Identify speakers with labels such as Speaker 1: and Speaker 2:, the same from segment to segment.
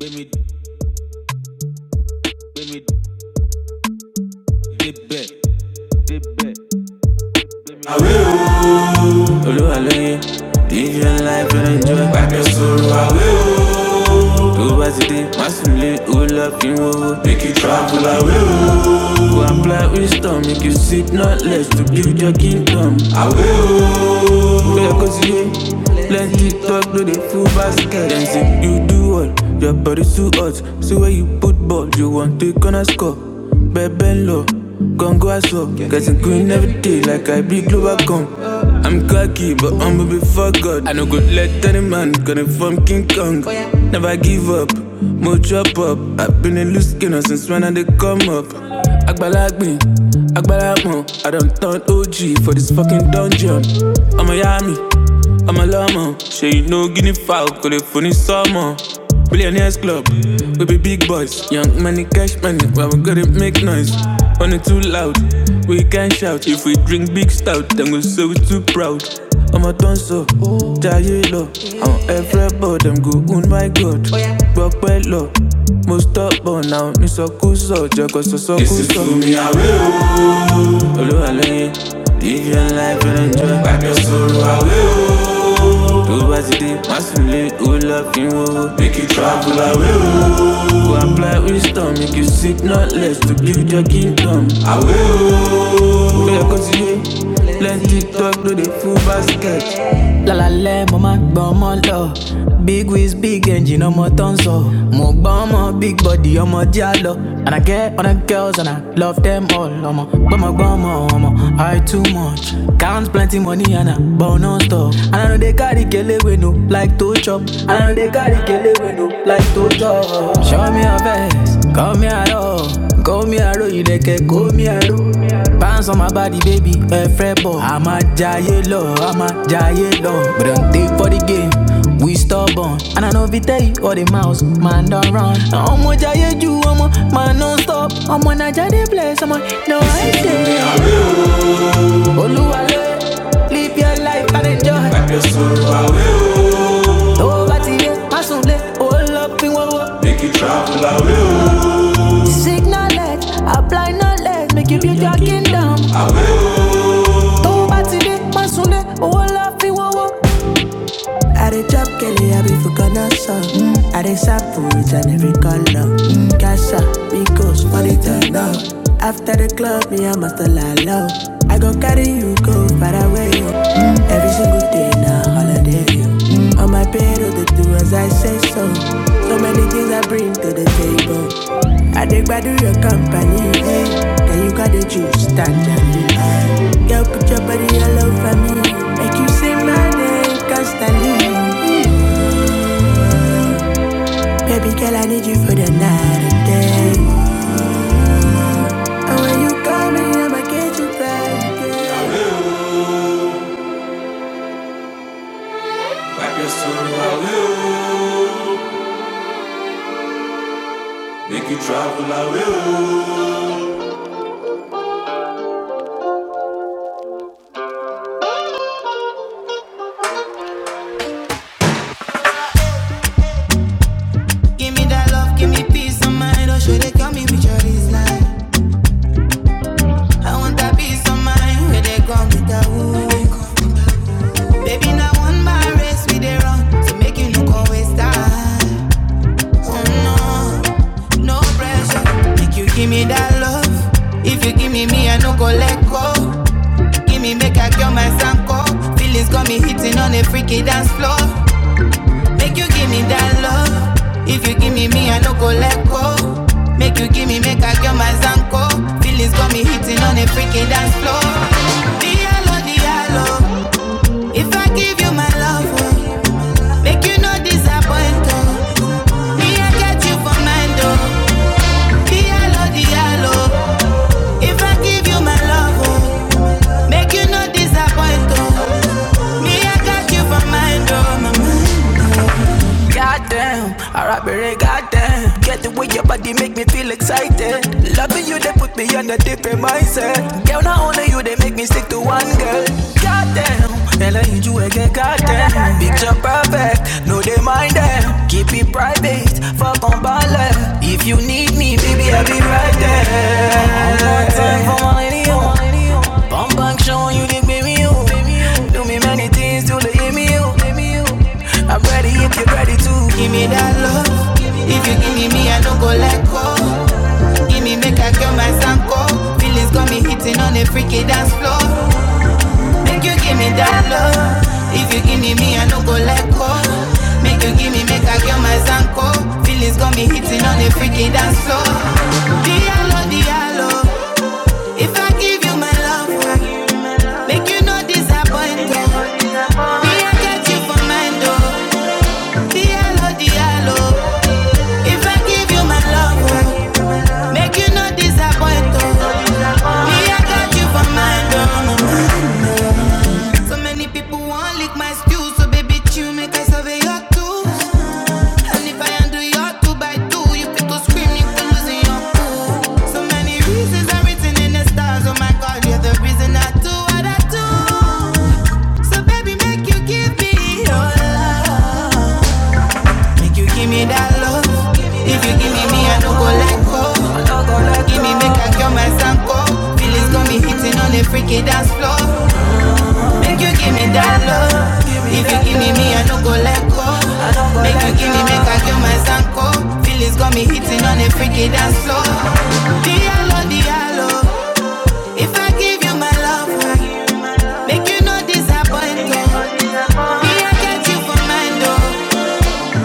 Speaker 1: Let me, let me dip back, dip back. Àwé o, Olúwa lóye, DJ life and enjoy. Wipe your sorrow. I will. bá ti dé, má sùn lé, owó lọ fi ń make you travel I will. Go and play with wisdom, make you sip not less to build your kingdom. I will. Girl, cause you Plenty talk, do the full basket. Then say you do all. Your body so hot. See where you put ball. You want to gonna score. Bebe low. Gon' go as well. Getting green every day like I be global come. I'm cocky, but I'm a before God. I no go let any man gonna from King Kong. Never give up, more chop up. I've been a loose skinner since when I did come up. Agbalagbin, Agbala mo, I don't OG for this fucking dungeon. I'm a Yami, I'm a Lama. Say you know Guinea fowl, call it funny summer. Billionaires club, we be big boys. Young money, cash money, but we gotta make noise. On it too loud, we can not shout. If we drink big stout, then we say we too proud. I'm a dancer, jaye I'm everybody, I'm good, oh my god. Rock well low, most up, but now, Miss Okuso, Jago, so so This is for me, I will. Olúwa lóye live your life and enjoy. Wipe your sorrow away, oh. Tó bá ti dé, má sùn lé, ó lọ Make you travel away, oh. Go apply wisdom, make you seek not less to build your kingdom we dey continue. Plenty talk, do the full basket. Lálálẹ́ mo máa gbọ́ ọmọ lọ. Big wheels, big engine ọmọ tó ń sọ. Mo bama, big body ọmọ jẹ́ á jalo. And I get on the girls and I love them all i am ọmọ. Gbọ́mọgbọ́mọ ọmọ, I am high too much. Counts plenty money and I burn non stop. And I know they carry kele wey no like to chop. And I know they carry kele wey no like to chop. Show me a face, call me a aro. Call me a love, you aro, call me a aro. Bounce on my body, baby, a fret ball. I'm a jayé lọ, I'm a jayé lọ. But don't take for the game, we stubborn. And I know if you tell you all the mouse, man don't run. I'm Ọmọ jayé am a man Don't stop. i Ọmọ Naija I bless ọmọ, no I dey. Olúwalẹ̀, live your life and enjoy. Tó o bá ti yé, má sùn lé, ó lọ fi Signal alert, apply knowledge, make you build your kingdom. Tó o bá ti dé, má sùn lé, owó la fi I dey drop Kelly, I be for Ghana, so mm. I dey sap for it and every color. Mm. Casa, Migos, for the turn up. After the club, me, I must lie low. I go carry you, go far away. Mm. Every single day, now holiday. Mm. On my payroll, they do as I say so. So many things I bring to the table. I dig by do your company, hey. Then you got the juice, stand and Girl, put your body all over me. Make you say my name constantly. Baby girl, I need you for the night and day. And when you call me, I'ma get you back. Girl. Wipe your soul, make you travel I will. Give me that love, give me peace of mind. Oh, should they come me with your design? I want that peace of mind where they come with that woo. Baby, now one my race with they run, so make you look always time. Oh no, no pressure. Make you give me that love. If you give me me, I no go let go. Give me make I cure my sanko. Feelings got me hitting on a freaky dance floor. Make you give me that love. If you give me me, I no go let go. Make you give me make I cure my sanko. Feelings got me hitting on a freaky dance floor. Diallo, diallo. If I give you my love. oh, Make you no disappoint. oh. Me, I get you for mind, oh. Diallo, diallo. If I give you my love, oh. Make you no disappoint, oh. Me, I got you for mind, oh, my mind. Goddamn, alright, baby, goddamn. Get the way your body make me feel excited. Loving you, they put me on a different mindset. Girl, not only you, they make me stick to one girl. Goddamn, and I need you again, goddamn. Picture perfect, no, they mind them. Keep it private, fuck on ballet. If you need me, baby, I'll be right there. One more time for my lady radio. Bum bang show, you the baby you. Do me many things till they hear me you. I'm ready if you're ready to Give me that love. If you give me me, I don't go let go. Give me make I get my sanko. Feelings got me hitting on a freaky dance floor. Make you give me that love. If you give me me, I don't go let go. Make you give me make I get my sanko. Feelings got me hitting on the freaky dance floor. Diallo, diallo. If I give you my love, make you no disappoint. oh. Me, I get you for mind, oh. Diallo, Diallo. If I give you my love, oh, make you no disappoint. oh. Me, I got you for oh, my mind. So many people want lick my stew, so baby, chew, make I survey your tools. And if I undo your two by two, you fit scream, you feel losing your cool. So many reasons are written in the stars, oh my God, you're the reason I do what I do. So baby, make you give me your love. Make you give me that love. If you give me me, I no go let go. No go give me make I cure my sanko. Feelings got me hitting on the freaky dance floor. Make you give me that love. If you give me me, I don't go let go. Make you give me make I cure my sanko. Feelings got me hitting on the freaky dance floor. Diallo, diallo. If I give you my love, make you no disappoint. oh. Me, I get you for mine though.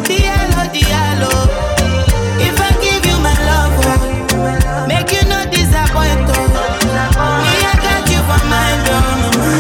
Speaker 1: Diallo, Diallo. If I give you my love, oh, make you no disappoint. Oh. Me, I got you for mind. Oh.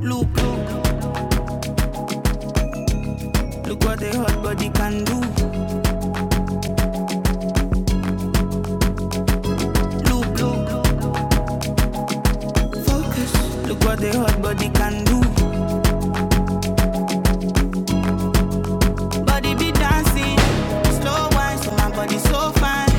Speaker 1: Look, look what the hot body can do. Look, look, focus. Look what the hot body can do. Body be dancing. Slow wine, so my body so fine.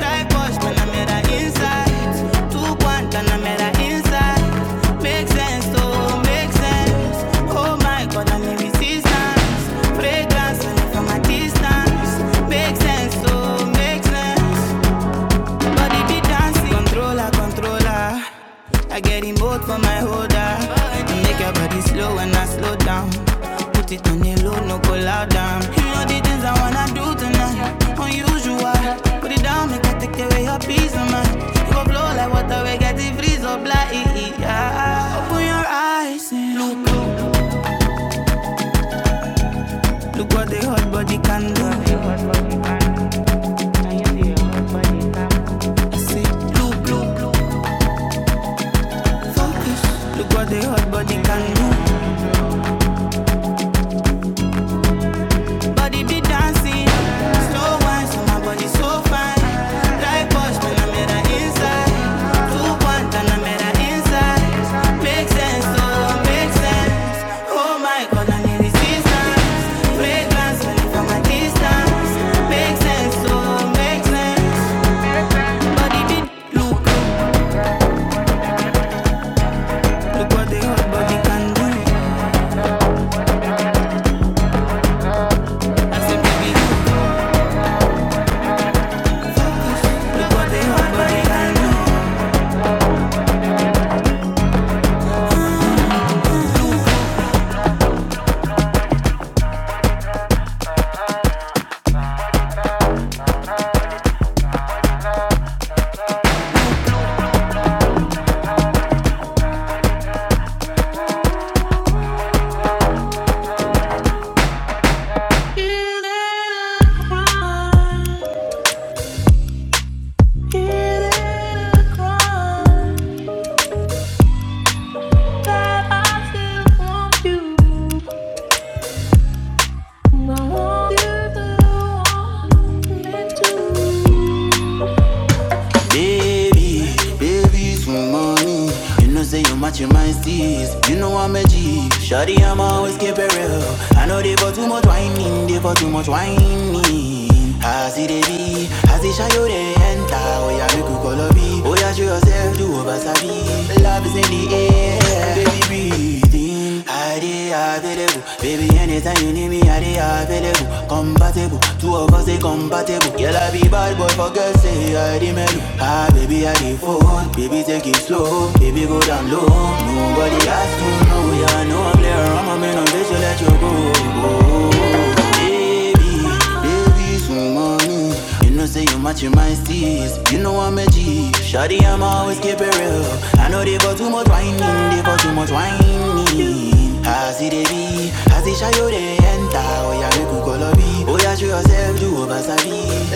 Speaker 1: Like boys, man, I'm at the inside. Two point, and I'm at the inside. Make sense, oh, make sense. Oh my god, I'm in resistance. Fragrance, and from a distance. Make sense, oh, make sense. Body be dancing. Controller, controller. I get in both for my holder. Make your body slow when I slow down. Put it on the low, no go loud down. You know the things I wanna do tonight. Unusual. Put it down, make I take away your peace of mind. You go blow like water, we get the freeze up like. Yeah. Open your eyes and look, look, look what the hot body can do. I say, look, look, look. Focus. Look what the hot body can do. Body be dancing. Slow wine, so my body so fine. Like bush, when I'm at the inside. Two point, and I'm at the inside. Make sense, oh, make sense. Oh my god, I need resistance. Fragrance, when I'm from a distance. Make sense, oh, make sense. Body be look, look, what the hot body can do. I said, baby, look, look what the hot body can do. Baby, you know say you match your mind steez. You know I'm always up. I know they got too much wine. be As the shadow they enter Oh yeah, make you could call a bee Oh yeah, show yourself to over Love is in the air Baby, breathe in I dey available Baby, anytime you need me, I dey available Compatible Two of us dey compatible Girl, I be bad boy for girls. Say I dey mellow Ah, baby, I dey phone Baby, take it slow Baby, go down low Nobody has to know Yeah, I know I'm there I'm a man on this, so let you go Baby, baby baby, come on in. You know say you match my steez. You know I'm a G. Shawty, I'm always keep it real. I know they got too much whining, they got too much whining. I see they be, I see shy they enter. Oh yeah, make you call a B. Oh yeah, show yourself, do over savvy.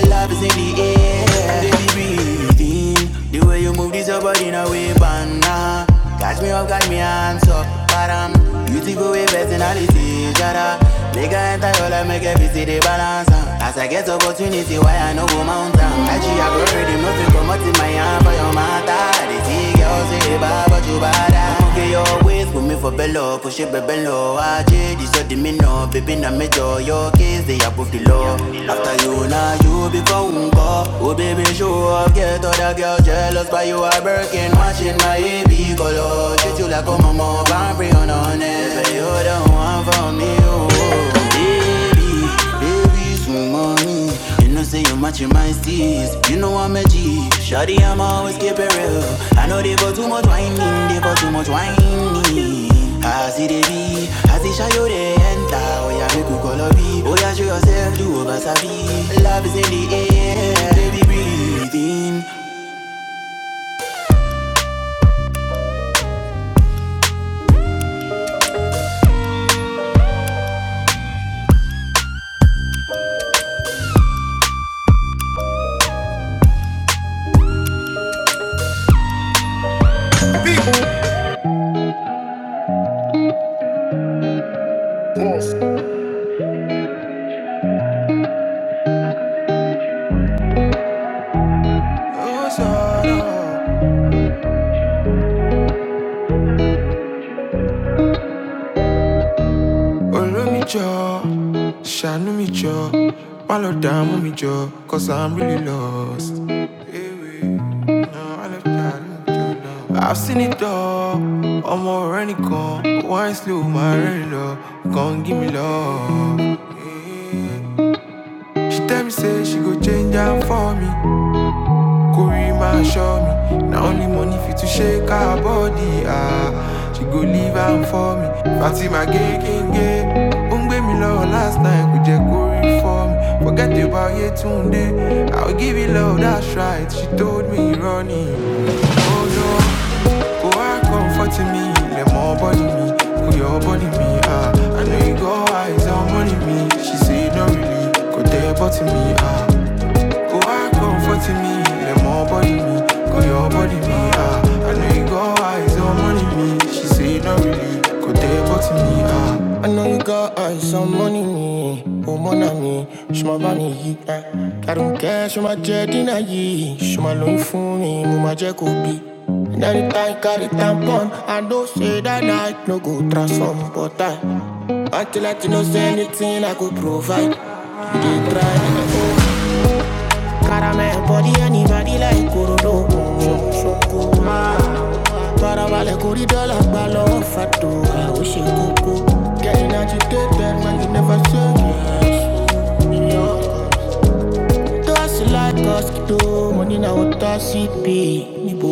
Speaker 1: Love is in the air, baby everything. The way you move this your body in a way banana. Catch me up, got me hands up, param. Beautiful way personality, jada. Make I enter your life, make every city balance. ah. As I get opportunity, why I no go mountain? Actually, I go ready, no to come out in my hand for your matter. They see girls say, bad, but you bad. ah. Okay, your way kiss put me for bello, push it bebe low AJ, this all the me know, Baby, na major Your kiss, they above the law After you, now you become uncle Oh baby, show up Get other girls jealous By you are breaking Watching my AB color Treat you like a mama Boundary on honest Baby, you don't want for me, oh Baby Babies with money. You know, say you're matching my steez. You know, I'm a G. Shawty, I'm going to always keep it real. I know they got too much whining. They got too much whining. I see they be. I see Shayo, they enter. Oh, yeah, make you call a B. Oh, yeah, show yourself, do over savvy. Love is in the air. Baby, breathe in. Olómi jọ, ṣàánú mi jọ, má lọ dààmú mi jo cause I'm really lost. no, má lọ dààmú mi jọ náà. I've seen it all, I'm ọmọ ọ̀rẹ́ nìkan, wine slow, my rẹ́rìn lọ, kàn give me love. Eh, She tell me say she go change am for me. Korima show me. Now only money fit to shake her body. Ah, she go leave am for me. Fatima gay king gay. Ó me love. last night kò jẹ́ kó for me. Forget about Yetunde. I'll give you love, that's right. She told me running. Oh no, go out comforting me. Let more body me, go your body me. Ah, I know you go eyes on money me. She say no really, go there body me. Ah. Go on, comforting me, the more body me, go your body me. Ah, I know you got eyes on money me. She say not really, go there but me. Ah, I know you got eyes on money me. Oh, mon ami, ṣùgbọ́n bá mi yí. Kàdùnkẹ́ ṣe máa jẹ dínà yìí. Ṣé máa lóyún fún mi, mo máa jẹ́ kó bí. And anytime I carry tampon, I don't say that I no go transform, but I. Until I don't say anything I could provide. You dey try. Caramel body anybody like Korodo Parabalẹ̀ kò rí dọ́là gbà lọ́wọ́ fàdúrà ó ṣe kókó. Getting agitated when you never say yes. Dust like us kìdó, mo ní na ó tọ́ sí bí níbo.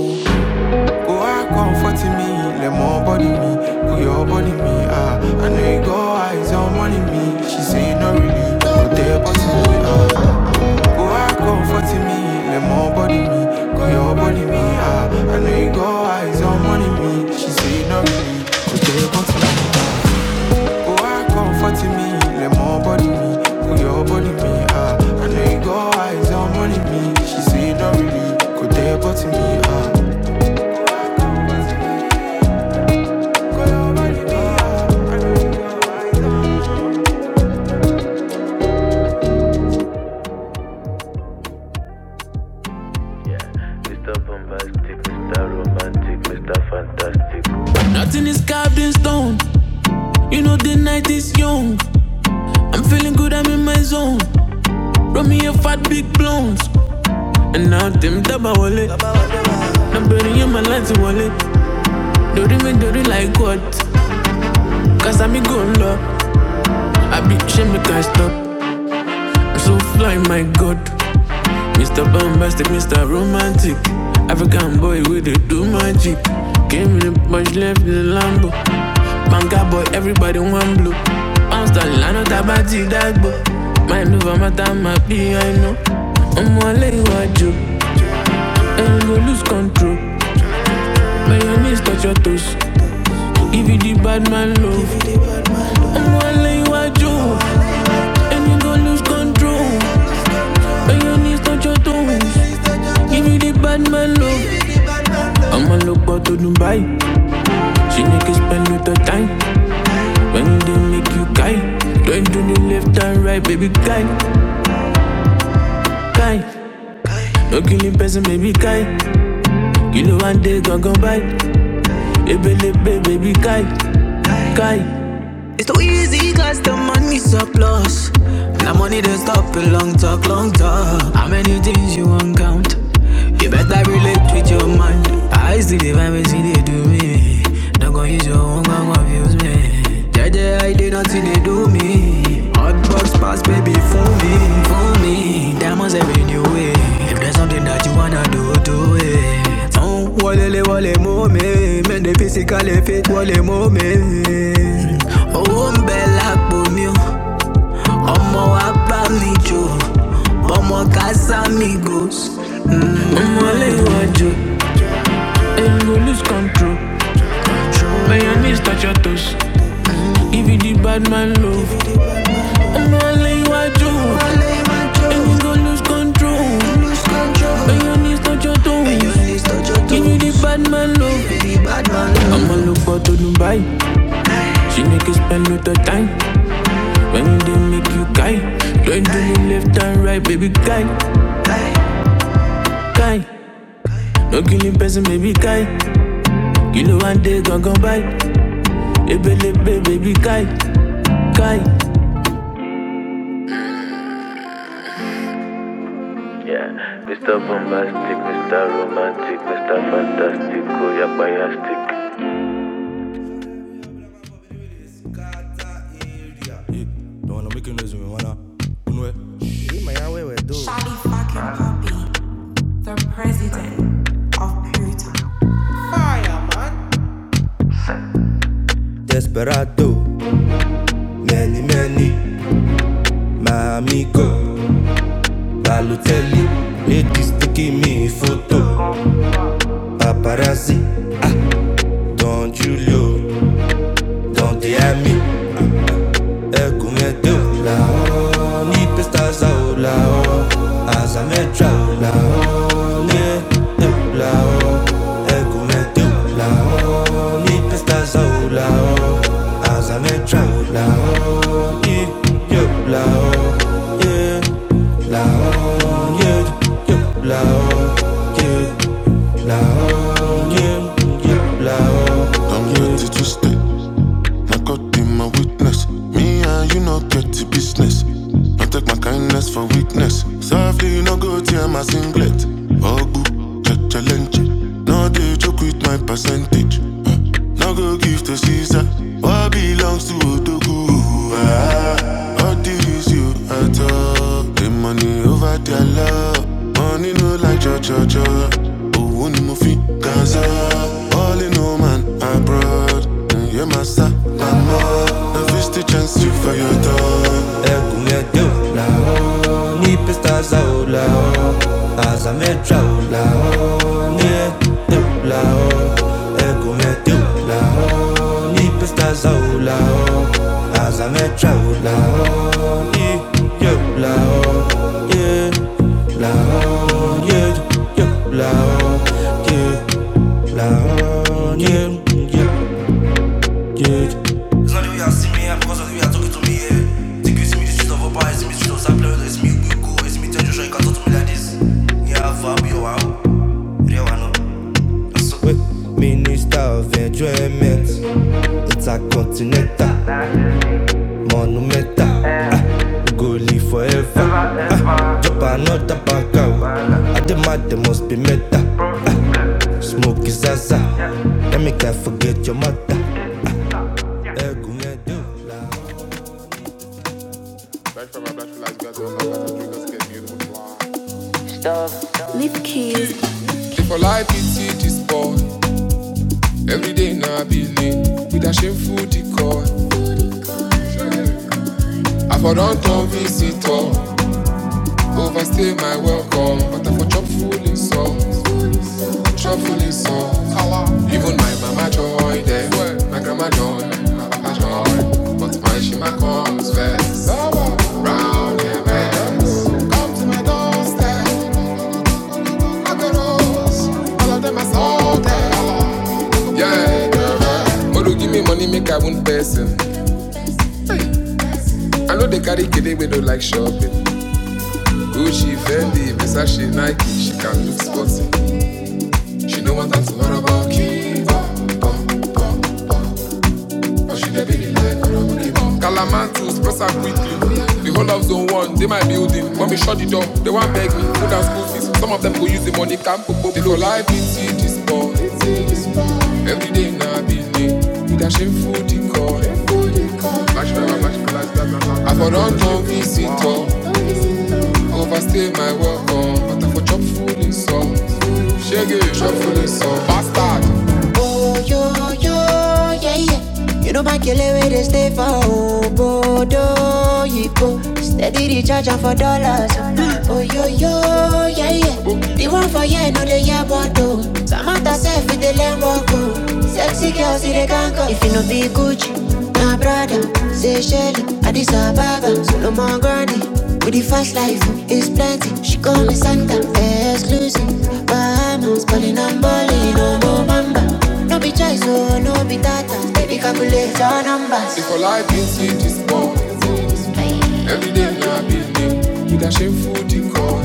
Speaker 1: Go out comforting me, let more body me, put your body me. Ah, I know you go eyes on money me. She say no really, but they body me. Ah, Go hard, go 40 me, let more body me. Go your body me, ah. I know you go eyes on money me. She say no give me, go take on to me. ah. Go hard, go 40 me, let more body me. Go your body me, ah. I know you go eyes on money me. She say no really, go take on to me, ah. Mr. Bombastic, Mr. Romantic, Mr. Fantastic. Nothing is carved in stone. You know the night is young. I'm feeling good, I'm in my zone. Run me a fat big blunt. And now them double wallet. I'm burning in my lights wallet. Dirty me dirty like what? Cause I'm go law. I be shame me can't stop. I'm so fly, my god. Mr. Bombastic, Mr. Romantic. African boy with the do magic. Came in a bunch left in the Lambo. Banker boy, everybody want blue. I'm Bounce the line of Tabati that boy. Mind over matter, my be I know. I'm all I want you. And you lose control. My knees touch your toes. If you the bad man love. I'm gonna lay you a Joe, and you gon' lose control. And your knees touch your toes. Give you the bad man love. I'ma look out to Dubai. She make you spend lot of time. When they make you guy, don't do the left and right, baby guy, guy. No killing person, baby guy. You know one day gon' go by. Baby, baby, baby guy, guy. It's too easy cause the money surplus. Now money don't stop a long talk, long talk. How many things you won't count? You better relate with your mind. I see the vibe and see they do me. Don't go use your own gun, confuse me. Jeje, I did nothing they do me. Hot box pass, baby, fool me. Fool me, diamonds every new way. If there's something that you wanna do, do it. Hein? Walele wale momé, mais des physical fit wale momé. Oh, ń bẹ lápò mi o, ọmọ wa bá mi jò, ọmọ Casamigos. I'm a lewajo, and you go lose control. My knees touch your toes. Give you the bad man love. i wale wajo, lewajo, and you lose control. My knees touch your toes. Give you the bad man love. I'm going to look for to Dubai. She make you spend no time. When they make you guy, don't do me left and right, baby guy, guy. No killing person, baby guy. Kill one day, gon' gon' by. Ebelebe, baby guy, guy. Yeah, Mr. Bombastic, Mr. Romantic, Mr. Fantastic, Koyapayastic. Don't wanna make a noise with me, wanna Charlie fucking Puppy, the president of Puerto. Desperado, many, many, my amigo Balotelli, Eddie sticky me photo. Paparazzi, Don Julio, Don Diami, Echo. I'm gratitude, I got in my witness. Me and you not get to business. I take my kindness for weakness. Softly, you no go tear my singlet. Ogbu, check challenge. No, they joke with my percentage. Uh, no go give to Caesar. What belongs to Odogu? ah, all these you at all. The money over their love. Money no like jo jo jo. Owó ni mo fi gaza. All in no man abroad. Ǹyẹ́ máa sá pamọ́. Na fist the first chance you for your dog. Egunle, ni pesta zaula azame traola, e la o. Egunle, tu la o, ni pesta zaula azame traola, e la o. Minister of Enjoyment, it's a continental. Monumental, ah, we go live forever. Ah, drop another bank out. I demand they must be meta. Ah, smoke is zaza. Let me can not forget your mother. Lip keys. If I like it, see this Every day now I be late with a shameful decor. I for don't come visitor, overstay my welcome, but I for chop full in salt. Shop full Even my mama joy there. My grandma joy, my papa joy. But my shima comes first. Round and best. Come to my doorstep. I got rose. All of them are salted. Yeah. Modu give me money, make I one person. I know they carry kid we don't like shopping. Gucci, Fendi, Versace, Nike. She can look sporty. She know what I'm talking about. Kiva. Uh. Calamantus, press up quickly. The whole of zone one, they my building. When we shut the door, they want beg me. Food and school fees. Some of them go use the money, camp, go They go live in city sport. Every day now, be late. With a shameful decor. I for run on visitor. Overstay my welcome. But I for chop food in salt. Shaggy, chop food in salt. Bastard yo, yo, yeah, yeah. You know my killer way they stay for Obodo, Yipo. Steady the charger for dollars. Oh, yo, yo, yeah, yeah. The one for yeah, no, they yeah, but though. Samantha said, with the lamb walk, oh. Sexy girls, see the gang. go. If you no be Gucci, my brother, say Shelly, Addis Ababa, so no more granny. With the fast life, it's plenty. She call me Santa, exclusive diamonds, calling and balling, no no bamba. No be choice, oh, no be data. Baby, calculate your numbers. If I like you see this boy, every day na building with a shameful decor.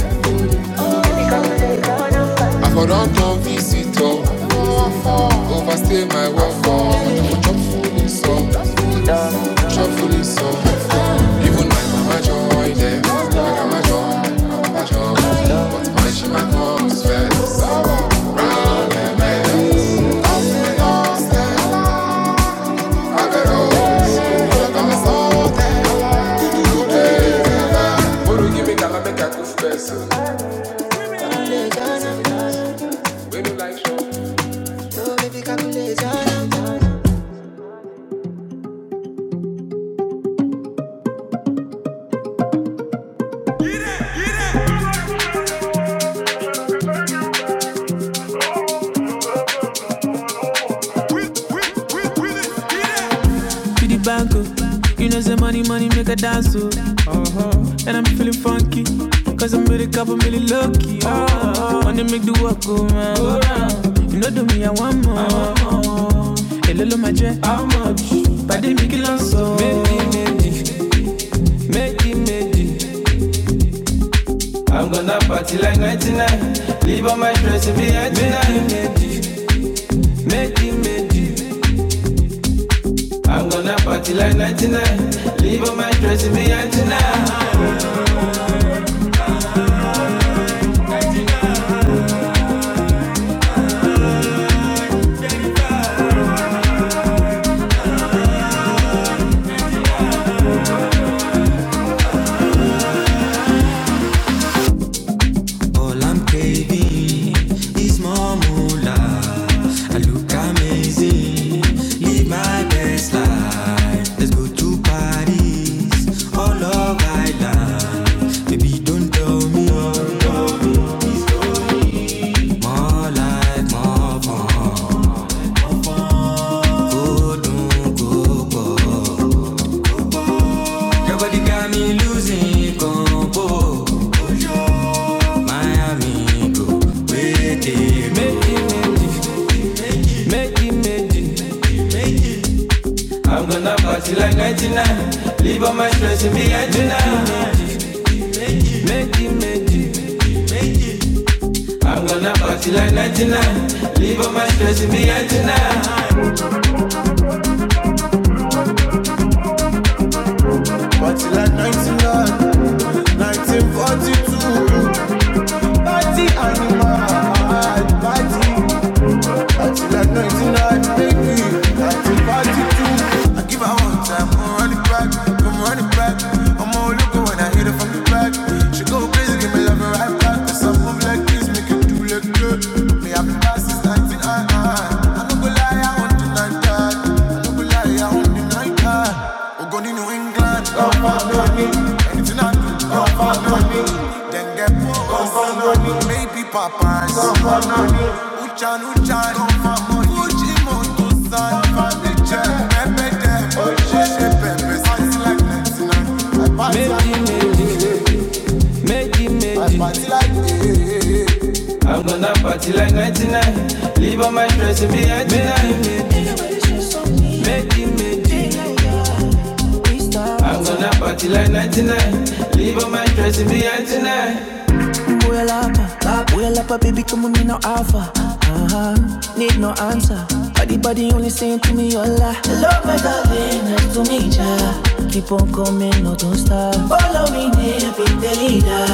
Speaker 1: I for don turn visitor, overstay my welcome. I for chop full in sun, chop full in sun. Even my mama joy them. my mama joy, my mama joy. But my shima comes first. I got all, I got all. Guru, give me color, make I cook best. When you like show. to the bank, oh. You know, say money, money make a dance, oh. And I'm feeling funky, cause I made a couple million lucky, oh. Money make the work go round. Go round. You know, do me, I want more. A little my jet, how much? But they make it long, so. Make it make it. party like 99. Leave all my stress and be at tonight. Make it magic, All I'm craving is more moonlight. But till like 1942, party animal, party. Until like 99, baby, 1942. I give her one time, I'm running back, I'm running back. I'm all looking when I hit her from the back. She go crazy, give me love right back. Cause I move like this, make it do like good. Me, have been past since nineteen 99. I don't go lie, I won't deny that. I don't go lie, I won't deny that. We're going to New England, come on. Anything I do, go for money. Then get poor, go for money. Maybe Popeyes, go for money. Uchan Uchan, go for money. Gucci Motosan, go for nature. Pepe dem, Oshé Pepe, sounds like 99. I pass Baby, like we boy lapa. Boy lapa, baby, come with me no alpha. Uh-huh. Need no answer. Body body only saying to me hola. Love my darling, nice to meet ya. Keep on coming, no don't stop. Follow me, baby, the leader.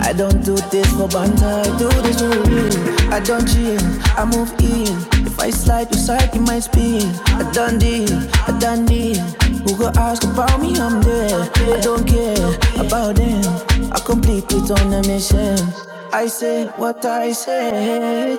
Speaker 1: I don't do this for banter, I do this I don't chill, I move in. If I slide beside, you might spin. I done deal, I done deal. Who go ask about me? I'm there. I don't care about them. I complete it on a mission. I say what I say.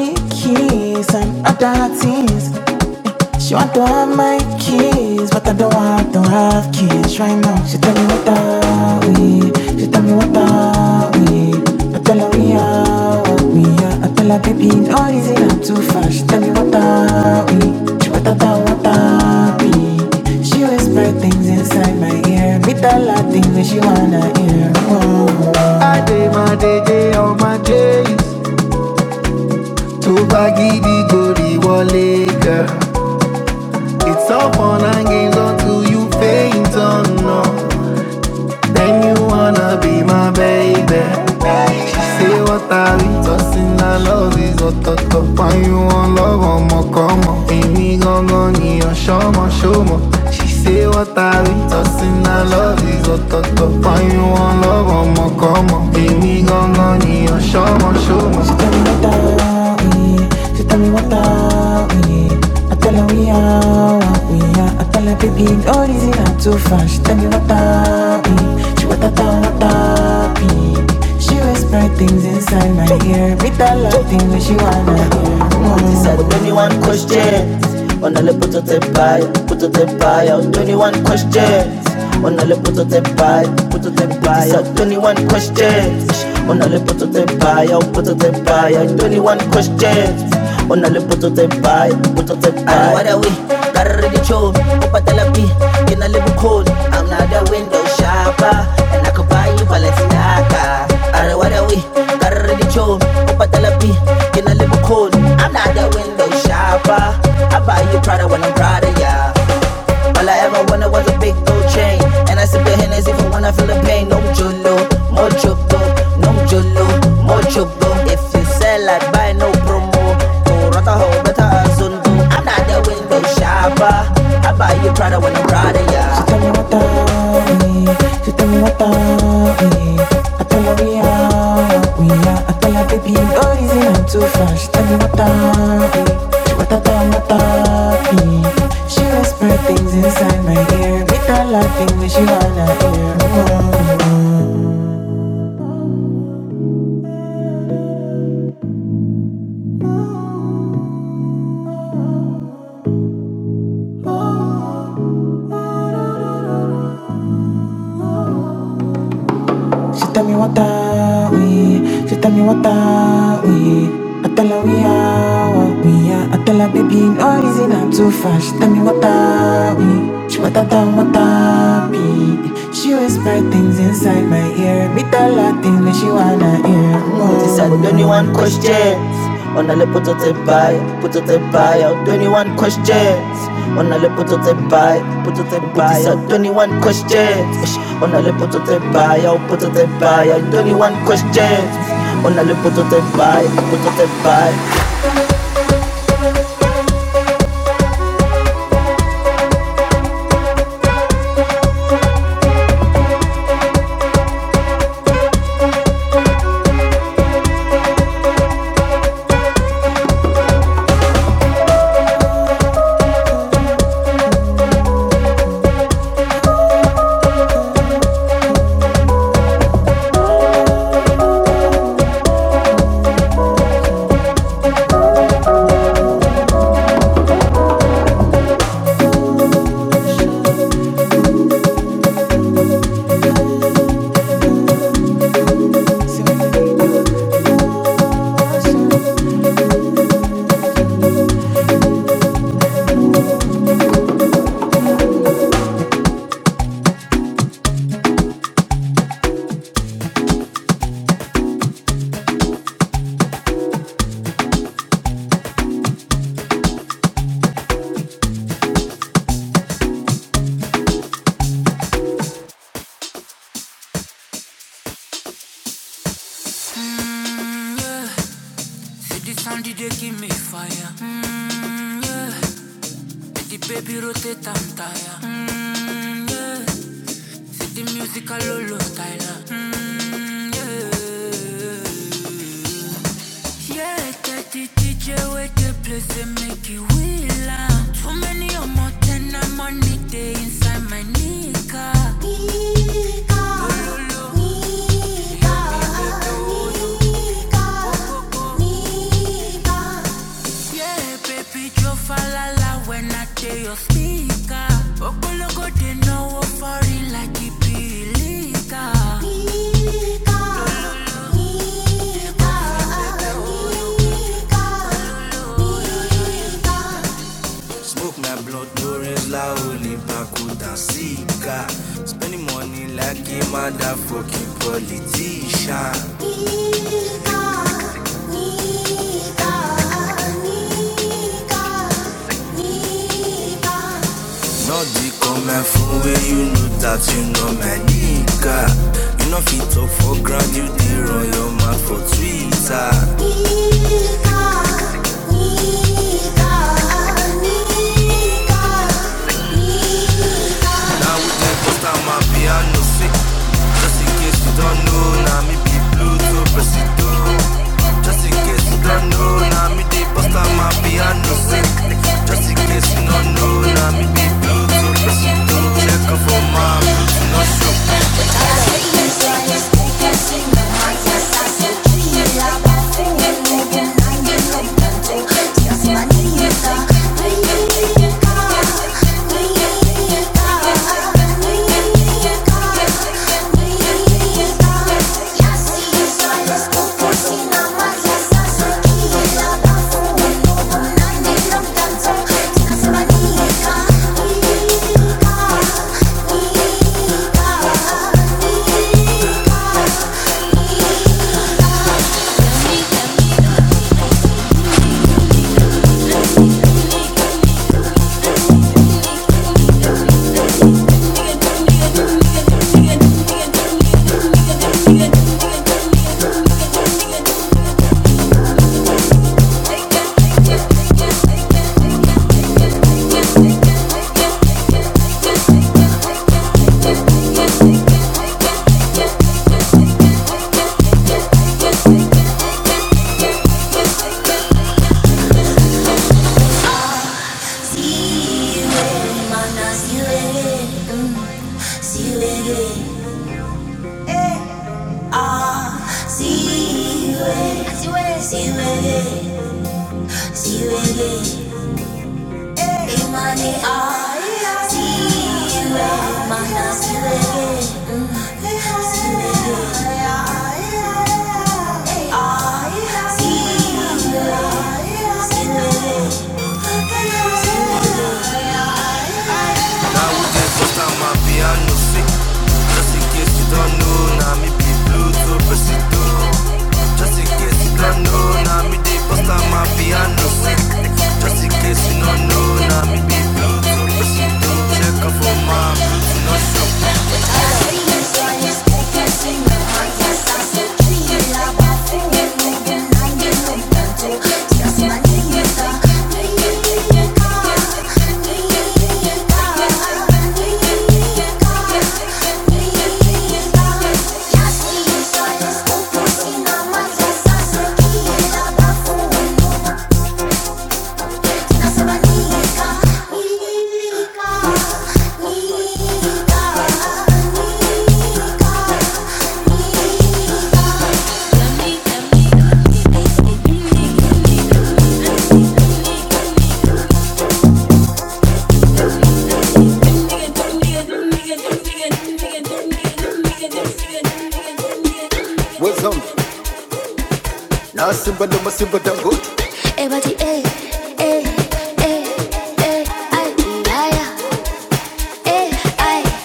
Speaker 1: Big keys and other things. She want to have my kids, but I don't want to have kids right now. She tell me what are we? She tell me what are we? I tell her we are what we are. I tell her baby, no easy, I'm too far. She tell me what are we? She what are what are we? She whisper things inside my ear, me tell her things that she wanna hear. Oh. come on. ọmọ me mọ̀ money, gangan nìyàn ṣọ́mọ ṣọ́mọ questions. On a le poto te buy, poto te buy. It's a 21 questions. On a le poto te buy, oh poto te buy. 21 questions. On a le poto te buy, poto te buy. Wadawi, karre di chon, upatalapi, kena le bukon. I'm not a window shopper, and I could buy you Balenciaga. What Are we? karre di chon, upatalapi. Patalapi, you know, live cold. I'm not the window shopper. I buy you Prada when I'm proud of ya. All I ever wanted was a big gold chain. And I sip the Hennessy for when I feel the pain. No jolo, more trouble. No jolo, more trouble. If you sell, I buy no promo. Oh, rata ho, better asunto. I'm not the window shopper. I buy you Prada when I'm proud of ya. She tell me to What a time I thought She whispered things inside my ear. Make her laughing when she wanna hear more. She tell me what Si tami watawi, si tami watawi Atala we awa, we are. what we are. I tell her baby in origin I'm too fast She tami watawi, she watata watapi She whisper things inside my ear Me tell her things when she wanna hear She Said 21 questions. On a le put out a buy, put out a buy out 21 questions. On a le poteau te bail, poteau te bail, oh, 21 questions. On a le poteau te bail, oh, poteau te bail, oh, 21 questions. On a le poteau te bail, poteau te bail. Nika, Nika, blood, no the bakuta seeker. Spending money like a motherfucking politician. Nika, Nika, Nika, not be come for where you know that you know my nigga. You know fit talk for ground, you dey run your mouth for Twitter. Nigga, nigga, nigga, nigga. What's up? Now simple, no more simple, damn good. Everybody, eh, eh, eh, eh, I ay, ay, I,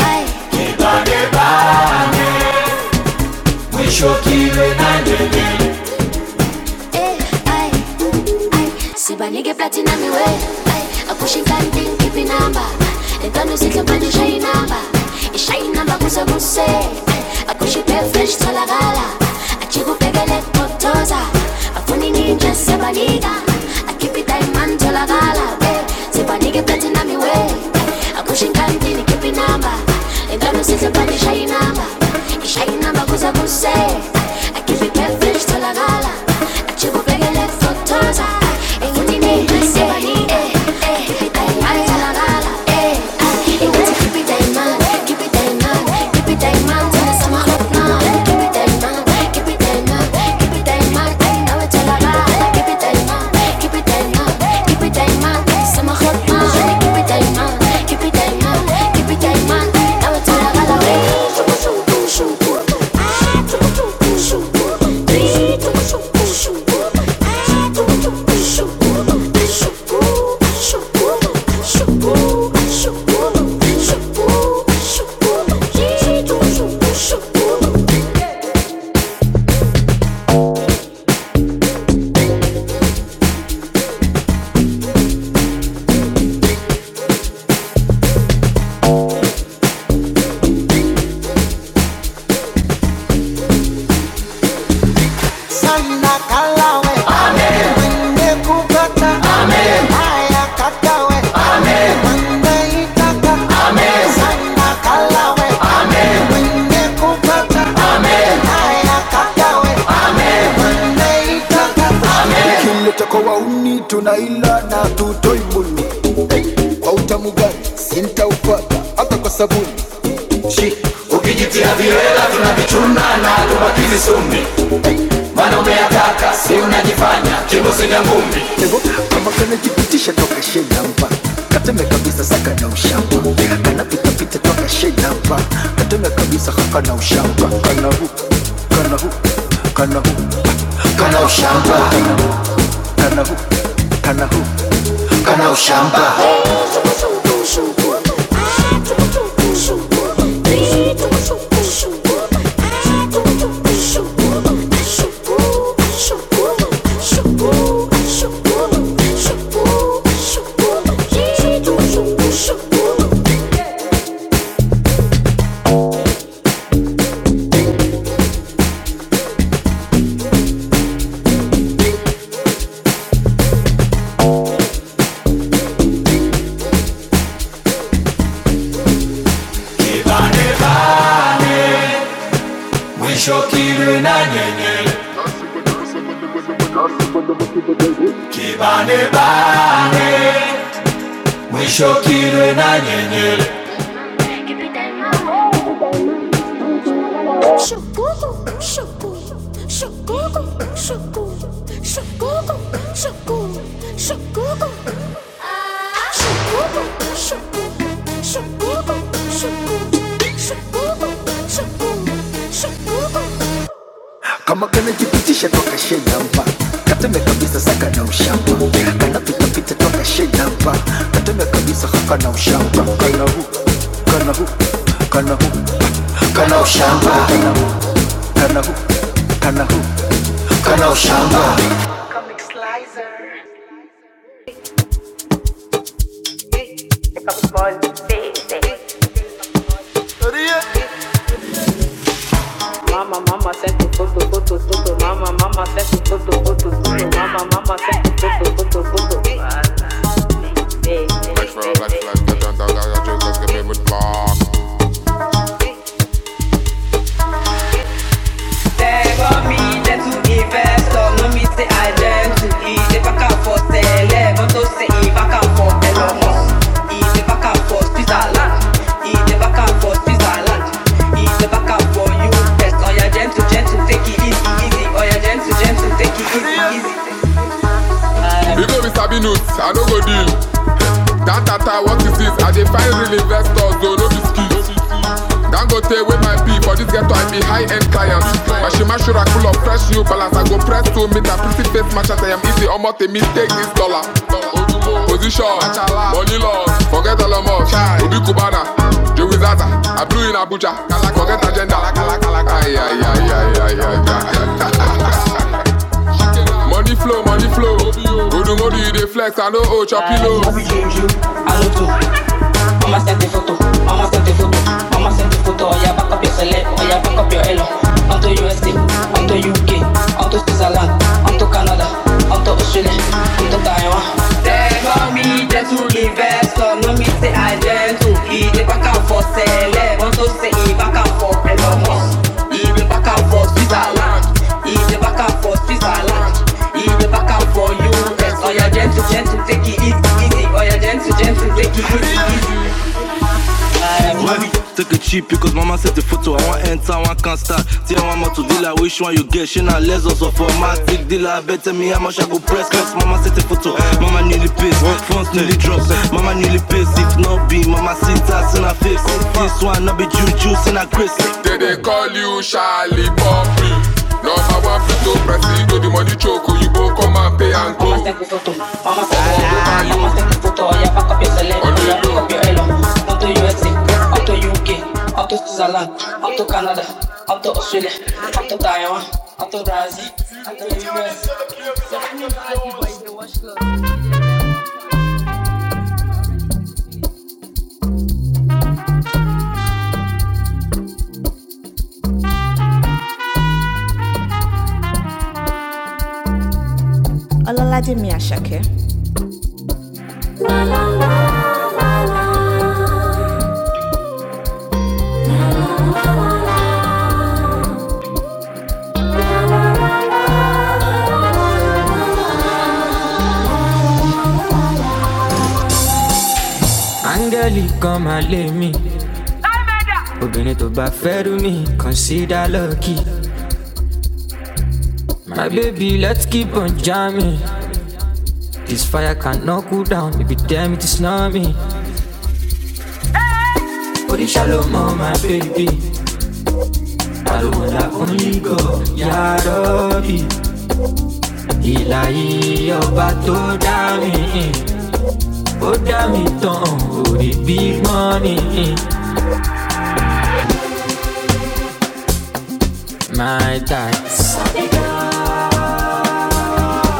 Speaker 1: I, ay, I. I. sibanike platinum iwe akusho inkanti ngiphi inamba entwana usihle manje ishaye inamba ishaye inamba kuze kuse akusho ibefresh tholakala ajikubhekele kubotoza afuni ninje sibanika akhiphi diamond tholakala sibanike platinum iwe akusho inkanti ngiphi inamba entwana usihle manje ishaye inamba ishaye inamba kuze kuse I keep it catfish till I gala. I chip up like a leg for Taza. And you need keep it that man till gala. Eh, ah, keep it that keep it that keep it that man the summer of now. Keep it that keep it that keep it that man. I know it till gala. Keep it that keep it that keep it that summer oh, no. Shoot, sana kalawe wengekukata haya kakawe wangeitaka sana kalawe wengekukata haya kakawe wangeitaka kimleta kwa wauni tunaila na tutoi muni kwa utamu gani sintaupata hata kwa sabuni kama kana kanajipitisha toka shenamba kateme kabisa saka na ushamba Kana pita pita toka shenamba kateme kabisa haka na ushamba kana hu kana hu kana hu kana ushamba kana hu kana hu kana ushamba Shakuku, shakuku, shakuku. Ah. kama kanajipitisha toka shenamba kateme kabisa saka na ushamba kanapitapita toka shenamba kateme kabisa haka na ushamba kana hu kana hu kana hu kana ushamba kana hu kana hu kana hu kana ushamba Mama, mama, sente o puto, puto, puto. Mama, mama, sente o puto, puto, puto. Mama, mama, sente o puto, puto, puto. Black for a black flag, get down, down, down, drink, let's get me with boss. They got me there to invest on no me say I learn to eat the back and forth say eleven to say e back and forth Elon Musk eat the back and forth Switzerland eat the back and forth Switzerland eat the back and forth you best oh yeah gentle gentle take it easy easy oh yeah gentle gentle take it easy easy You know me sabi news, I no go deal. That tata what is this? I dey find real investors, though no be skills. Dangote with my P for this ghetto, I be high-end clients. Mashima Shura full of fresh new balance. I go press to meet a pretty face match as I am easy. Almost a mistake this dollar. Position Politician, money laws, forget Elon Musk, Obi Kubana, Joey Zaza, I blew in Abuja, forget agenda. Ay, ay, ay, ay, ay, ay, Money flow, money flow. Odungodi, they flex, I know, oh, chop pillow. Mama sent the photo, mama sent the photo, mama send the photo. Oh yeah, back up your select, oh yeah, back up your elo. Onto USA, onto UK, onto Switzerland, onto Canada, onto Australia, onto Taiwan. They call me gentle investor, no me say I gentle. He dey back and forth, select, want to say he back and forth, Elon He dey back and forth, Switzerland. He dey back and forth, Switzerland. He dey back and forth, US. Oh yeah, gentle, gentle, take it easy, easy. Oh yeah, gentle, gentle, take it easy, easy. Well, take it cheap because mama said the photo. I want enter, I want can't start. Tell one more to deal, I wish one you get. She not less also for my tick deal. I better me how much I go press. Cause mama said the photo. Mama nearly pissed, phones nearly drops. Mama nearly pissed, if not be, mama sit ass in her face. This one, not be juju, in her grace. They they call you Charlie Poppy. No, I want you to press it to the money choke. You go come and pay and go. Mamas Only te puso tú, mamas te puso tú, mamas te puso tú, allá pa' copiar el ego, allá pa' copiar el ego. Up to USA, up to UK, up to Switzerland, up to Canada, up to Australia, up to Taiwan, up to Brazil, up to US. Ọlọ́ládé mi àṣàkẹ́. áńgẹ́lì kan máa lé mi obìnrin tó bá fẹ́ rú mi consider lucky my baby let's keep on jamming This fire can't knock you down if you damn it is not me. Oh, the shalom, my baby. I don't want that only go. Yarobi, Ilayi, Oba to dami. Oh, dami ton, oh, the big money. eh. My type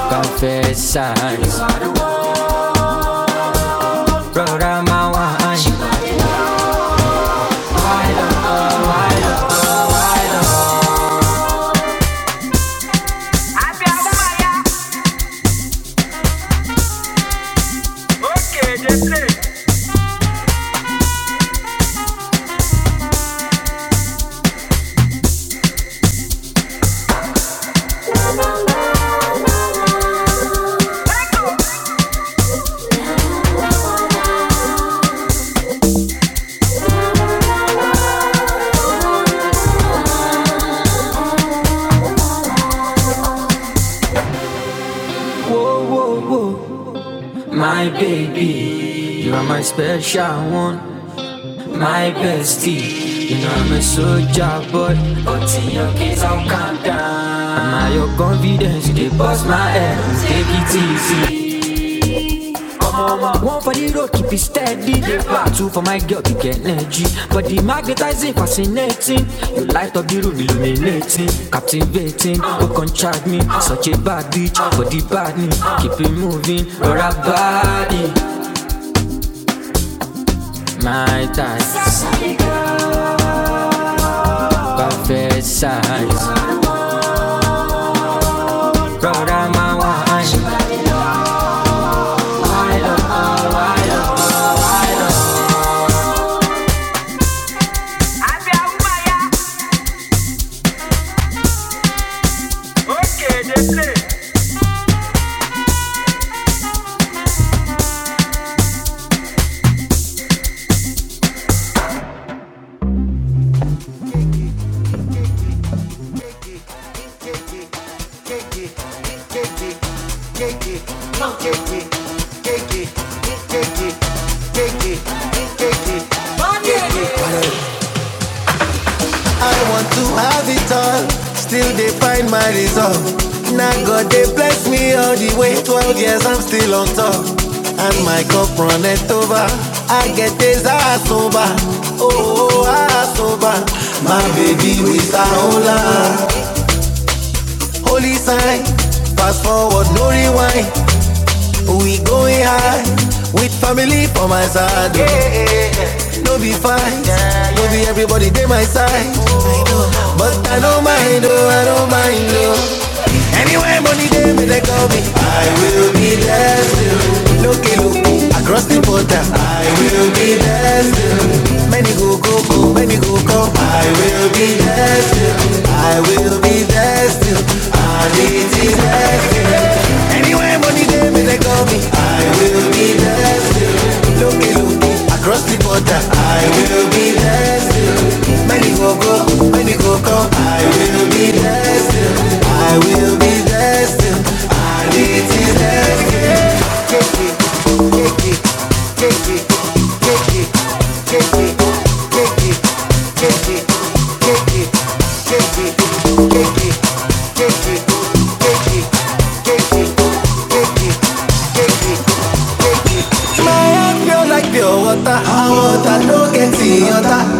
Speaker 1: of size. Brother, my wine. Illuminating, the light of the room illuminating. Babe, I be bad, me. keep it moving. Brother, body. My type of size. Roll my wine. I want to have it all, still they find my resolve. Now God they bless me all the way, 12 years I'm still on top. And my cup runneth over, I get this ass over. Oh, ass over. My baby with a hola. Holy sign, fast forward, no rewind. We going high with family for my side. oh. No be fight, no be everybody they my side. I know. But I don't mind, oh, I don't mind, oh. Anywhere money they may they call me, I will be there still. Look, look, across the border, I will be there still. Many go, go, go, many go, go. I will be there still. I will be there still. I need it. Anywhere money they may they call me, I will. Across the border, I will be there. Many go go, many go come. I will be, be there. don't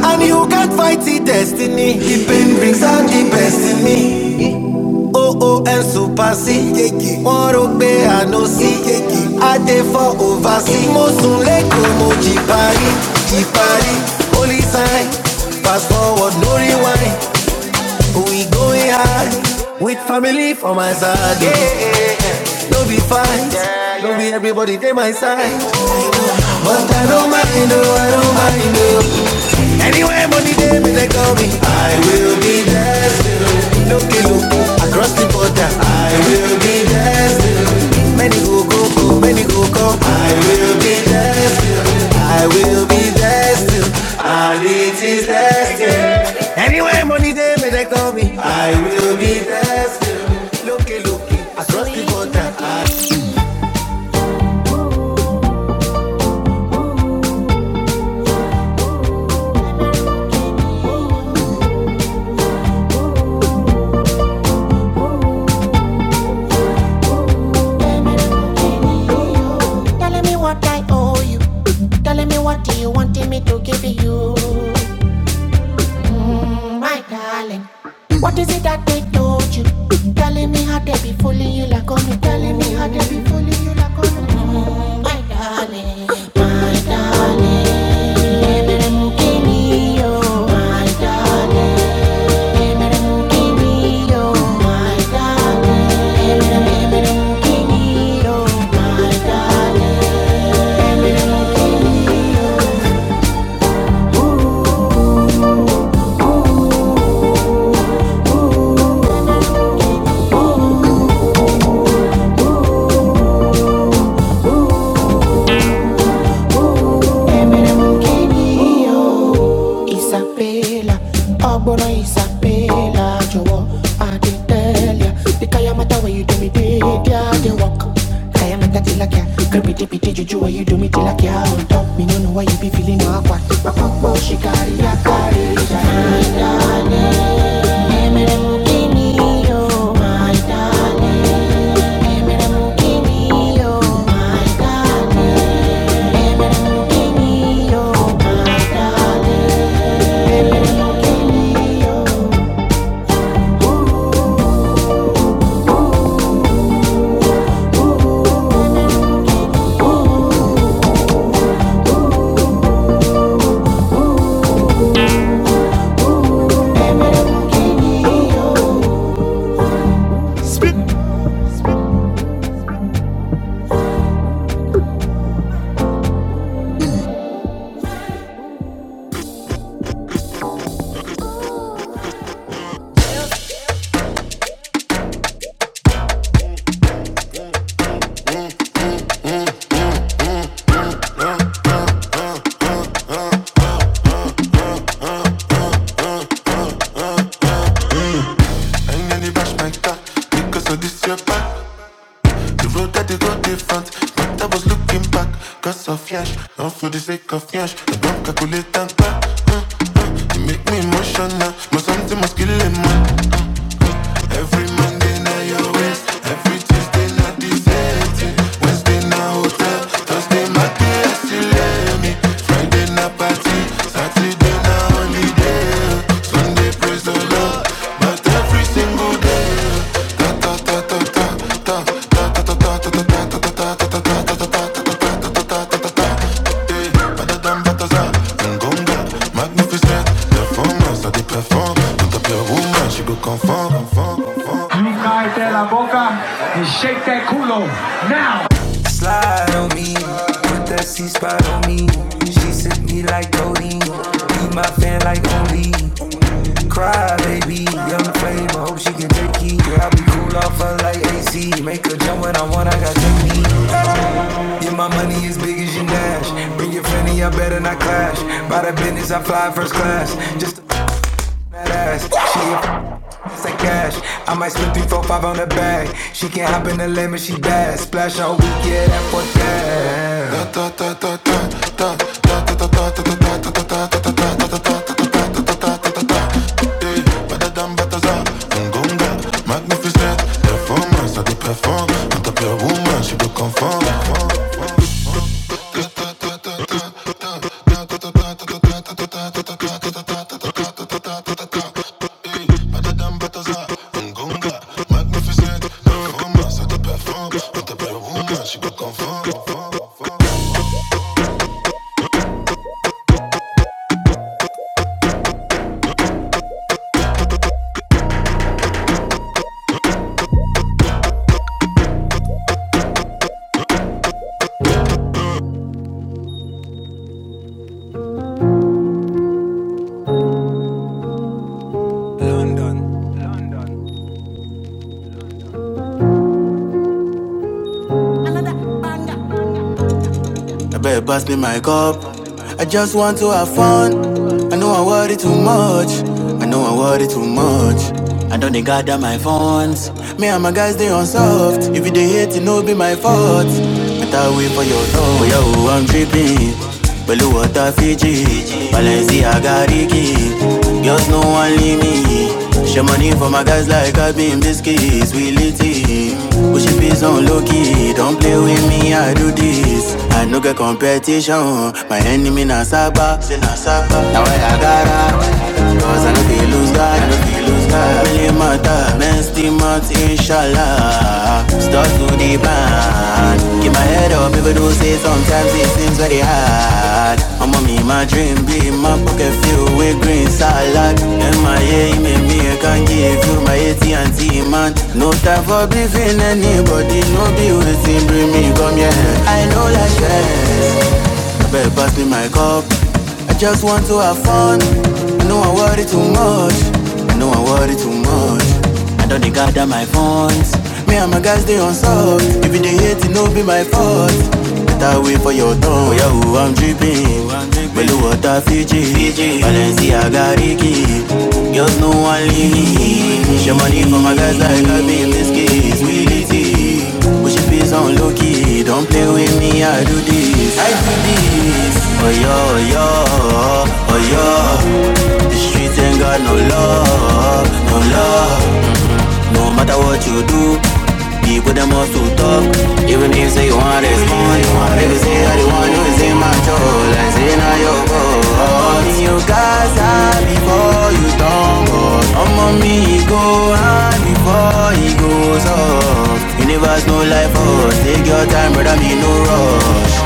Speaker 1: and you can't fight the destiny. He been brings out the best in me. OON super C. one rò pé àná sí. Adé fọ́ òvá sí. Mo sùn lẹ́kọ̀ọ́ mo jì parí. Jì parí. Holy sign. Fast forward no rewind. We going high. With family for my side. Yeah, yeah, yeah. No be fine. No be everybody dey my side. But I don't mind no, I don't mind no. Anywhere money day, me they call me. I will be there still. Loki, loki, across the border. I will be there still. Many go go go, many go go. I will be there still. I will be there still. And it is there still. Anywhere money day, me they call me. I will be there still. Loki, loki, across the border. I- Telling me what I owe you. Telling me what you wanted me to give you. My darling. What is it that they told you? Telling me how they be fooling you like on me. Telling me how they be fooling you like on me. Mm, My darling. My darling. Give me your. My darling. Give me your. My darling. Give me your. My darling. Kenny o, Isabella, Ogbonna Isabella, jọ̀wọ́ Adedelia. The Kayamata where you do me dey, dia dey walk. Kayamata tilakia, crepidipidi juju where you do me tilakia on top. Me no know why you be feeling no akwa. she carry, akari. carry. o, my Kenny my Kenny o. back. It is your back, back, cause of flesh. Confiance, je dois calculer ta You make me emotional, me some magnificent. Performance, I perform. Don't up your woman, she go conform. Slide on me, put that C spot on me. She sent me like Cody, be my fan like only. Cry baby, young flame, I hope she can take it. Yeah, I be cool off her like AC, make her jump when I want, I got technique. Yeah, my money is big as your dash, Clash, by the business, I fly first class. It's like cash. I might split three, four, five on the bag. She can not hop in the limit, she bad. Splash on weekend, yeah, that for cash. Mala, la foca. I better pass me my cup. I just want to have fun. I know I worry too much. I know I worry too much. I don't they gather my funds. Me and my guys they on soft. If you they hate, it no be my fault. But I thought wait for your thought. Oh, yo, I'm tripping. Blue water Fiji. Balenciaga Ricky. Just no one leave me. Share money for my guys like I been biscuits, we lit it. Push it peace on low key, don't play with me, I do this. I no get competition, my enemy na saba. Now I got agara, cause I no feel lose God, I no feel lose lose car Really matter, men still month inshallah Start to the band Keep my head up, people do say sometimes it seems very hard I'm on me, my dream be my pocket filled with green salad And my yeah, you make me, I can give you my AT&T man No time for believing anybody, no be waiting, bring me, come here I know like this I better pass me my cup I just want to have fun. I know I worry too much. I know I worry too much. I don't dey gather my funds. Me and my guys they on salt. If you dey hate, it no be my fault. Better wait for your turn. Oh yeah, oh, I'm dripping. blue water Fiji, Balenciaga Ricky. Just no one leave. Share money for my guys like I be in this case. Willie T it. Push your face on low key. Don't play with me, I do this. I do this. Oh yo, oh yo, oh yo. The streets ain't got no love, no love. No matter what you do, people them all to talk. Even if say you want respond, you want to say I the one who is in my soul, I say now your fault. You guys are before you talk on board. I'm on me go high before he goes off. Universe no life for us. Take your time, brother, me no rush.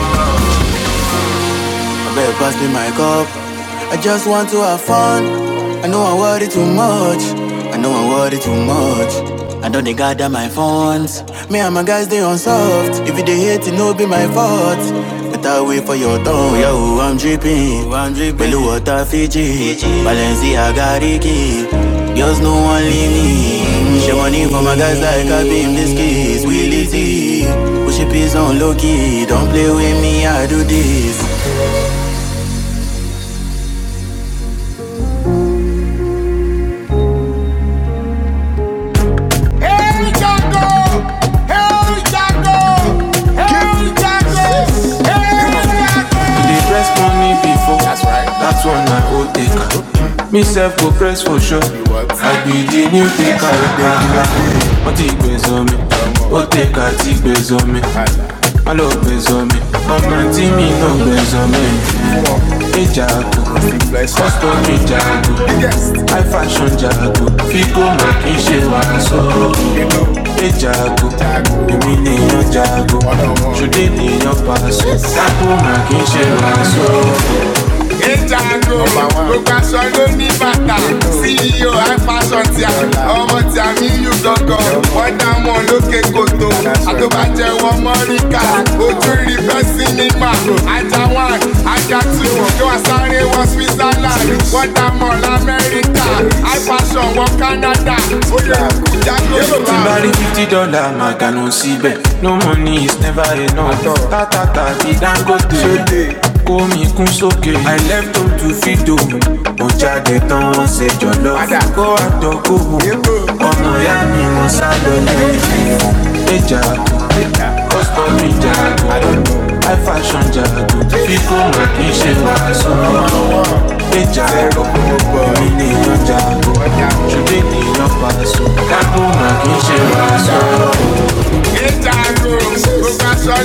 Speaker 1: I better pass me my cup. I just want to have fun. I know I worry too much. I know I worry too much. I know they gather my funds. Me and my guys, they on If you they hate, it no be my fault. Better wait for your tongue. Yo, I'm dripping. I'm dripping. Below water, Fiji. Balenciaga, Ricky. Girls, no one leave me. She money for my guys like I beam this kiss. Willie T. Push it peace on low key. Don't play with me, I do this. They press money before. That's right. That's one I old take. Me self go press for sure. I be the new taker, What take base on me? What take I take base on me? I love me. Come with me, no baby. Wọ́n ti gbé sọ mi. Ó tẹ̀ka ti gbé sọ mi. Má lọ bẹ̀rẹ̀, ọmọ mi náà bẹ̀rẹ̀. Ìjà àgbò, kọ́sìjà, iPhone jà àgbò. Fíkó mọ̀ making n ṣe wàásù. Ìjà jago. In your jago. Ènìyàn pa kì í ṣe wàásù. Ejago, gbogbo aṣọ ló ní bàtà. CEO fashion ti ọmọ ti a mi yù gangan. Wọ́n dá wọn lókè kòtò, àtọ́bàjẹ́ wọn mọ́ríkà. Ojú rí fẹ́ ajá one, ajá two. Kí wọ́n sáré wọ Switzerland, wọ́n dá mọ̀ lamẹ́ríkà. High fashion wọ Canada, ó lè kú jágó tí n bá rí fifty dollar máa gànà síbẹ̀ no money is never enough tátàtà ti dangote kó mi Okay. I left home to feed home, mo jáde tán wọ́n sùn go Kó àtọ̀kù mu, ọmọ ìyá mi mo sá lọ lẹ́yìn. Ẹja, kọ́sítọ́mì jaago, high fashion jaago, fífò mà kì í ṣe wàásù jaago. Mi ni ìyànjá, òde ni ẹ̀dá ro gbogbo aṣọ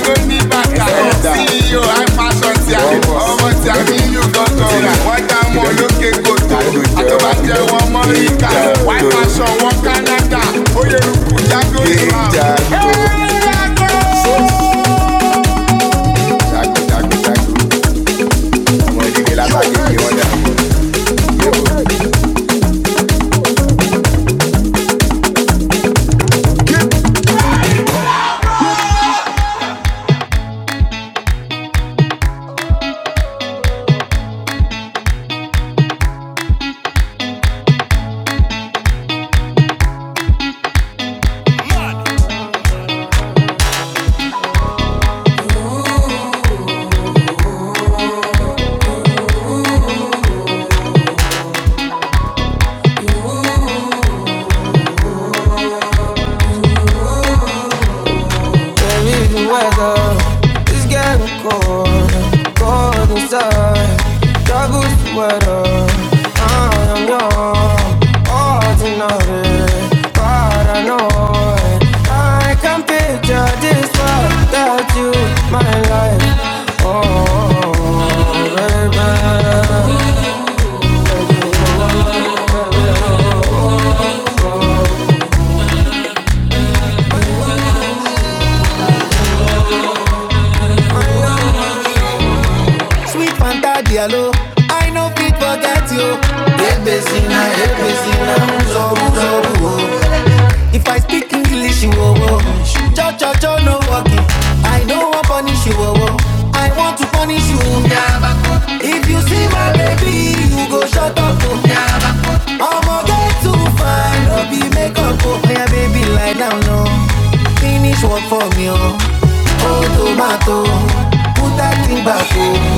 Speaker 1: my life Sweet Fanta Diallo, I know fit forget you. Ebezina, Ebezina, Uzo, Uzo, Uzo. If I speak English, you oh, oh. Cho, cho, cho, no walking. I don't want punish you, oh, oh. I want to punish you. If you see my baby, you go shut up, oh. Omo get too fine, no be make up oh. Yeah, baby, lie down, no. Finish work for me, oh. Oh, tomato, put that thing back, oh.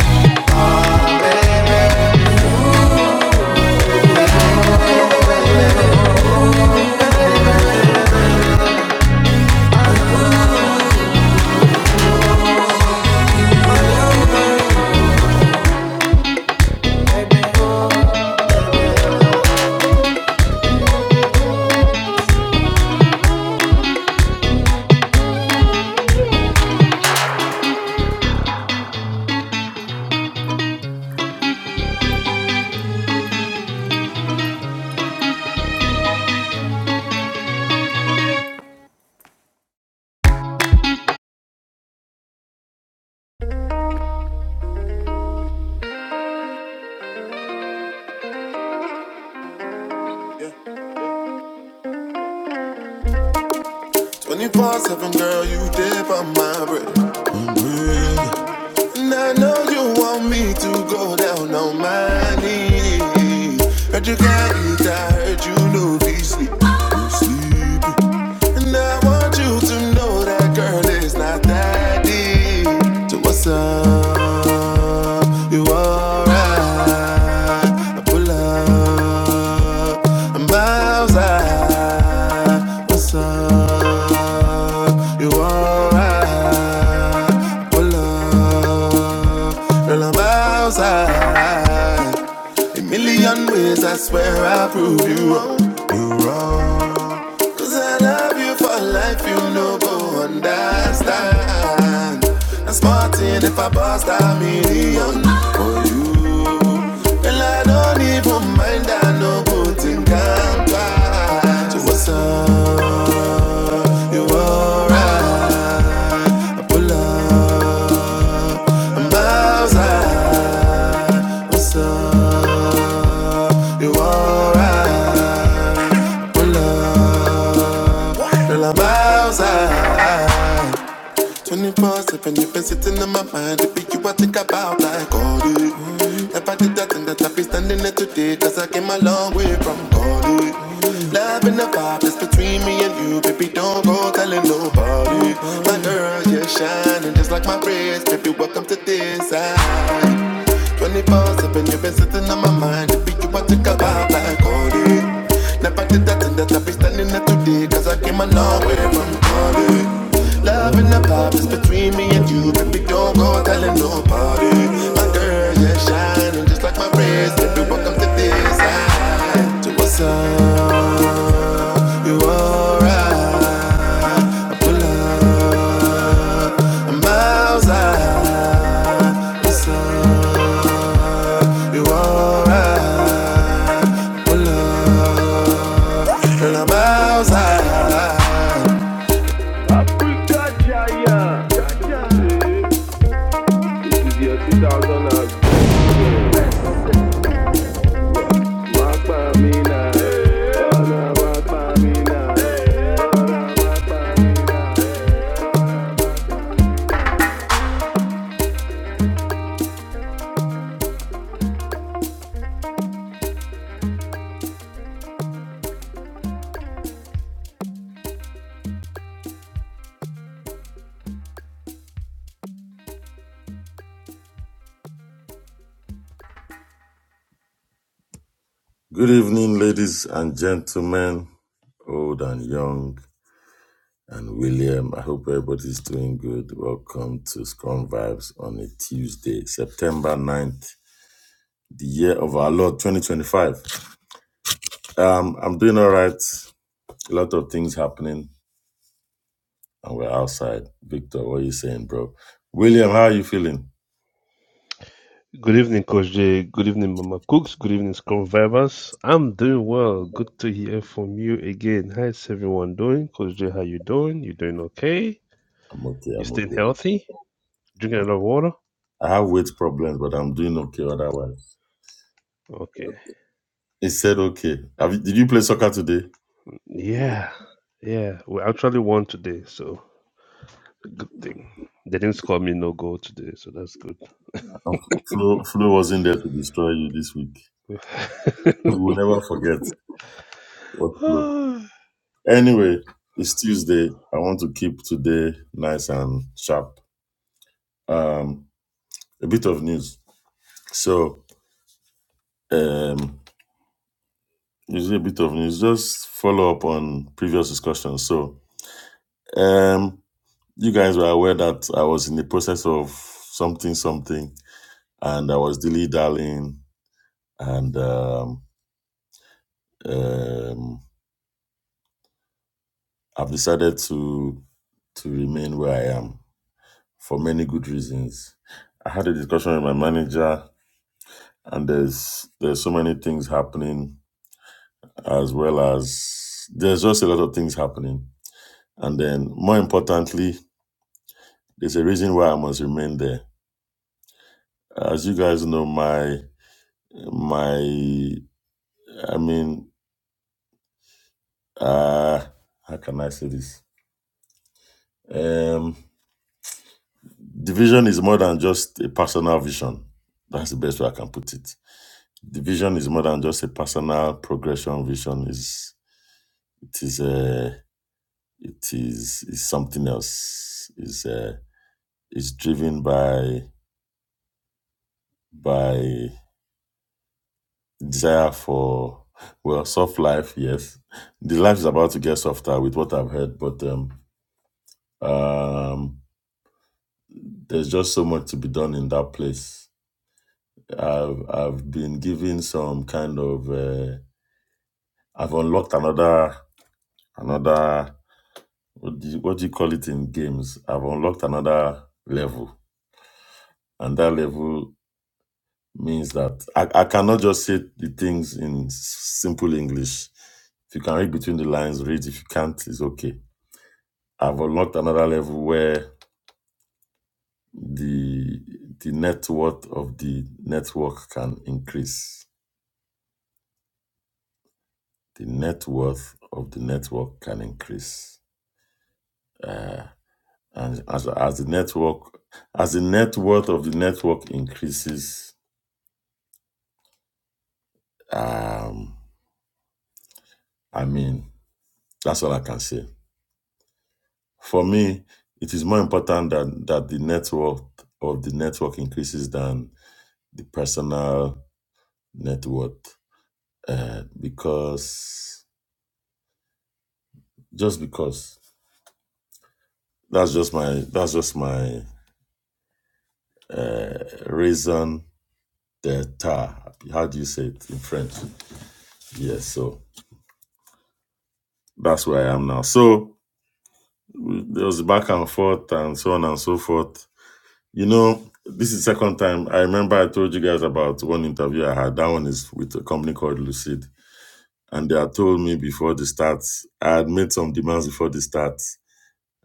Speaker 1: 24 7, girl, you dip on my bread. And I know you want me to go down on my knees. Heard you can't eat, I heard you know be sleep. You sleep. And I want you to know that girl it's not that deep. So what's up? You alright? I pull up, I'm miles out. What's up? You alright? I Pull up, girl, I'm miles out. A million ways, I swear I'll prove you wrong. You wrong. Cause I love you for life, you know, go understand. I'm smarting if I bust a million for you. Well, I don't even mind, I no good in Kampala. So what's up? You alright? I pull up, I'm outside. What's up? You alright? I pull up, girl, I'm outside. 24 7, you've been sitting in my mind. It be you I think about like all day. If I did that thing that i be standing there today, cause I came a long way from God. eh. Love and the vibe that's between me and you, baby, don't go telling nobody. My girl, you're shining just like my wrist, baby, welcome to this side. Twenty four seven, you've been sitting on my mind. If you want to take a vibe like Cody, never did that thing that I be standing there today. Cause I came a long way from Cody. Love and the vibe is between me and you, baby. Don't go telling nobody. My girl, yeah, shining just like my wrist. Baby, welcome to this side. To what's up? You alright? I pull up. I'm outside. You alright. Pull up, girl, I'm outside. Jaja, yeah, Jaja. Walk by me now, wanna walk by me now.
Speaker 2: Good evening, ladies and gentlemen, old and young, and William. I hope everybody's doing good. Welcome to Scrum Vibes on a Tuesday, September ninth, the year of our Lord 2025. Um, I'm doing all right. A lot of things happening, and we're outside. Victor, what are you saying, bro? William, how are you feeling?
Speaker 3: Good evening, Coach Jay. Good evening, Mama Cooks. Good evening, Scrum Vibers. I'm doing well. Good to hear from you again. How's everyone doing? Coach Jay, how you doing? You doing okay?
Speaker 2: I'm okay.
Speaker 3: You
Speaker 2: I'm
Speaker 3: staying
Speaker 2: okay.
Speaker 3: healthy? Drinking a lot of water?
Speaker 2: I have weight problems, but I'm doing okay otherwise.
Speaker 3: Okay.
Speaker 2: He said okay. Have you, did you play soccer today?
Speaker 3: Yeah. Yeah. We actually won today, so good thing. They didn't score me no goal today, so that's good.
Speaker 2: And Flo, Flo wasn't there to destroy you this week. We will never forget what Flo. Anyway, it's Tuesday. I want to keep today nice and sharp. Um, a bit of news. So, um, is a bit of news. Just follow up on previous discussions. So, um, you guys were aware that I was in the process of something, something, and I was dilly dallying, and um, um, I've decided to to remain where I am for many good reasons. I had a discussion with my manager, and there's there's so many things happening, as well as there's just a lot of things happening. And then, more importantly, there's a reason why I must remain there. As you guys know, my my I mean, uh, how can I say this? Um, the vision is more than just a personal vision. That's the best way I can put it the vision is more than just a personal progression vision is it is a it is is something else is uh is driven by by desire for well soft life yes the life is about to get softer with what i've heard but um um there's just so much to be done in that place i've i've been given some kind of uh i've unlocked another another what do, you, what do you call it in games? I've unlocked another level, and that level means that I, I cannot just say the things in s- simple English. If you can read between the lines, read. If you can't, it's okay. I've unlocked another level where the the net worth of the network can increase. The net worth of the network can increase, uh, and as as the network as the net worth of the network increases, Um, I mean, that's all I can say. For me, it is more important that, that the net worth of the network increases than the personal net worth. Uh, because just because that's just my that's just my uh, reason d'etat. How do you say it in French? Yes, so that's where I am now. So there was back and forth and so on and so forth You know, this is second time. I remember I told you guys about one interview I had. That one is with a company called Lucid. And they had told me before the starts, I had made some demands before the starts.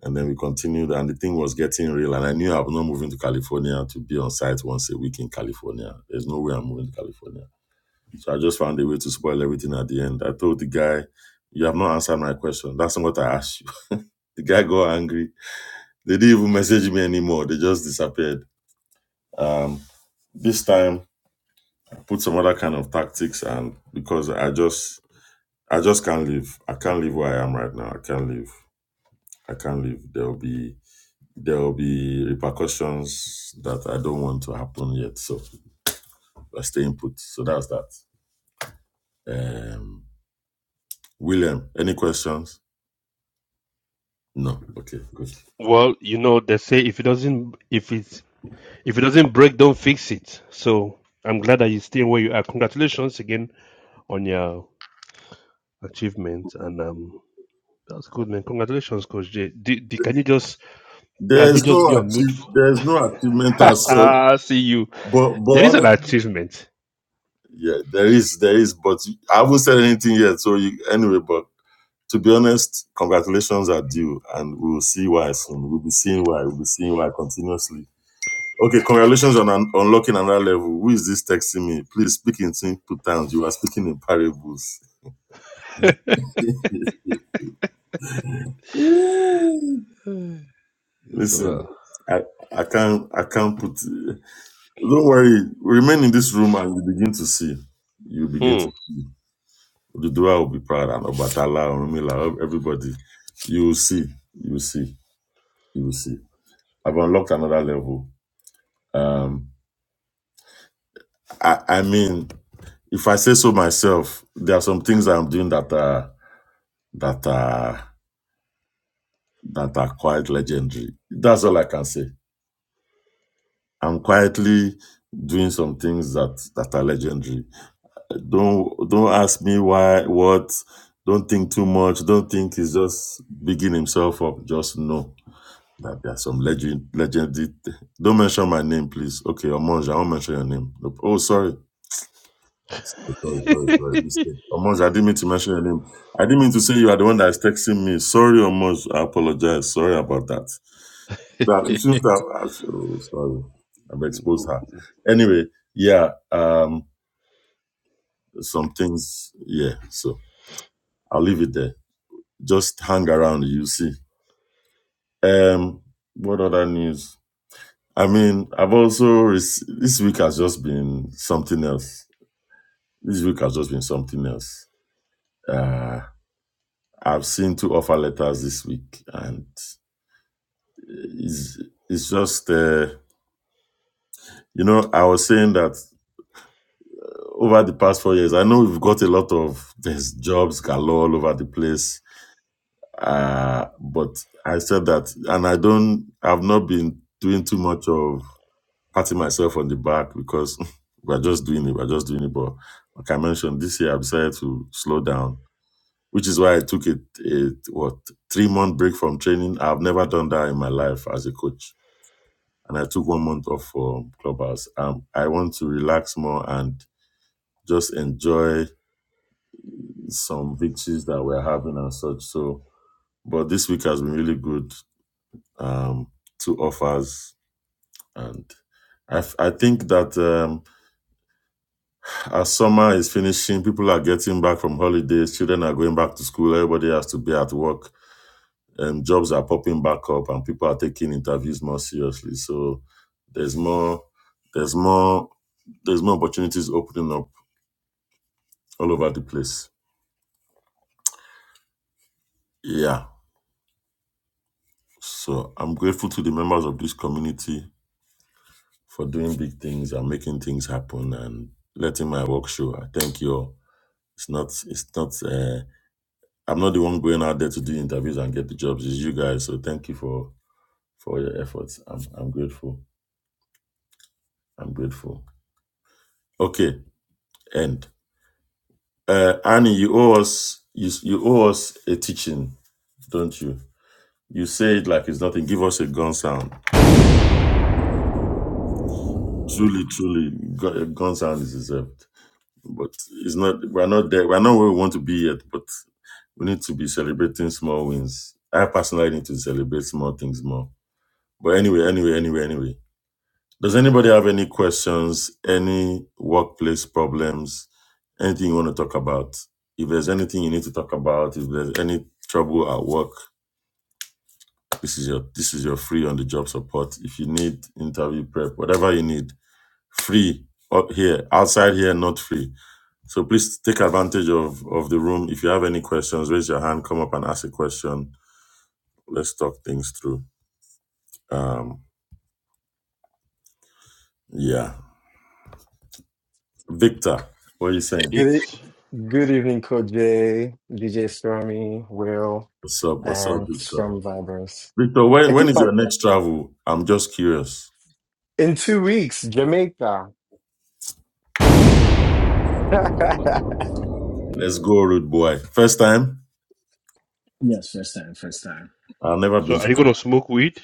Speaker 2: And then we continued, and the thing was getting real. And I knew I was not moving to California to be on site once a week in California. There's no way I'm moving to California. So I just found a way to spoil everything at the end. I told the guy, You have not answered my question. That's not what I asked you. The guy got angry. They didn't even message me anymore. They just disappeared. Um, this time, put some other kind of tactics and because I just I just can't live. I can't live where I am right now. I can't live. I can't live. There'll be there'll be repercussions that I don't want to happen yet. So I stay in put. So that's that. Um William, any questions? No. Okay, good.
Speaker 3: well, you know, they say if it doesn't if it If it doesn't break, don't fix it. So I'm glad that you're staying where you are. Congratulations again on your achievement, and um, that's good, man. Congratulations, Coach J. D- D- can you just can you
Speaker 2: There's
Speaker 3: just be
Speaker 2: no
Speaker 3: on mute?
Speaker 2: achieve, there's no achievement as such.
Speaker 3: See you.
Speaker 2: But but
Speaker 3: There is an
Speaker 2: honest,
Speaker 3: achievement.
Speaker 2: yeah, there is there is, but I haven't said anything yet. So you, anyway, but to be honest, congratulations are due, and we will see why soon. We'll be seeing why. We'll be seeing why continuously. Okay, congratulations on un- unlocking another level. Who is this texting me? Please speak in simple terms. You are speaking in parables. Ew.
Speaker 3: So,
Speaker 2: Listen,
Speaker 3: uh,
Speaker 2: I, I can't I can't put. Don't worry. Remain in this room, and you begin to see. You begin
Speaker 3: Hmm.
Speaker 2: to see. Ududua will be proud, and Obatala, Orumila, everybody. You will see. You will see. You will see. I've unlocked another level. Um. I, I mean, if I say so myself, there are some things I'm doing that are that are that are quite legendary. That's all I can say. I'm quietly doing some things that that are legendary. Don't don't ask me why what. Don't think too much. Don't think he's just bigging himself up. Just know that there are some legend legendary. Don't mention my name, please. Okay, Omonja, I won't mention your name. No, Oh, sorry. Sorry, sorry, sorry. This thing. I didn't mean to mention your name. I didn't mean to say you are the one that is texting me. Sorry, Omoj. I apologize. Sorry about that. That you shouldn't have. I should- oh, sorry, I've exposed her. Anyway, yeah. Um, some things. Yeah. So I'll leave it there. Just hang around. You see. Um, what other news? I mean, I've also rec- this week has just been something else. This week has just been something else. Uh, I've seen two offer letters this week, and It's, it's just, uh, you know, I was saying that over the past four years, I know we've got a lot of there's jobs galore all over the place. Uh, but I said that, and I don't, I've not been doing too much of patting myself on the back because we're just doing it, we're just doing it. But like I mentioned, this year I decided to slow down, which is why I took it, it what, three month break from training. I've never done that in my life as a coach and I took one month off from Clubhouse. Um, I want to relax more and just enjoy some victories that we're having and such. So, but this week has been really good. Um, two offers, and I, f- I think that um, as summer is finishing, people are getting back from holidays, children are going back to school, everybody has to be at work, um, jobs are popping back up, and people are taking interviews more seriously. So, there's more, there's more, there's more opportunities opening up all over the place. Yeah. So I'm grateful to the members of this community for doing big things and making things happen and letting my work show. I thank you all. It's not, it's not, uh, I'm not the one going out there to do interviews and get the jobs. It's you guys. So thank you for, for your efforts. I'm, I'm grateful. I'm grateful. Okay. End. Uh, Annie, you owe us, you, you owe us a teaching, don't you? You say it like it's nothing. Give us a gun sound. Truly, truly, gu- a gun sound is deserved. but it's not we're not there we're not where we want to be yet but we need to be celebrating small wins i personally need to celebrate small things more but anyway anyway anyway anyway does anybody have any questions any workplace problems anything you want to talk about if there's anything you need to talk about if there's any trouble at work this is your this is your free on the job support if you need interview prep whatever you need free up here outside here not free So please take advantage of, of the room. If you have any questions, raise your hand, come up and ask a question. Let's talk things through. Um, yeah. Victor, what are you saying?
Speaker 4: Good, e-
Speaker 3: it's
Speaker 4: good evening, Code J, DJ Stormy, Will,
Speaker 2: What's up? What's up,
Speaker 4: and
Speaker 2: Victor?
Speaker 4: Scrum Vibers.
Speaker 2: Victor,
Speaker 4: I
Speaker 2: when, when
Speaker 4: think
Speaker 2: is
Speaker 4: my
Speaker 2: your next travel? I'm just curious.
Speaker 4: in two weeks, Jamaica.
Speaker 2: Let's go, rude boy. First time?
Speaker 4: Yes, first time, first time.
Speaker 2: I've never
Speaker 3: so.
Speaker 2: been
Speaker 3: Are
Speaker 2: to
Speaker 3: you
Speaker 2: Ghana.
Speaker 3: gonna smoke weed?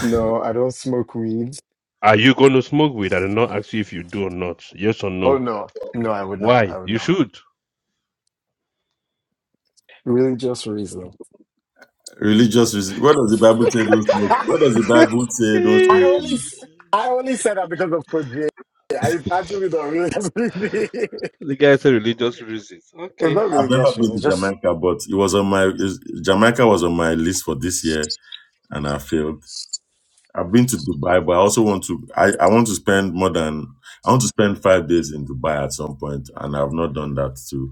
Speaker 4: no, I don't smoke weed.
Speaker 3: Are you gonna smoke weed? I did not ask you if you do or not. Yes or
Speaker 4: Oh
Speaker 3: no?
Speaker 4: no, no, I would not. I
Speaker 3: Why?
Speaker 4: would
Speaker 3: You
Speaker 4: not.
Speaker 3: should.
Speaker 4: Religious reason.
Speaker 2: Religious reason. What does the Bible say don't smoke? What does the Bible say don't
Speaker 4: I
Speaker 2: smoke
Speaker 3: Eh,
Speaker 4: only,
Speaker 2: weed?
Speaker 4: s- I only said that because of Code J. Yeah, It's actually not religious reason. it's
Speaker 3: the guy said religious reasons. Okay.
Speaker 4: not
Speaker 2: I've never
Speaker 4: religious
Speaker 2: been
Speaker 4: reason. It's
Speaker 2: to
Speaker 4: just
Speaker 2: Jamaica, but it was on my is- Jamaica was on my list for this year and I failed. I've been to Dubai, but I also want to. I, I want to spend more than. I want to spend five days in Dubai at some point, and I've not done that too.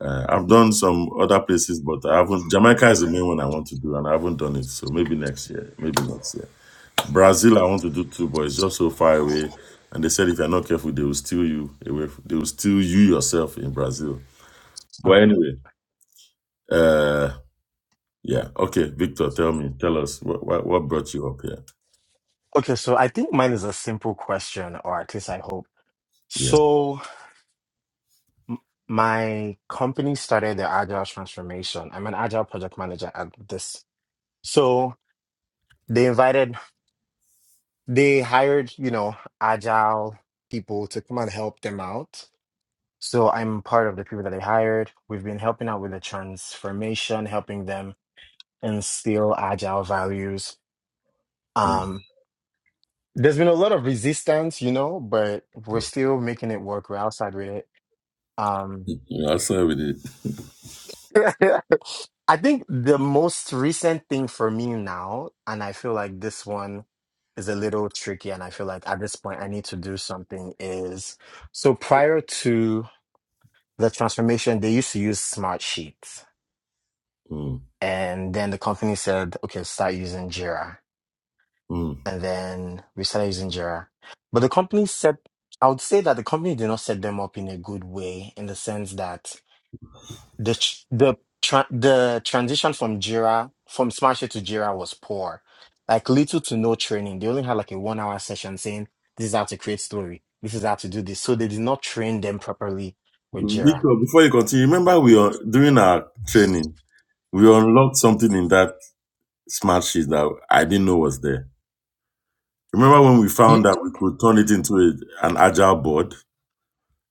Speaker 2: Uh, I've done some other places, but I haven't. Jamaica is the main one I want to do, and I haven't done it. So maybe next year, maybe next year. Brazil, I want to do too, but it's just so far away. And they said if you're not careful, they will steal you away. f- They will steal you yourself in Brazil.
Speaker 4: huh.
Speaker 2: But anyway, uh, yeah, okay, Victor, tell me, tell us what what, what brought you up here?
Speaker 4: okay. So I think mine is a simple question, or at least I hope.
Speaker 2: Yeah,
Speaker 4: So m- my company started the agile transformation. I'm an agile project manager at this. So they invited, they hired, you know, agile people to come and help them out. So I'm part of the people that they hired. We've been helping out with the transformation, helping them instill agile values.
Speaker 2: mm.
Speaker 4: Um, there's been a lot of resistance, you know, but we're still making it work. We're outside with it. Um,
Speaker 2: you know, with it.
Speaker 4: I think the most recent thing for me now, and I feel like this one is a little tricky, and I feel like at this point I need to do something is so prior to the transformation, they used to use Smart Sheets.
Speaker 2: Mm,
Speaker 4: And then the company said, okay, start using Jira.
Speaker 2: mm.
Speaker 4: And then we started using Jira. But the company set, I would say that the company did not set them up in a good way in the sense that the tr- the tra- the transition from Jira from Smasher to Jira was poor. Like little to no training. They only had like a one hour session saying this is how to create story. This is how to do this. So they did not train them properly with Jira.
Speaker 2: Victor, before you continue, remember we are during our training, we unlocked something in that smart sheet that I didn't know was there. Remember when we found
Speaker 4: Ye-
Speaker 2: that we could turn it into a, an agile board?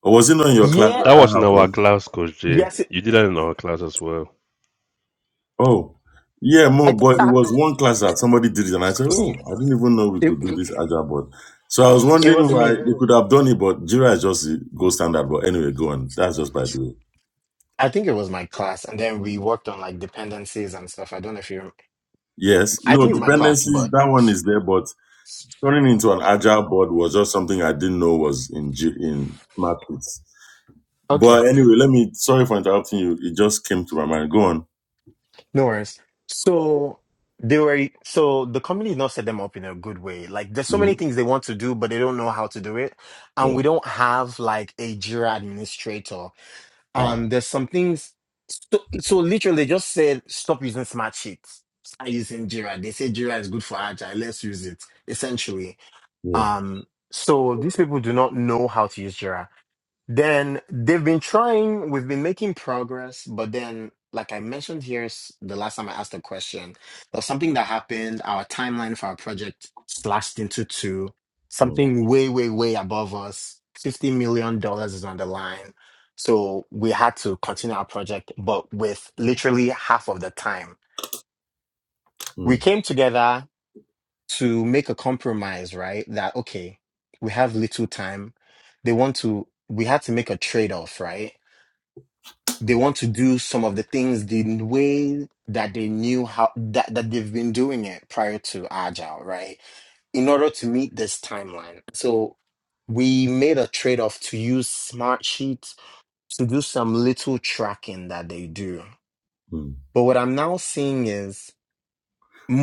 Speaker 2: Or was it not in your class that
Speaker 4: Yeah,
Speaker 3: That was
Speaker 2: that
Speaker 3: in our
Speaker 2: happened?
Speaker 3: class, Coach Jay.
Speaker 4: yes, it,
Speaker 3: You did that in our class as well.
Speaker 2: Oh, yeah,
Speaker 4: I
Speaker 2: more,
Speaker 4: think
Speaker 2: but it
Speaker 4: I,
Speaker 2: was one class that somebody did it, and I said, oh, I didn't even know we
Speaker 4: it
Speaker 2: could do this agile board. So I was
Speaker 4: it
Speaker 2: wondering
Speaker 4: was
Speaker 2: why
Speaker 4: me.
Speaker 2: they could have done it, but Jira is just the gold standard. But anyway, go on. That's just by the way.
Speaker 4: I think it was my class, and then we worked on like dependencies and stuff. I don't know if you. Remember.
Speaker 2: Yes,
Speaker 4: I
Speaker 2: no
Speaker 4: think it's my class,
Speaker 2: dependencies.
Speaker 4: but
Speaker 2: That one is there, but turning into an agile board was just something I didn't know was in G- in markets.
Speaker 4: okay.
Speaker 2: But anyway, let me. Sorry for interrupting you. It just came to my mind. Go on.
Speaker 4: No worries. So they were so the company did not set them up in a good way. Like there's so many
Speaker 2: hmm
Speaker 4: things they want to do, but they don't know how to do it.
Speaker 2: Yeah.
Speaker 4: And we don't have like a Jira administrator.
Speaker 2: Ah.
Speaker 4: And there's some things so, so literally they just said stop using smart sheets. Start using Jira. They say Jira is good for agile. Let's use it. Essentially.
Speaker 2: Yeah.
Speaker 4: Um so these people do not know how to use Jira. Then they've been trying, we've been making progress, but then, like I mentioned here s- the last time I asked a question, there was something that happened, our timeline for our project slashed into two,
Speaker 2: Mm,
Speaker 4: something way, way, way above us. $50 million dollars is on the line. So we had to continue our project, but with literally half of the time. We
Speaker 2: mm,
Speaker 4: came together to make a compromise, right? That, okay, we have little time. They want to, we had to make a trade off, right? they want to do some of the things the way that they knew how that, that they've been doing it prior to agile right in order to meet this timeline so we made a trade-off to use smart sheets to do some little tracking that they do
Speaker 2: mm.
Speaker 4: but what i'm now seeing is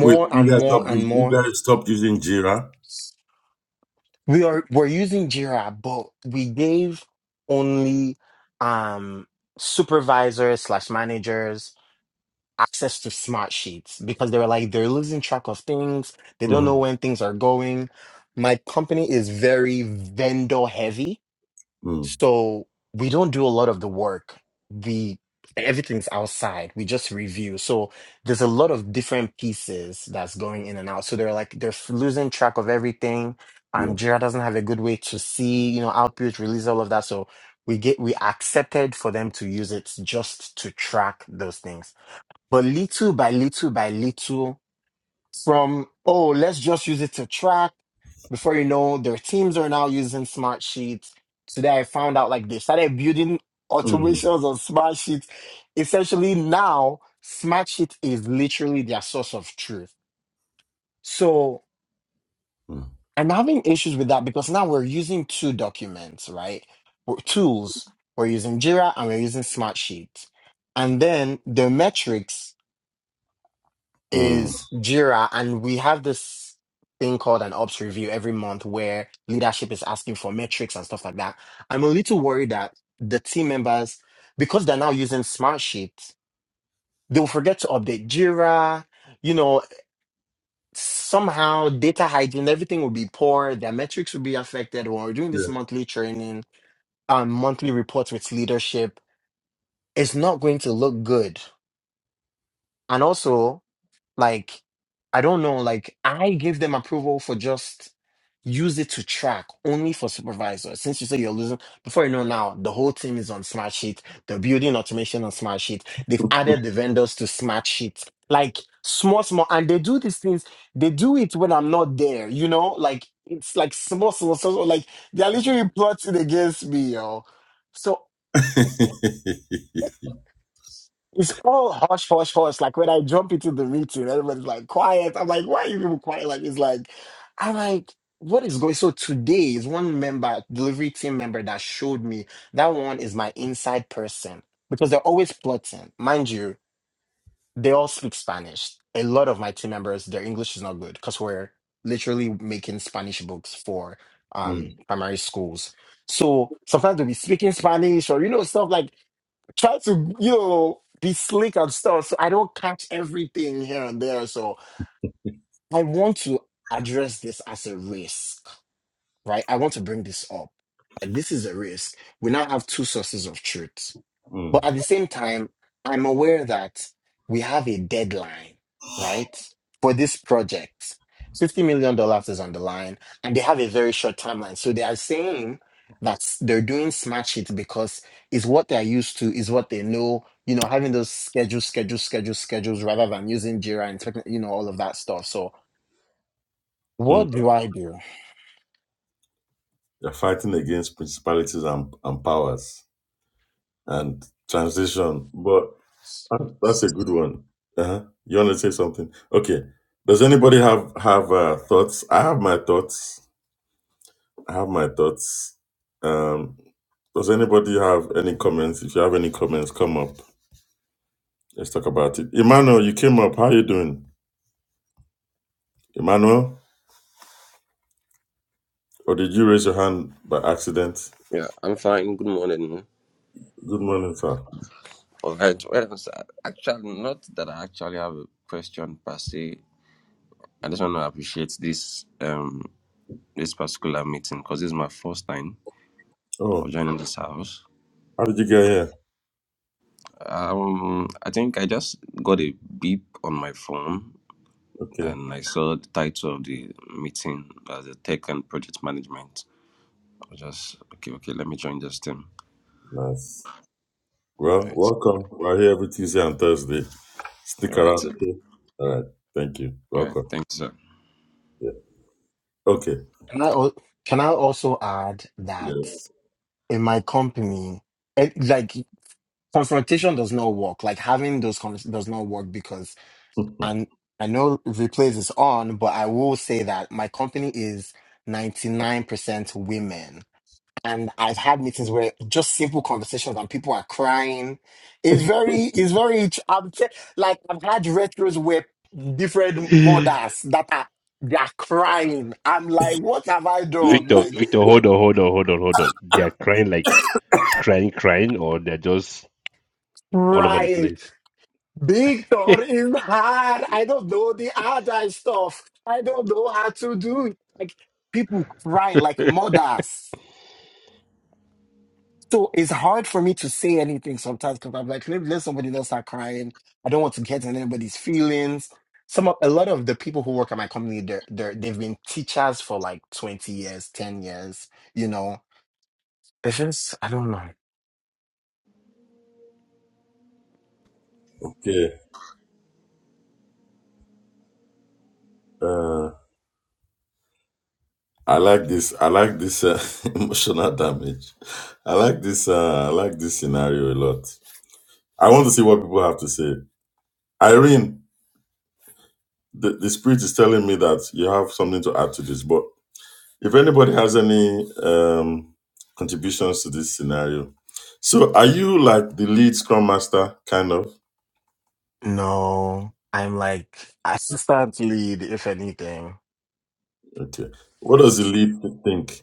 Speaker 2: Wait, you
Speaker 4: and
Speaker 2: guys
Speaker 4: more
Speaker 2: stopped.
Speaker 4: and
Speaker 2: us- You
Speaker 4: more
Speaker 2: guys stopped using Jira.
Speaker 4: we are we're using jira but we gave only um supervisors slash managers access to smart sheets because they were like they're losing track of things they don't know
Speaker 2: Mm,
Speaker 4: when things are going my company is very vendor heavy
Speaker 2: mm,
Speaker 4: so we don't do a lot of the work the everything's outside we just review so there's a lot of different pieces that's going in and out so they're like they're f- losing track of everything
Speaker 2: yeah.
Speaker 4: um jira doesn't have a good way to see you know output release all of that so we get we accepted for them to use it just to track those things but little by little by little, from, oh, let's just use it to track. Before you know, their teams are now using smart sheets. Today I found out like they started building
Speaker 2: Mm,
Speaker 4: automations on smart sheets. Essentially now, smart sheet is literally their source of truth. So
Speaker 2: mm,
Speaker 4: I'm having issues with that because now we're using two documents, right? we Tools. We're using Jira and we're using Smartsheet. And then the metrics
Speaker 2: mm,
Speaker 4: is Jira, and we have this thing called an ops review every month where leadership is asking for metrics and stuff like that. I'm a little worried that the team members, because they're now using smart sheets, they'll forget to update Jira. You know, somehow data hygiene, everything will be poor, their metrics will be affected. When we're doing this
Speaker 2: yeah.
Speaker 4: monthly training and monthly reports with leadership, it's not going to look good. And also, Like, I don't know. Like, I give them approval for just use it to track only for supervisor. Since you say you're losing, before you know now, the whole team is on Smartsheet. They're building automation on Smartsheet. They've added the vendors to Smartsheet. Like small, small, and they do these things. They do it when I'm not there. You know, like it's like small, small, small. Like they're literally plotting against me, yo. So it's all hush, hush, hush. Like when I jump into the meeting, everybody's like quiet. I'm like, why are you people quiet? Like it's like, I'm like, what is going? So today is one member, delivery team member, that showed me that one is my inside person because they're always plotting, mind you. They all speak Spanish. A lot of my team members, their English is not good because we're literally making Spanish books for
Speaker 2: mm,
Speaker 4: um primary schools. So sometimes they'll be speaking Spanish or you know stuff like try to you know be slick and stuff so i don't catch everything here and there so i want to address this as a risk right i want to bring this up Like, this is a risk we now have two sources of truth
Speaker 2: mm,
Speaker 4: but at the same time, I'm aware that we have a deadline, right? For this project. $50 million dollars is on the line, and they have a very short timeline. So they are saying that they're doing smash it because it's what they're used to, is what they know, you know, having those schedules, schedules, schedules, schedules, rather than using Jira and, techni- you know, all of that stuff. So
Speaker 2: mm.
Speaker 4: what do I do?
Speaker 2: They're fighting against principalities and, and powers and transition. but. Ah, That's a good one. Uh-huh. You want to say something? Okay. Does anybody have have uh, thoughts? I have my thoughts. I have my thoughts. Um, does anybody have any comments? If you have any comments, come up. Let's talk about it. Emmanuel, you came up. How are you doing, Emmanuel? Or did you raise your hand by accident?
Speaker 5: Yeah, I'm fine. Good morning.
Speaker 2: Good morning, sir.
Speaker 5: All right. Well, so I- actually, not that I actually have a question per se. I just want to appreciate this um this particular meeting because this is my first time of
Speaker 2: Oh,
Speaker 5: joining this house.
Speaker 2: how did you get here?
Speaker 5: Um, I think I just got a beep on my phone
Speaker 2: Okay,
Speaker 5: and I saw the title of the meeting as a tech and project management. I was just okay, okay. Let me join this team.
Speaker 2: nice.
Speaker 5: All
Speaker 2: Well,
Speaker 5: right,
Speaker 2: welcome. We're here every Tuesday and Thursday. Stick
Speaker 5: all right,
Speaker 2: around,
Speaker 5: sir.
Speaker 2: okay? All right. Thank you.
Speaker 5: All right.
Speaker 2: Welcome.
Speaker 5: Thanks, sir.
Speaker 2: Yeah. Okay.
Speaker 4: Can I, al- can I also add that
Speaker 2: Yes.
Speaker 4: in my company, eh, like confrontation does not work. Like having those conversations does not work because and I know replays is on, but I will say that my company is 99% women. And I've had meetings where just simple conversations and people are crying. It's very, it's very, I'm t- like I've had retros where different
Speaker 3: Victor,
Speaker 4: mothers that are, they are crying. I'm like, what have I done? Like
Speaker 3: Victor, hold on, hold on, hold on, hold on. They are crying like crying, crying, or they're just all over the
Speaker 4: crying.
Speaker 3: place.
Speaker 4: Victor is hard. I don't know the other stuff. I don't know how to do it. Like people cry like mothers. So it's hard for me to say anything sometimes because I'm like, maybe let somebody else start crying. I don't want to get in anybody's feelings. Some of, a lot of the people who work at my company, they're, they're they've been teachers for like 20 years, 10 years, you know. It's just I don't know.
Speaker 2: okay. Uh, I like this. I like this uh, emotional damage. I like this. Uh, I like this scenario a lot. I want to see what people have to say. Irene, the, the spirit is telling me that you have something to add to this. But if anybody has any um, contributions to this scenario, so are you like the lead scrum master kind of?
Speaker 4: No. I'm like assistant lead, if anything.
Speaker 2: Okay. What does the lead think?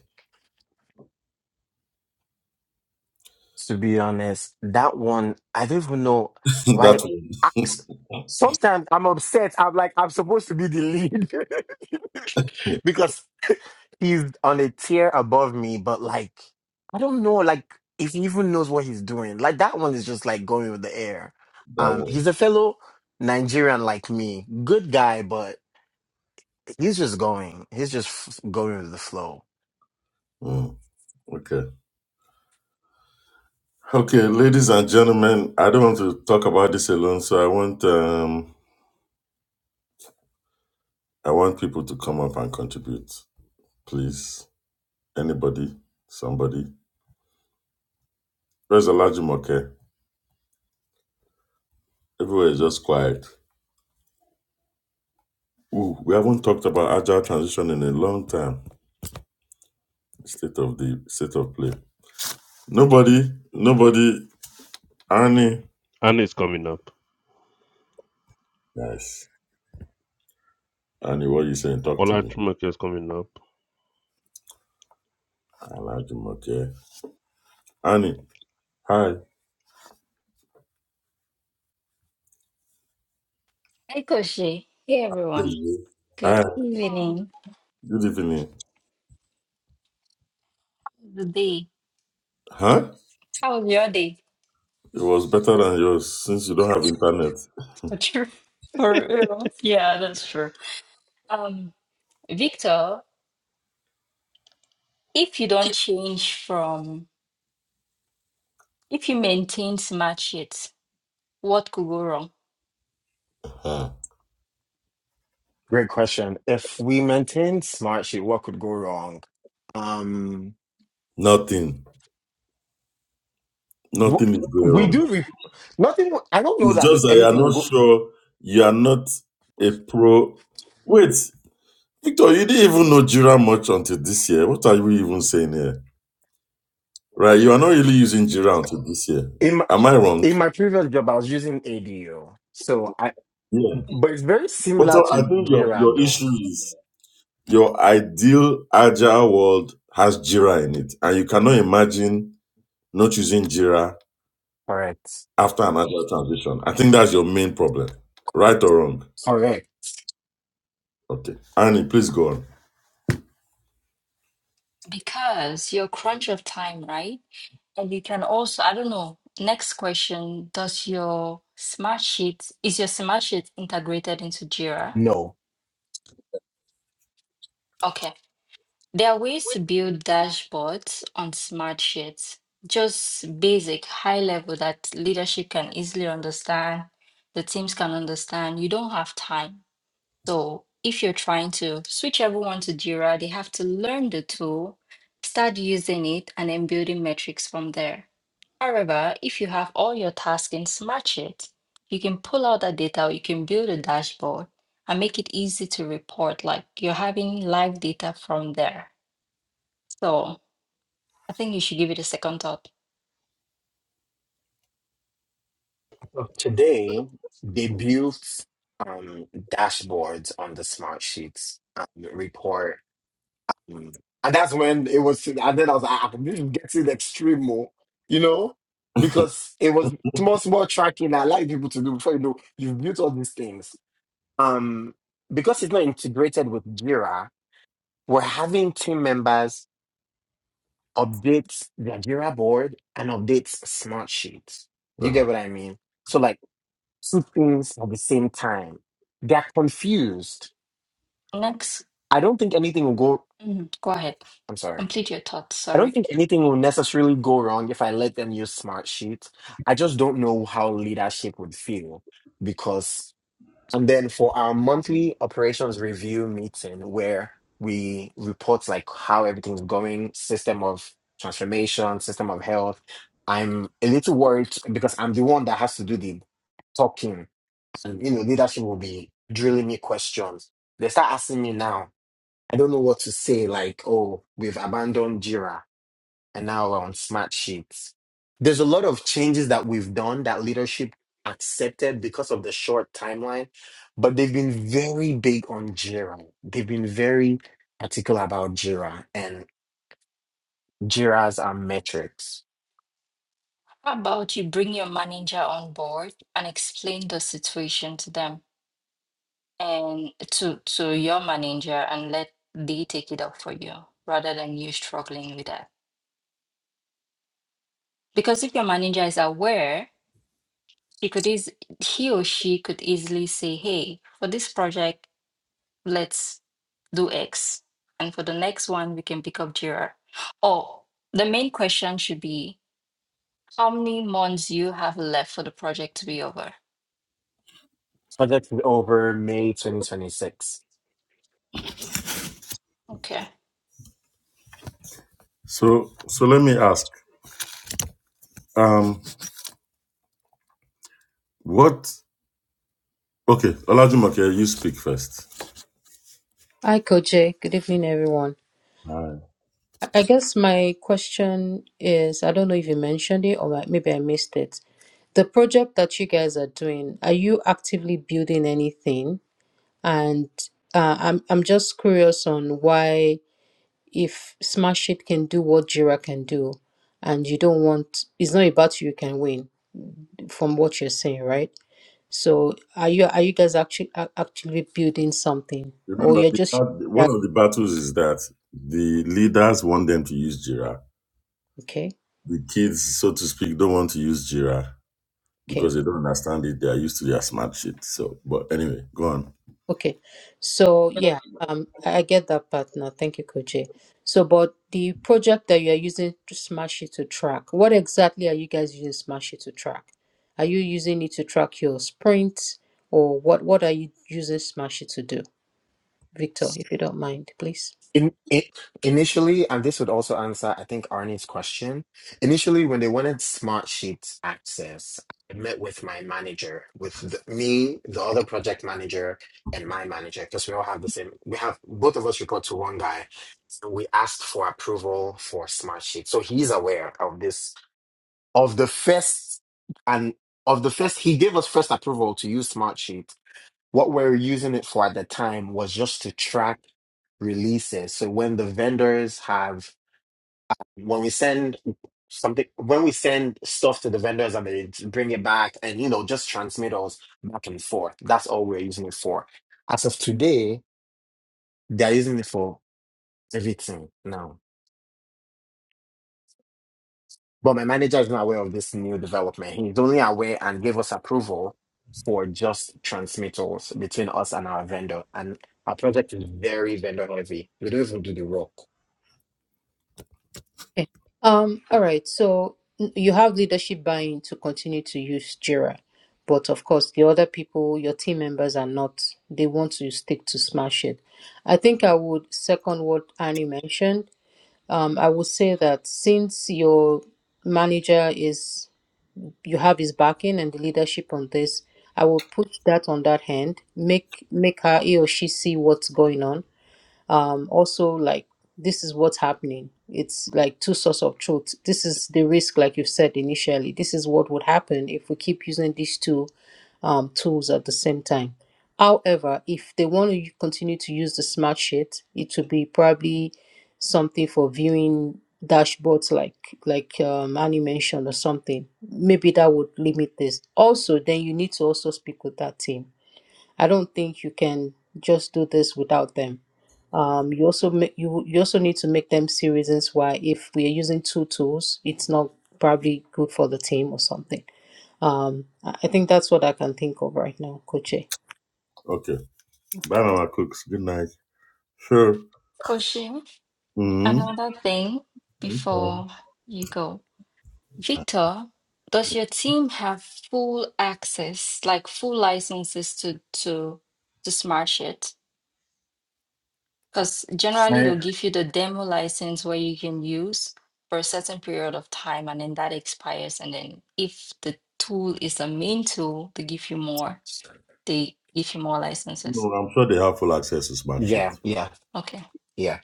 Speaker 4: to be honest, that one, I don't even know why.
Speaker 2: that
Speaker 4: I,
Speaker 2: one.
Speaker 4: sometimes I'm upset. I'm like, I'm supposed to be the lead because he's on a tier above me, but like, I don't know, like, if he even knows what he's doing. Like, that one is just like going with the air.
Speaker 2: that
Speaker 4: Um, he's a
Speaker 2: one.
Speaker 4: fellow Nigerian like me, good guy, but he's just going, he's just f- going with the flow.
Speaker 2: Mm, Okay. Okay, ladies and gentlemen, I don't want to talk about this alone, so I want um I want people to come up and contribute, please. Anybody, somebody. Where's a Everywhere is just quiet. Ooh, we haven't talked about agile transition in a long time. State of the state of play. Nobody, nobody. Annie,
Speaker 3: Anna is coming up.
Speaker 2: yes. Annie, what you saying? Talk to
Speaker 3: Ola
Speaker 2: me.
Speaker 3: Jumake is coming up.
Speaker 2: Large Annie, hi.
Speaker 6: Hey Koshi. Hey
Speaker 2: Good
Speaker 6: everyone.
Speaker 2: evening. Hi.
Speaker 6: Good evening.
Speaker 2: Good evening.
Speaker 6: The day.
Speaker 2: Huh?
Speaker 6: How was your day?
Speaker 2: It was better than yours since you don't have internet.
Speaker 6: For true. For real. Yeah, that's true. Um, Victor, if you don't change from if you maintain smart sheets, what could go wrong?
Speaker 2: Ah.
Speaker 4: Great question. If we maintain smart shit, what could go wrong? Um.
Speaker 2: Nothing.
Speaker 4: W-
Speaker 2: Nothing is going
Speaker 4: We
Speaker 2: wrong.
Speaker 4: do re- nothing. I don't know
Speaker 2: It's
Speaker 4: that
Speaker 2: just that you are
Speaker 4: anything will
Speaker 2: not
Speaker 4: go
Speaker 2: sure. You are not a pro. Wait, Victor, you didn't even know Jira much until this year. What are we even saying here? Right, you are not really using Jira until this year.
Speaker 4: in my
Speaker 2: Am I wrong?
Speaker 4: in my previous job. I was using ADO, so I
Speaker 2: Yeah.
Speaker 4: but it's very
Speaker 2: But
Speaker 4: similar
Speaker 2: so I
Speaker 4: to
Speaker 2: think your,
Speaker 4: Jira,
Speaker 2: your
Speaker 4: though.
Speaker 2: issue is your ideal agile world has Jira in it, and you cannot imagine not using Jira
Speaker 4: Correct.
Speaker 2: after an agile transition. I think that's your main problem, right or wrong.
Speaker 4: Correct.
Speaker 2: Okay, Annie, please go on.
Speaker 6: Because you're crunch of time, right? And you can also, I don't know, next question, does your smart sheet is your smart sheet integrated into Jira?
Speaker 4: No.
Speaker 6: Okay. There are ways to build dashboards on smart sheets, just basic, high level that leadership can easily understand, the teams can understand. You don't have time. So if you're trying to switch everyone to Jira, they have to learn the tool, start using it, and then building metrics from there. However, if you have all your tasks in Smartsheet, you can pull out that data or you can build a dashboard and make it easy to report, like you're having live data from there. So I think you should give it a second thought.
Speaker 4: Today they built um, dashboards on the smart sheets um, report, Mm. and that's when it was. And then I was like, ah, "This is getting extreme, more, you know, because it was small, small tracking. I like people to do before you know you've built all these things um, because it's not integrated with Jira, we're having team members update their Jira board and update smart sheets. You
Speaker 2: Ugh.
Speaker 4: get what I mean? So like two things at the same time. They're confused.
Speaker 6: Next,
Speaker 4: I don't think anything will go
Speaker 6: Mhm, go ahead.
Speaker 4: I'm sorry.
Speaker 6: Complete your thoughts.
Speaker 4: I don't
Speaker 6: Sorry.
Speaker 4: think anything will necessarily go wrong if I let them use smart sheets. I just don't know how leadership would feel because. And then for our monthly operations review meeting, where we report like how everything's going, system of transformation, system of health, I'm a little worried because I'm the one that has to do the talking. And you know, leadership will be drilling me questions. They start asking me now. I don't know what to say, like, oh, we've abandoned Jira and now we're on smart sheets. There's a lot of changes that we've done that leadership accepted because of the short timeline, but they've been very big on Jira. They've been very particular about Jira and Jira's are metrics.
Speaker 6: How about you bring your manager on board and explain the situation to them and to to your manager and let they take it up for you rather than you struggling with that. Because if your manager is aware, he could eas- he or she could easily say, "Hey, for this project." let's do X. And for the next one, we can pick up Jira. Oh, the main question should be how many months you have left for the project to be over.
Speaker 4: Project is over May 2026.
Speaker 6: Okay.
Speaker 2: So, so let me ask, um, what? Okay, Olajumoke, you speak first.
Speaker 7: Hi, Coach. Jay. Good evening, everyone.
Speaker 2: Alright.
Speaker 7: I I guess my question is, I don't know if you mentioned it or I- maybe I missed it. The project that you guys are doing, are you actively building anything? And uh, I'm I'm just curious on why if Smash It can do what Jira can do, and you don't want, it's not about you can win from what you're saying, right? So are you are you guys actually actually building something, or
Speaker 2: Remember,
Speaker 7: you're
Speaker 2: the
Speaker 7: just
Speaker 2: bad- one
Speaker 7: that
Speaker 2: of the battles is that the leaders want them to use Jira.
Speaker 7: okay?
Speaker 2: The kids, so to speak, don't want to use Jira
Speaker 7: Okay.
Speaker 2: because they don't understand it. They are used to their smart shit. So, but anyway, go on.
Speaker 7: Okay. So yeah, um, I I get that part now. Thank you, Koji. So, but the project that you are using to Smash It to track, what exactly are you guys using Smash It to track? Are you using it to track your sprints, or what? What are you using Smash It to do, Victor? If you don't mind, please.
Speaker 4: In, in, initially, and this would also answer, I think, Arnie's question. Initially, when they wanted Smart Sheets access, I met with my manager, with the, me, the other project manager, and my manager, because we all have the same. We have both of us report to one guy. So we asked for approval for Smart Sheets, so he's aware of this, of the first, and of the first. He gave us first approval to use Smartsheet what we're using it for at the time was just to track releases. So when the vendors have, when we send something, when we send stuff to the vendors and they bring it back and, you know, just transmit us back and forth, that's all we're using it for. As of today, they're using it for everything now. But my manager is not aware of this new development. He's only aware and gave us approval for just transmittals between us and our vendor. And our project is very vendor heavy. We don't even do the work.
Speaker 7: Okay. Um, all right. So n- you have leadership buy-in to continue to use Jira, but of course, the other people, your team members, are not. They want to stick to Smash it. I think I would second what Annie mentioned. Um, I would say that since your manager is, you have his backing and the leadership on this. I will put that on that hand. Make make her he or she see what's going on um also like this is what's happening it's like two sources of truth this is the risk like you said initially this is what would happen if we keep using these two um, tools at the same time however if they want to continue to use the smart sheet it will be probably something for viewing dashboards like like um, Annie mentioned or something maybe that would limit this also then you need to also speak with that team I don't think you can just do this without them. Um, you also make, you you also need to make them see reasons why if we are using two tools, it's not probably good for the team or something. Um, I I think that's what I can think of right now, Koche.
Speaker 2: Okay. Bye, Mama Cooks. Good night. Sure.
Speaker 6: Koshi,
Speaker 2: hmm
Speaker 6: another thing before you go. Victor, does your team have full access, like full licenses to to to Smartsheet? Because generally
Speaker 4: Eh.
Speaker 6: they'll give you the demo license where you can use for a certain period of time and then that expires. And then if the tool is a main tool, they give you more. They give you more licenses.
Speaker 2: No, I'm sure they have full access to smart shit.
Speaker 4: Yeah, yeah,
Speaker 6: Okay.
Speaker 4: yeah.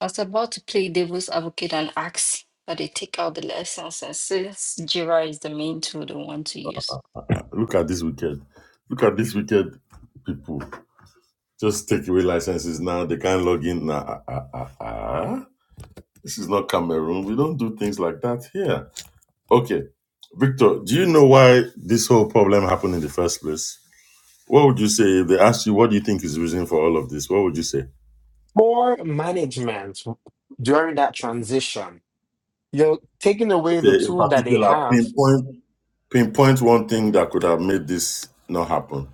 Speaker 6: I was about to play devil's advocate and ask that they take out the licenses. since Jira is the main tool they want to use.
Speaker 2: Look at this wicked! Look at this wicked people. Just take away licenses now. They can't log in now. Ah, ah, ah, ah. This is not Cameroon. We don't do things like that here. Okay. Victor, do you know why this whole problem happened in the first place? What would you say if they asked you what do you think is the reason for all of this? What would you say?
Speaker 4: Poor management during that transition. You're taking away the
Speaker 2: Okay, in
Speaker 4: tool that they
Speaker 2: particular,
Speaker 4: have,
Speaker 2: pinpoint pinpoint one thing that could have made this not happen.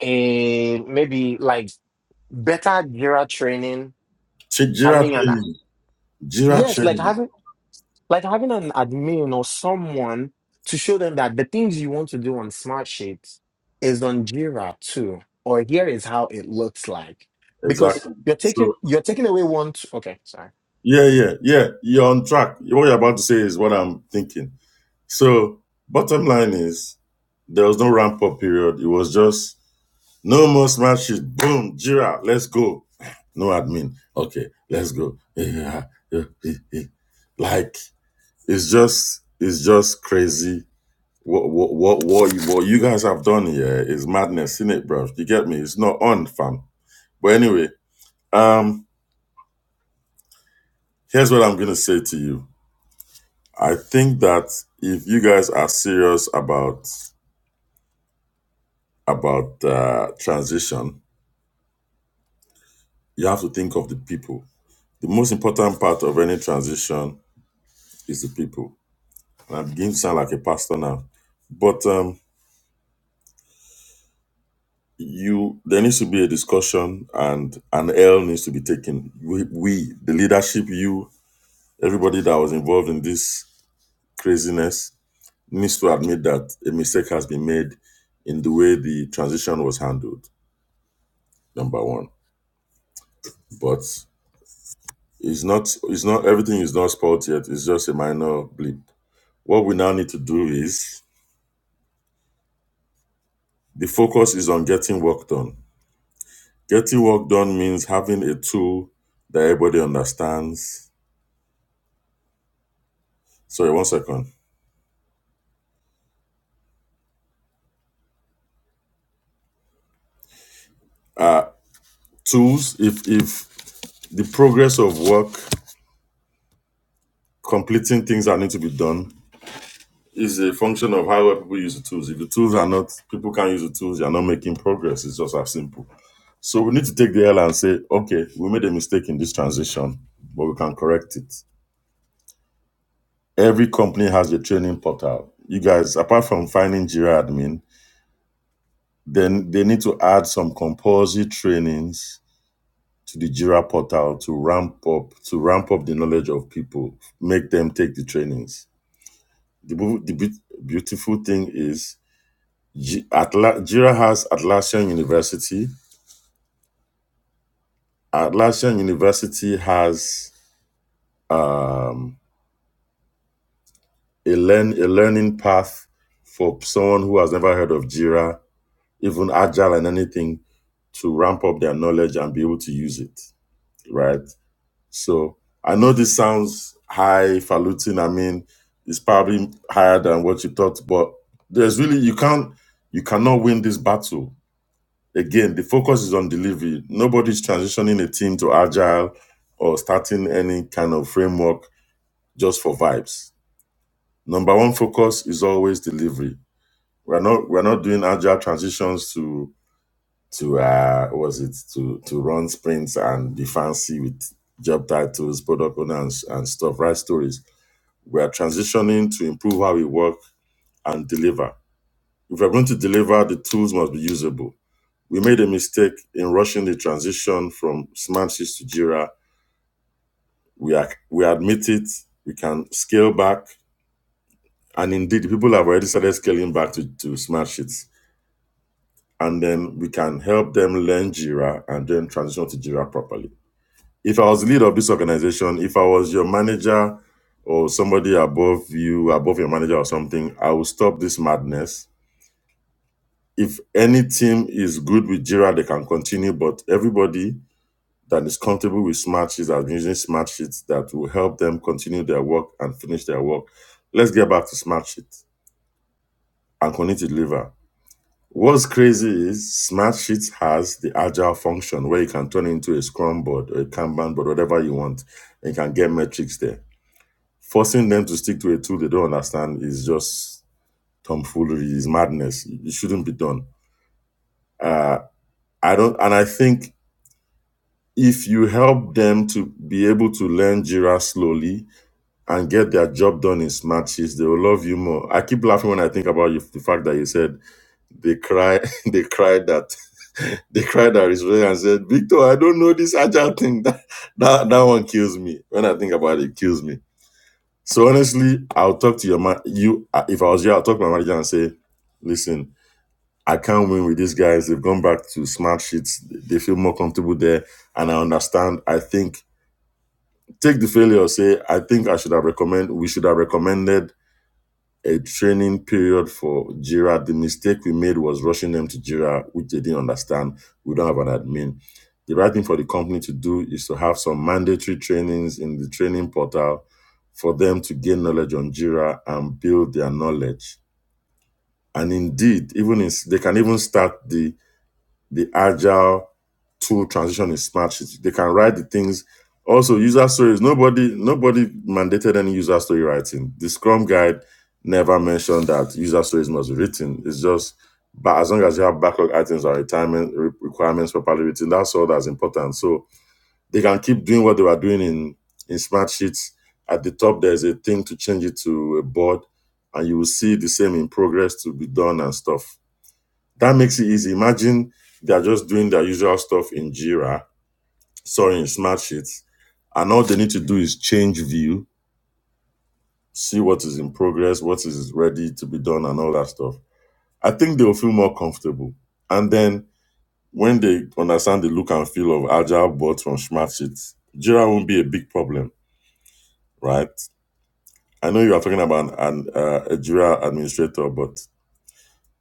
Speaker 4: and maybe like better Jira training,
Speaker 2: Ch- Jira
Speaker 4: having an
Speaker 2: training. Jira
Speaker 4: yes, like
Speaker 2: training.
Speaker 4: having Like having an admin or someone to show them that the things you want to do on Smartsheet is on Jira too, or here is how it looks like. Because
Speaker 2: Exactly.
Speaker 4: you're taking
Speaker 2: So
Speaker 4: you're taking away one. t- okay, sorry.
Speaker 2: yeah, yeah, yeah. You're on track. What you're about to say is what I'm thinking. So bottom line is there was no ramp up period. It was just no more smash it. Boom, Jira, let's go. No admin. Okay, let's go. Yeah, yeah, yeah, yeah. Like it's just it's just crazy. What what what what you, what you guys have done here is madness, is it, bro? You get me? It's not on, fam. But anyway, um, here's what I'm gonna say to you. I think that if you guys are serious about about uh, transition, you have to think of the people. The most important part of any transition is the people. And I'm beginning to sound like a pastor now, but um, you there needs to be a discussion and an L needs to be taken. We, we the leadership, you, everybody that was involved in this craziness needs to admit that a mistake has been made in the way the transition was handled. Number one, but It's not it's not everything is not spoiled yet. It's just a minor blip. What we now need to do is the focus is on getting work done. Getting work done means having a tool that everybody understands. Sorry, one second. Tools, if if the progress of work, completing things that need to be done is a function of how well people use the tools. If the tools are not people can't use the tools, you're not making progress. It's just as simple. So we need to take the L and say, okay, we made a mistake in this transition, but we can correct it. every company has a training portal. You guys, apart from finding Jira admin, then they need to add some compulsory trainings to the Jira portal to ramp up to ramp up the knowledge of people, make them take the trainings. The, bu- the beaut- beautiful thing is Ji- Atla- Jira has Atlassian University. Atlassian University has um, a learn a learning path for someone who has never heard of Jira even agile and anything to ramp up their knowledge and be able to use it, right? So I know this sounds highfalutin. I mean, it's probably higher than what you thought, but there's really you can't you cannot win this battle. Again, the focus is on delivery. Nobody's transitioning a team to agile or starting any kind of framework just for vibes. Number one focus is always delivery. We're not we're not doing agile transitions to to uh what was it to to run sprints and be fancy with job titles product owners and, and stuff write stories we are transitioning to improve how we work and deliver if we're going to deliver the tools must be usable we made a mistake in rushing the transition from smartsheets to jira we are we admit it we can scale back and indeed people have already started scaling back to, to smartsheets and then we can help them learn jira and then transition to jira properly if I was the leader of this organization, if I was your manager or somebody above you, above your manager or something, I will stop this madness. If any team is good with Jira, they can continue, but everybody that is comfortable with smart sheets has been using smart sheets that will help them continue their work and finish their work. Let's get back to smart sheets and continue to deliver. What's crazy is smart sheets has the agile function where you can turn it into a scrum board or a Kanban board, whatever you want, and you can get metrics there forcing them to stick to a tool they don't understand is just tomfoolery, is madness. It shouldn't be done. Uh, I don't, and I think if you help them to be able to learn Jira slowly and get their job done in smart sheets, they will love you more. I keep laughing when I think about you, the fact that you said they cry, they cried that. They cried at his way and said, Victor, I don't know this agile thing. That, that that one kills me. When I think about it, it kills me So honestly, I'll talk to your man. You, uh, if I was you, I'll talk to my manager and say, "Listen, I can't win with these guys. They've gone back to smart sheets. They feel more comfortable there, and I understand. I think take the failure. Say, I think I should have recommend. We should have recommended a training period for Jira. The mistake we made was rushing them to Jira, which they didn't understand. We don't have an admin. The right thing for the company to do is to have some mandatory trainings in the training portal for them to gain knowledge on Jira and build their knowledge. And indeed, even in, they can even start the the agile tool transition in smart city. They can write the things. Also, user stories. Nobody nobody mandated any user story writing. The Scrum guide never mentioned that user stories must be written. It's just but as long as you have backlog items or retirement re- requirements properly written, that's all that's important. So they can keep doing what they were doing in in smart sheets. At the top, there's a thing to change it to a board, and you will see the same in progress to be done and stuff that makes it easy. Imagine they're just doing their usual stuff in Jira, sorry, in Smart Sheets, and all they need to do is change view, see what is in progress, what is ready to be done, and all that stuff. I think they'll feel more comfortable. And then when they understand the look and feel of agile bots from Smart Sheets, Jira won't be a big problem, right? I know you are talking about an, an, uh, a Jira administrator, but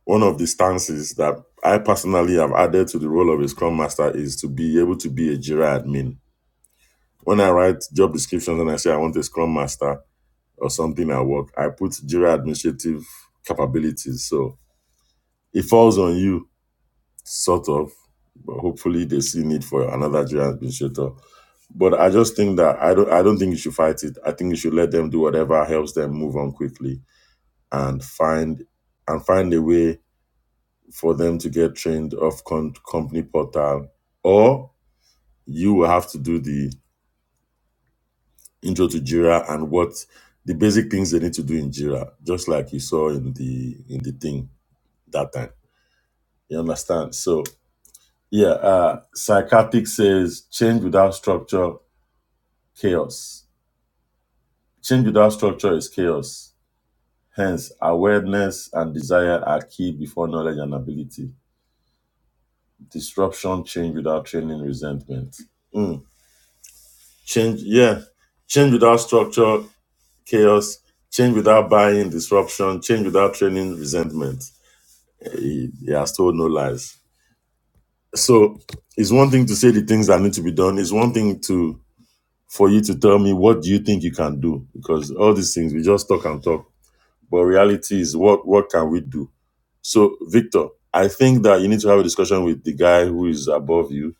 Speaker 2: One of the stances that I personally have added to the role of a Scrum Master is to be able to be a Jira admin. When I write job descriptions and I say I want a Scrum Master or something at work, I put Jira administrative capabilities. So it falls on you, sort of, but hopefully they see need for another Jira administrator. But I just think that I don't I don't think you should fight it. I think you should let them do whatever helps them move on quickly and find and find a way for them to get trained off con- company portal, or you will have to do the intro to Jira and what the basic things they need to do in Jira, just like you saw in the in the thing that time. You understand? So yeah, uh, psychotic says change without structure, chaos. Change without structure is chaos. Hence, awareness and desire are key before knowledge and ability. Disruption, change without training, resentment. Hmm. Change, yeah. Change without structure, chaos. Change without buying, disruption. Change without training, resentment. He, he has told no lies. So it's one thing to say the things that need to be done. It's one thing to for you to tell me what do you think you can do because all these things we just talk and talk. But reality is what what can we do? So Victor, I think that you need to have a discussion with the guy who is above you,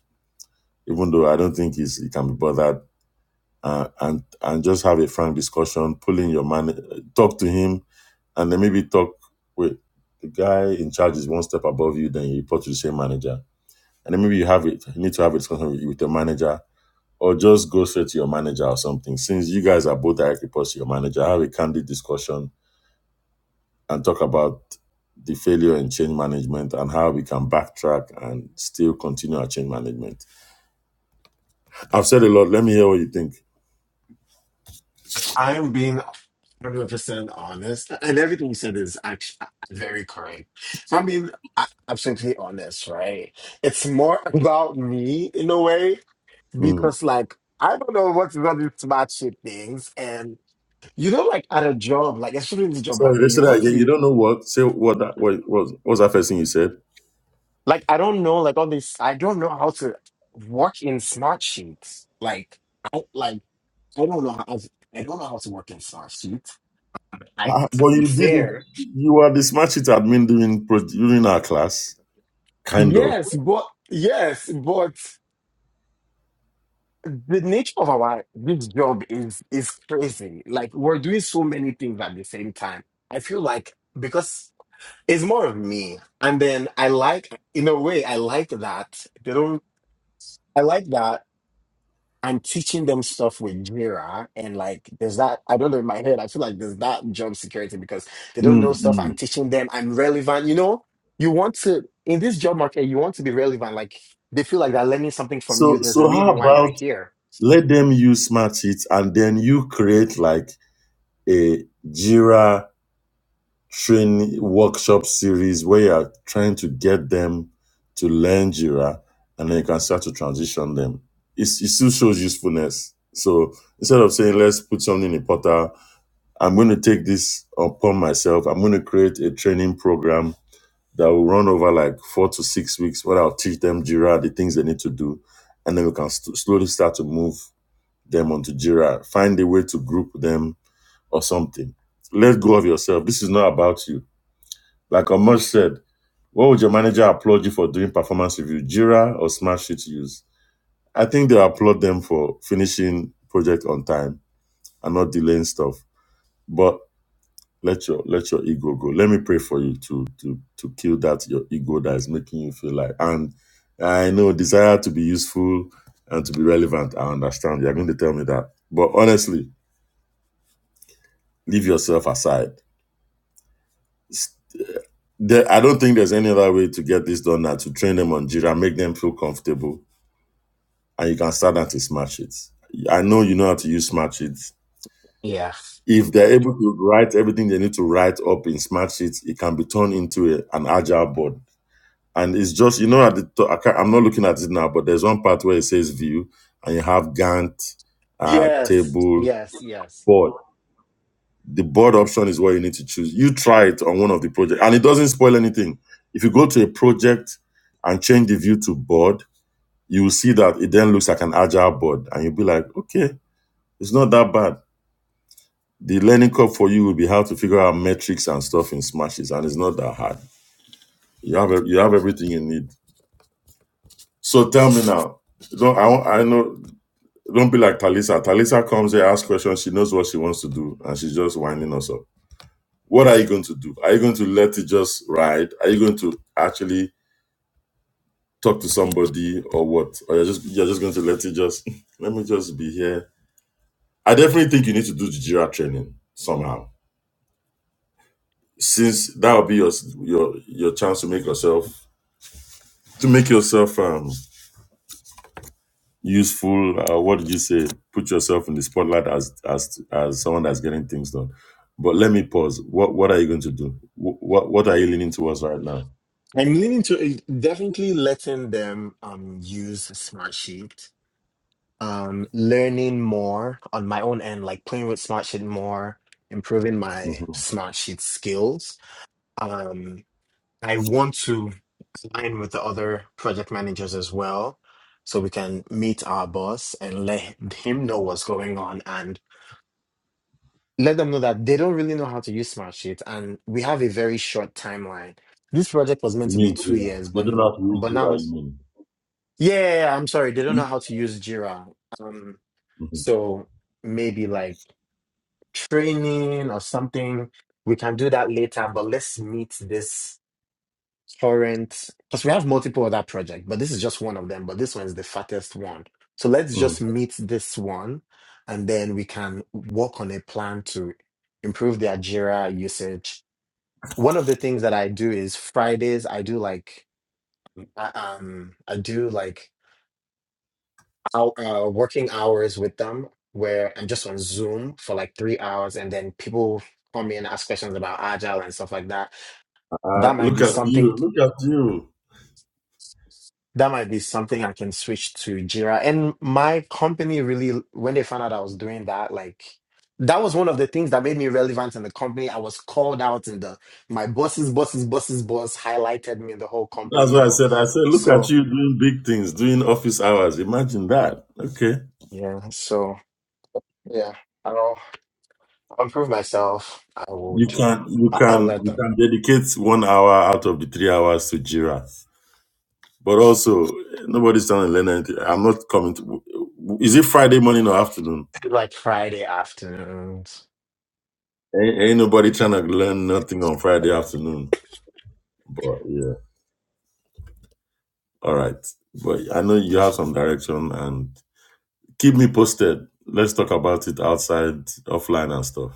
Speaker 2: even though I don't think he's, he can be bothered uh, and and just have a frank discussion. Pull in your man, talk to him, and then maybe talk with the guy in charge is one step above you. Then you report to the same manager, and then maybe you have it. You need to have a discussion with, with your manager, or just go straight to your manager or something. Since you guys are both direct reports to your manager, have a candid discussion and talk about the failure in change management and how we can backtrack and still continue our change management. I've said a lot. Let me hear what you think.
Speaker 4: If I'm being 100% honest, and everything you said is actually very correct. If I'm being a- absolutely honest, right? It's more about me in a way
Speaker 2: Mm.
Speaker 4: because, like, I don't know what's about these SmartSheet shit things, You know, like at a job, like especially in the job
Speaker 2: Sorry,
Speaker 4: market,
Speaker 2: let's
Speaker 4: you
Speaker 2: say that
Speaker 4: want to
Speaker 2: again. You
Speaker 4: be
Speaker 2: don't know what? Say what that what was what was that first thing you said?
Speaker 4: like I don't know, like all this. I don't know how to work in smart sheets. Like I like I don't know how I don't know how to work in smart sheets. I
Speaker 2: Uh, well, you did.
Speaker 4: prefer
Speaker 2: You were the smart sheet admin during pro- during our class, kind of.
Speaker 4: yes, but yes, but the nature of our this job is is crazy. Like we're doing so many things at the same time. I feel like because it's more of me, and then I like in a way I like that they don't. I like that I'm teaching them stuff with Jira and like there's that I don't know in my head I feel like there's that job security because they don't
Speaker 2: mm
Speaker 4: know stuff I'm
Speaker 2: mm.
Speaker 4: teaching them I'm relevant you know you want to in this job market you want to be relevant like they feel like they're learning something from
Speaker 2: So
Speaker 4: you there's a
Speaker 2: so how
Speaker 4: reason why you're
Speaker 2: about
Speaker 4: here
Speaker 2: let them use smart sheets and then you create like a Jira training workshop series where you are trying to get them to learn Jira and then you can start to transition them. It's, it still shows usefulness. So instead of saying let's put something in a portal I'm going to take this upon myself. I'm going to create a training program that will run over like four to six weeks where I'll teach them Jira, the things they need to do. And then we can st- slowly start to move them onto Jira, find a way to group them or something. Let go of yourself. This is not about you. Like Amos said, what would your manager applaud you for doing performance review, Jira or Smartsheet use? I think they applaud them for finishing project on time and not delaying stuff. But Let your let your ego go. Let me pray for you to to to kill that your ego that is making you feel like. And I know desire to be useful and to be relevant. I understand. You're going to tell me that, but honestly, leave yourself aside. S- There, I don't think there's any other way to get this done now to train them on Jira, make them feel comfortable, and you can start that to smart sheets. I know you know how to use smart sheets.
Speaker 4: yeah
Speaker 2: If they're able to write everything they need to write up in smart sheets, it can be turned into a, an agile board and it's just you know at the to- I can't, I'm not looking at it now, but there's one part where it says view, and you have Gantt, uh,
Speaker 4: yes
Speaker 2: table,
Speaker 4: yes yes
Speaker 2: board. The board option is what you need to choose. You try it on one of the projects, and it doesn't spoil anything. If you go to a project and change the view to board, you will see that it then looks like an agile board, and you'll be like, okay, it's not that bad. The learning curve for you will be how to figure out metrics and stuff in smashes, and it's not that hard. You have you have everything you need. So tell me now, don't I, want- I know Don't be like Talisa. Talisa comes here, asks questions. She knows what she wants to do, and she's just winding us up. What are you going to do? Are you going to let it just ride? Are you going to actually talk to somebody or what? Or you're just you're just going to let it just let me just be here. I definitely think you need to do the Jira training somehow, since that will be your your your chance to make yourself to make yourself um useful uh, what did you say put yourself in the spotlight as as as someone that's getting things done but let me pause what what are you going to do Wh- what what are you leaning towards right now
Speaker 4: I'm leaning to definitely letting them um use Smartsheet um learning more on my own end like playing with Smartsheet more improving my
Speaker 2: hmm
Speaker 4: Smartsheet skills Um, I want to align with the other project managers as well, so we can meet our boss and let him know what's going on and let them know that they don't really know how to use Smartsheet and we have a very short timeline. This project was meant
Speaker 2: you
Speaker 4: to be
Speaker 2: mean
Speaker 4: two
Speaker 2: jira
Speaker 4: years,
Speaker 2: you
Speaker 4: but
Speaker 2: don't have to read
Speaker 4: but now
Speaker 2: jira you
Speaker 4: it's
Speaker 2: mean
Speaker 4: yeah, yeah, yeah, I'm sorry, they don't know how to use Jira. Um,
Speaker 2: Mhm.
Speaker 4: so maybe like training or something. We can do that later, but let's meet this current because we have multiple other projects, but this is just one of them. But this one is the fattest one. So let's
Speaker 2: Mm.
Speaker 4: just meet this one, and then we can work on a plan to improve their Jira usage. One of the things that I do is Fridays. I do like I, um I do like out, uh, working hours with them where I'm just on Zoom for like three hours, and then people come in ask questions about agile and stuff like that. That
Speaker 2: Uh,
Speaker 4: might
Speaker 2: look
Speaker 4: be
Speaker 2: at
Speaker 4: something
Speaker 2: you look at you
Speaker 4: that might be something I can switch to Jira. And my company really, when they found out I was doing that, like that was one of the things that made me relevant in the company. I was called out in the my boss's boss's boss's boss highlighted me in the whole company,
Speaker 2: that's
Speaker 4: you
Speaker 2: what i
Speaker 4: know.
Speaker 2: said i said look at
Speaker 4: So
Speaker 2: you doing big things doing office hours imagine that okay
Speaker 4: yeah, so yeah, I'll improve myself. I
Speaker 2: you
Speaker 4: would.
Speaker 2: can you
Speaker 4: I- I'll
Speaker 2: can
Speaker 4: let
Speaker 2: you
Speaker 4: them.
Speaker 2: can dedicate one hour out of the three hours to jira But also, nobody's trying to learn anything. I'm not coming to. Is it Friday morning or afternoon?
Speaker 4: Like Friday afternoons.
Speaker 2: Ain't, ain't nobody trying to learn nothing on Friday afternoon. But yeah, all right. But I know you have some direction and keep me posted. Let's talk about it outside, offline, and stuff.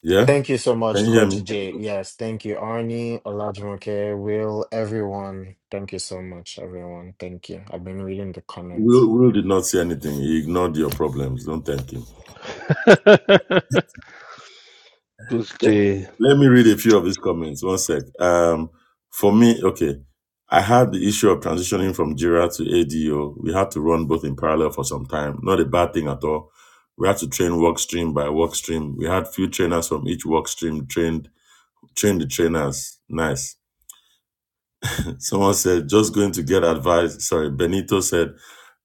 Speaker 2: Yeah,
Speaker 4: Thank you so much,
Speaker 2: can you hear
Speaker 4: Coach
Speaker 2: me?
Speaker 4: Jay. Yes, thank you, Arnie, Olajumoke, Will, everyone. Thank you so much, everyone. Thank you. I've been reading the
Speaker 2: Will
Speaker 4: comments.
Speaker 2: Will did not say anything. He ignored your problems. Don't thank him.
Speaker 3: Coach
Speaker 2: Let
Speaker 3: Jay,
Speaker 2: let me read a few of these comments. One sec. Um, for me, okay, I had the issue of transitioning from Jira to ADO. We had to run both in parallel for some time. Not a bad thing at all. We had to train work stream by work stream. We had few trainers from each work stream trained train the trainers. Nice. Someone said just going to get advice. Sorry, Benito said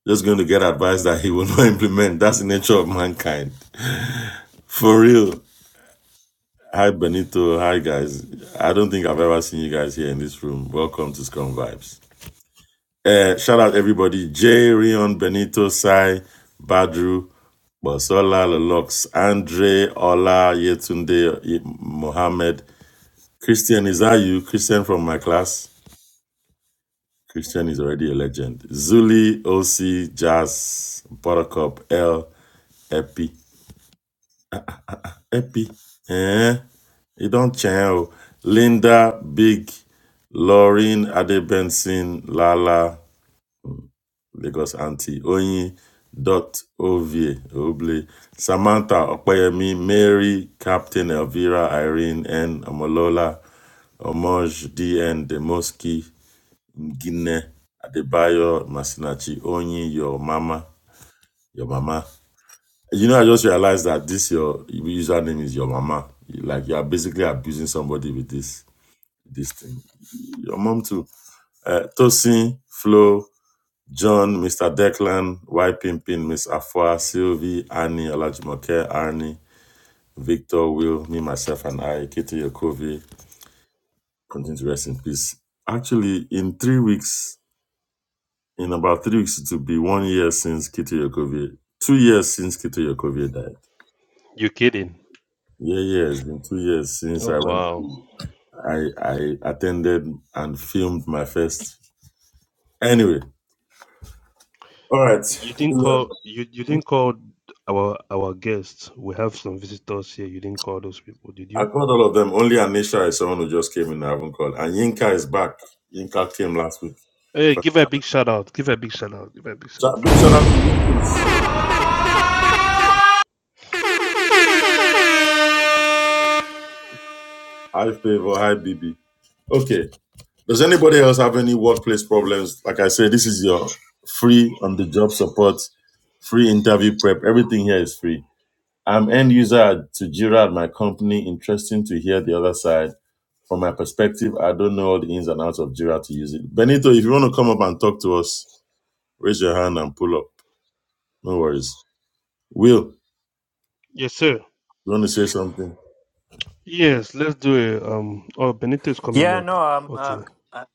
Speaker 2: just going to get advice that he will not implement. That's the nature of mankind. For real. Hi Benito, hi guys. I don't think I've ever seen you guys here in this room. Welcome to Scum Vibes. Uh, shout out everybody: Jay, Rion, Benito, Sai, Badru, Bosola, Lelox, Andre, Ola, Yetunde, Mohammed, Christian. Is that you, Christian from my class? Christian is already a legend. Zuli, OC, Jazz, Buttercup, L, Epi. Epi. Eh? You don't change. oh. Linda Big, Lauren Adebenson, Lala, Lagos Auntie, Oyin, Dot Ovie, Oble, Samantha Okoyemi, Mary, Captain Elvira, Irene, N. Omolola, Omoj, DN, Demoski, Ngine, Adebayo, Masinachi, Oyin, Your Mama, Your Mama. You know, I just realized that this your username is your mama. Like you are basically abusing somebody with this this thing. Your mom too. Uh, Tosin, Flo, John, Mr. Declan, Y Pimpin, Miss Afua, Sylvie, Annie, Olajimoke, Arnie, Victor, Will, me, myself, and I, Kitty Yokovi, continue to rest in peace. Actually, in three weeks, in about three weeks, it will be one year since Kitty Yokovi, two years since Kitty Yokovi died.
Speaker 3: you kidding?
Speaker 2: Yeah, yeah, it's been two years since
Speaker 3: Oh
Speaker 2: I went
Speaker 3: wow.
Speaker 2: I I attended and filmed my first. Anyway, all right.
Speaker 3: You didn't
Speaker 2: William,
Speaker 3: call you, you didn't call our our guests. We have some visitors here. You didn't call those people, did
Speaker 2: I
Speaker 3: you?
Speaker 2: called all of them. Only Anisha is someone who just came in. I haven't called. And Yinka is back. Yinka came last week.
Speaker 3: Hey,
Speaker 2: Sh-
Speaker 3: give her a big shout out. Give her a big shout out. Give her a big shout out for
Speaker 2: Big shout
Speaker 3: coming
Speaker 2: out to
Speaker 3: back.
Speaker 2: you, please. Hi, favor. Hi, BB. Okay. Does anybody else have any workplace problems? Like I said, this is your free on the job support, free interview prep. Everything here is free. I'm end user to Jira at my company. Interesting to hear the other side from my perspective, I don't know all the ins and outs of Jira to use it. Benito, if you want to come up and talk to us, raise your hand and pull up. No worries. Will,
Speaker 3: Yes, sir.
Speaker 2: you want to say something?
Speaker 3: Yes, let's do it. Um, oh, Benito is coming
Speaker 8: Yeah,
Speaker 3: up.
Speaker 8: no, I'm uh,
Speaker 3: Okay.
Speaker 8: uh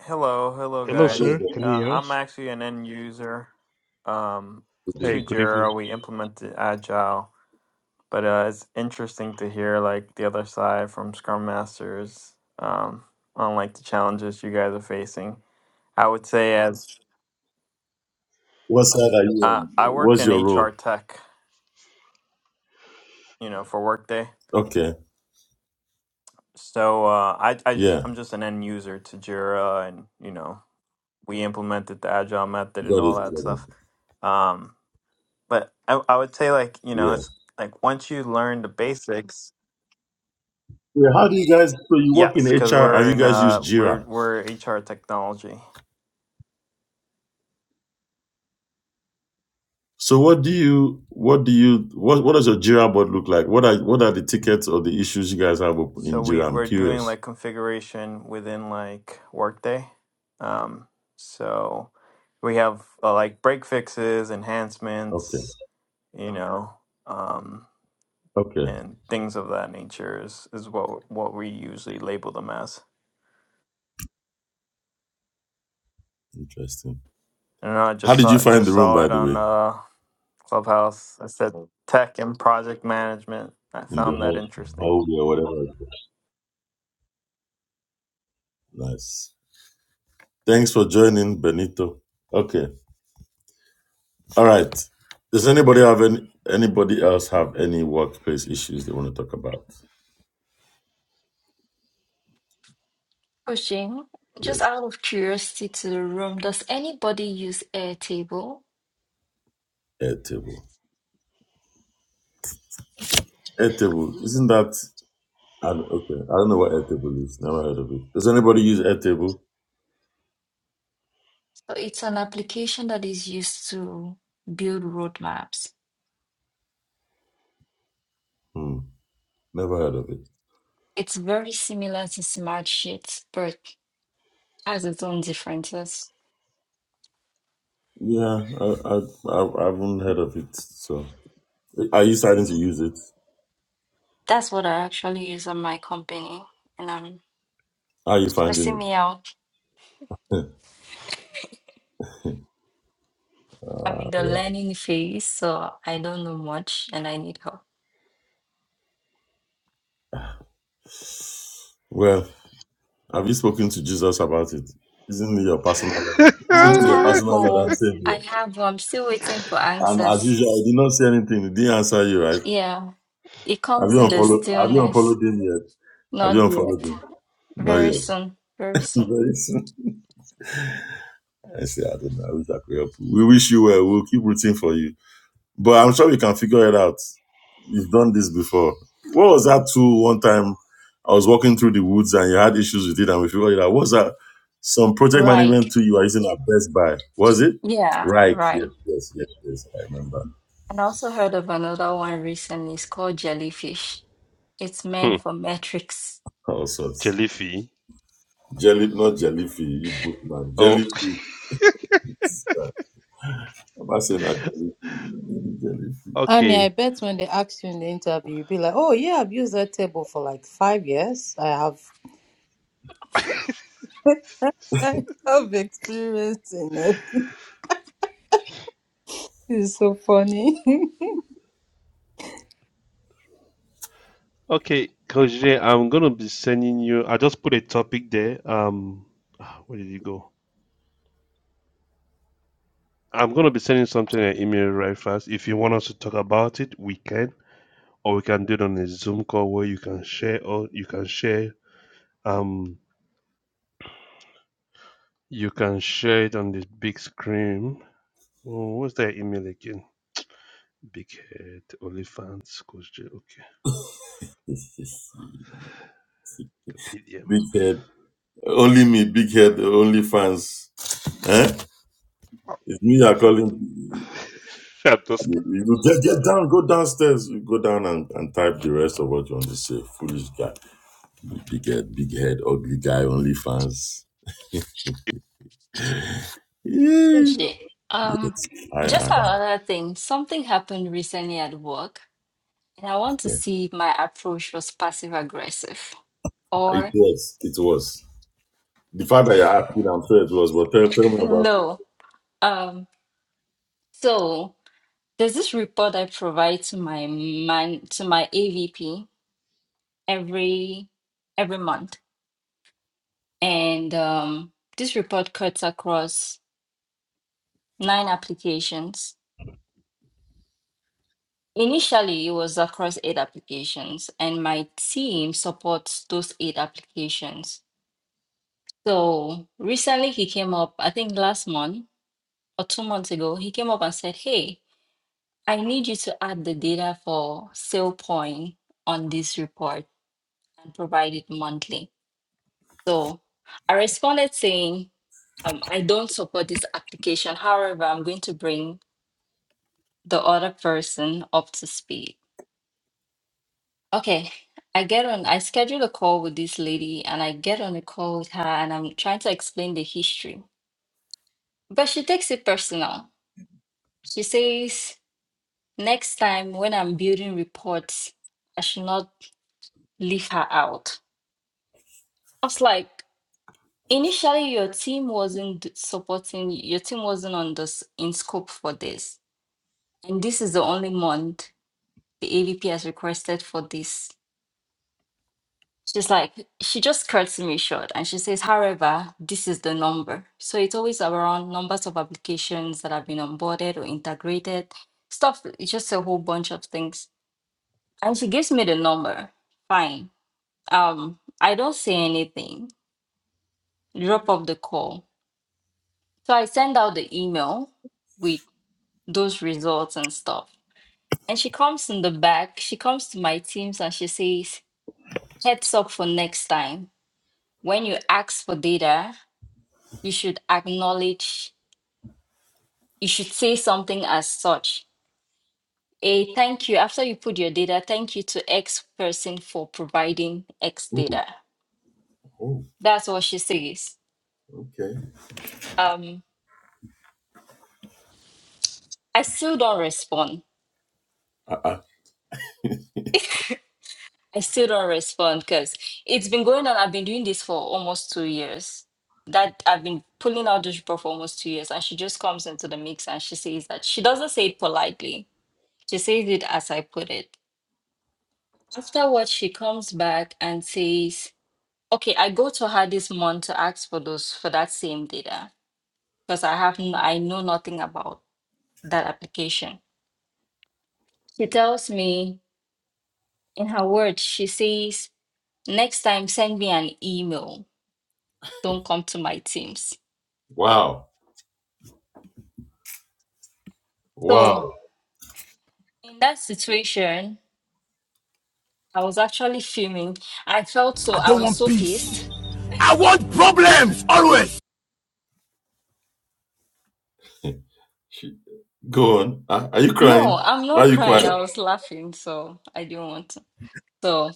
Speaker 8: hello, hello
Speaker 3: Hello,
Speaker 2: Hello,
Speaker 8: guys.
Speaker 3: sir. Can you
Speaker 8: Uh
Speaker 3: hear
Speaker 8: I'm
Speaker 3: us?
Speaker 8: actually an end user um
Speaker 3: Hey,
Speaker 8: to
Speaker 2: Benito.
Speaker 3: good
Speaker 8: Jira.
Speaker 3: evening.
Speaker 8: We implemented Agile, but uh it's interesting to hear like the other side from Scrum Masters um on like the challenges you guys are facing. I would say as
Speaker 2: What side are you
Speaker 8: uh
Speaker 2: on?
Speaker 8: I work
Speaker 2: What's
Speaker 8: in
Speaker 2: your
Speaker 8: HR
Speaker 2: role?
Speaker 8: tech, you know, for Workday.
Speaker 2: Okay.
Speaker 8: So uh I I just
Speaker 2: Yeah.
Speaker 8: I'm just an end user to Jira and, you know, we implemented the Agile method and
Speaker 2: Got
Speaker 8: all
Speaker 2: it.
Speaker 8: that
Speaker 2: Got it.
Speaker 8: stuff. Um But I, I would say like you know
Speaker 2: Yeah.
Speaker 8: it's like once you learn the basics,
Speaker 2: Yeah. How do you guys? So you work in
Speaker 8: yes, because
Speaker 2: HR and
Speaker 8: we're
Speaker 2: you
Speaker 8: in
Speaker 2: guys use
Speaker 8: uh we're
Speaker 2: Jira.
Speaker 8: we're HR technology,
Speaker 2: So what do you? What do you? What What does your Jira board look like? What are What are the tickets or the issues you guys have open
Speaker 8: so
Speaker 2: in
Speaker 8: we
Speaker 2: Jira? I'm
Speaker 8: we're doing
Speaker 2: curious.
Speaker 8: like configuration within like Workday, um so we have uh, like break fixes,
Speaker 2: Okay.
Speaker 8: enhancements, you know, um
Speaker 2: Okay.
Speaker 8: and things of that nature is is what what we usually label them as.
Speaker 2: Interesting.
Speaker 8: And I don't know, I
Speaker 2: How
Speaker 8: just
Speaker 2: did you
Speaker 8: saw
Speaker 2: find
Speaker 8: just
Speaker 2: the room,
Speaker 8: saw
Speaker 2: by
Speaker 8: it
Speaker 2: the
Speaker 8: on
Speaker 2: way,
Speaker 8: uh Clubhouse. I said tech and project management. I
Speaker 2: in the
Speaker 8: found that
Speaker 2: hall,
Speaker 8: interesting.
Speaker 2: hallway or whatever? Nice. Thanks for joining, Benito. Okay. All right. Does anybody have any? Anybody else have any workplace issues they want to talk about?
Speaker 6: Pushing, just
Speaker 2: Yes.
Speaker 6: out of curiosity to the room, does anybody use Airtable?
Speaker 2: Airtable. Airtable. Isn't that? I okay. I don't know what Airtable is. Never heard of it. Does anybody use Airtable?
Speaker 6: So it's an application that is used to build roadmaps.
Speaker 2: Hmm. Never heard of it.
Speaker 6: It's very similar to Smart Sheets, but has its own differences.
Speaker 2: Yeah, I I I, I haven't heard of it. So, are you starting to use it?
Speaker 6: That's what I actually use at my company, and I'm
Speaker 2: How are you
Speaker 6: it's stressing
Speaker 2: finding
Speaker 6: me out.
Speaker 2: it? uh,
Speaker 6: I'm in the
Speaker 2: well.
Speaker 6: learning phase, so I don't know much, and I need help.
Speaker 2: Well, have you spoken to Jesus about it? Isn't he your personal Lord?
Speaker 6: I
Speaker 2: Isn't he your
Speaker 3: Ah,
Speaker 6: have,
Speaker 2: personal Lord and
Speaker 6: oh,
Speaker 2: Savior?
Speaker 6: I have. I'm still waiting for
Speaker 2: And as
Speaker 6: answers.
Speaker 2: usual, I did not say anything. He didn't answer you, right?
Speaker 6: Yeah, it
Speaker 2: Have
Speaker 6: comes
Speaker 2: you
Speaker 6: in the
Speaker 2: unfollowed? Have you
Speaker 6: stillness.
Speaker 2: unfollowed him yet? Have you
Speaker 6: Not
Speaker 2: unfollowed
Speaker 6: yet.
Speaker 2: him? Not
Speaker 6: Very
Speaker 2: yet.
Speaker 6: soon. Very soon.
Speaker 2: Very soon. I say I don't know. I wish I could help you. We wish you well. We'll keep rooting for you. But I'm sure we can figure it out. We've done this before. What was that too? One time I was walking through the woods and you had issues with it and we figured it out. What was that? Some project
Speaker 6: Right.
Speaker 2: management tool you are using at Best Buy. Was it?
Speaker 6: Yeah,
Speaker 2: Right. Yes,
Speaker 6: right.
Speaker 2: yes, yes, yes. I remember.
Speaker 6: And I also heard of another one recently. It's called jellyfish. It's
Speaker 3: Hmm,
Speaker 6: meant for metrics.
Speaker 2: All sorts.
Speaker 3: Jellyfy.
Speaker 2: Jelly, not jellyfish, you book man.
Speaker 3: Oh,
Speaker 2: Jellyfish. I'm not saying that. Jellyfish.
Speaker 7: Annie, I
Speaker 3: okay.
Speaker 7: bet when they ask you in the interview, you'll be like, oh, yeah, I've used that table for like five years. I have, I have experience in it. It's so funny.
Speaker 3: Okay, Coach Jay, I'm gonna be sending you. I just put a topic there. Um, ah, where did you go? I'm gonna be sending something an email right fast. If you want us to talk about it, we can, or we can do it on a Zoom call where you can share or you can share. Um, you can share it on the big screen Oh, what's that email again? Big head, OnlyFans, Coach J. Okay, Capidium.
Speaker 2: Big head. Only me, big head, only fans. Eh? It's me you're calling.
Speaker 3: I'm just,
Speaker 2: You- you Get, get down, go downstairs. You go down and, and type the rest of what you want to say. Foolish guy. Big head, big head, ugly guy, only fans. Yeah.
Speaker 6: Okay. um,
Speaker 2: Yes, I
Speaker 6: just
Speaker 2: am.
Speaker 6: another thing. Something happened recently at work, and I want to
Speaker 2: Okay.
Speaker 6: see if my approach was passive aggressive
Speaker 2: Ah, It
Speaker 6: or
Speaker 2: was. It was. The fact that you're happy, I'm sure it was, but tell, tell me about it.
Speaker 6: no. Um, so there's this report I provide to my man to my AVP every every month, and um, this report cuts across nine applications Initially, it was across eight applications, and my team supports those eight applications. So recently, he came up, I think last month or two months ago, he came up and said, Hey, I need you to add the data for sale point on this report and provide it monthly. So I responded saying, um, I don't support this application. However, I'm going to bring the other person up to speed. Okay, I get on, I schedule a call with this lady and I get on a call with her and I'm trying to explain the history. But she takes it personal. She says, next time when I'm building reports, I should not leave her out. I was like, initially your team wasn't d- supporting, your team wasn't on this in scope for this. And this is the only month the AVP has requested for this. She's like, she just cuts me short and she says, however, this is the number. So it's always around numbers of applications that have been onboarded or integrated, stuff, it's just a whole bunch of things. And she gives me the number. Fine. Um, I don't say anything, drop off the call. So I send out the email with those results and stuff. And she comes in the back, she comes to my teams and she says, heads up for next time. When you ask for data, you should acknowledge, you should say something as such. A thank you after you put your data, thank you to X person for providing X
Speaker 2: Oh,
Speaker 6: data.
Speaker 2: oh,
Speaker 6: That's what she says.
Speaker 2: okay.
Speaker 6: Um, I still don't respond.
Speaker 2: Uh-uh.
Speaker 6: I still don't respond because it's been going on. I've been doing this for almost two years. That I've been pulling out this report for almost two years, and she just comes into the mix and she says that she doesn't say it politely. She says it as I put it. After what she comes back and says, Okay, I go to her this month to ask for those for that same data because I have n- I know nothing about that application. She tells me in her words, she says, "Next time, send me an email. Don't come to my Teams."
Speaker 2: Wow.
Speaker 6: So
Speaker 2: Wow.
Speaker 6: in that situation, I was actually fuming. I felt so I was so pissed.
Speaker 2: Go on. Uh, are you
Speaker 6: No,
Speaker 2: crying?
Speaker 6: I'm
Speaker 2: Why are
Speaker 6: not
Speaker 2: you
Speaker 6: crying.
Speaker 2: crying?
Speaker 6: I was laughing, so I didn't want to. So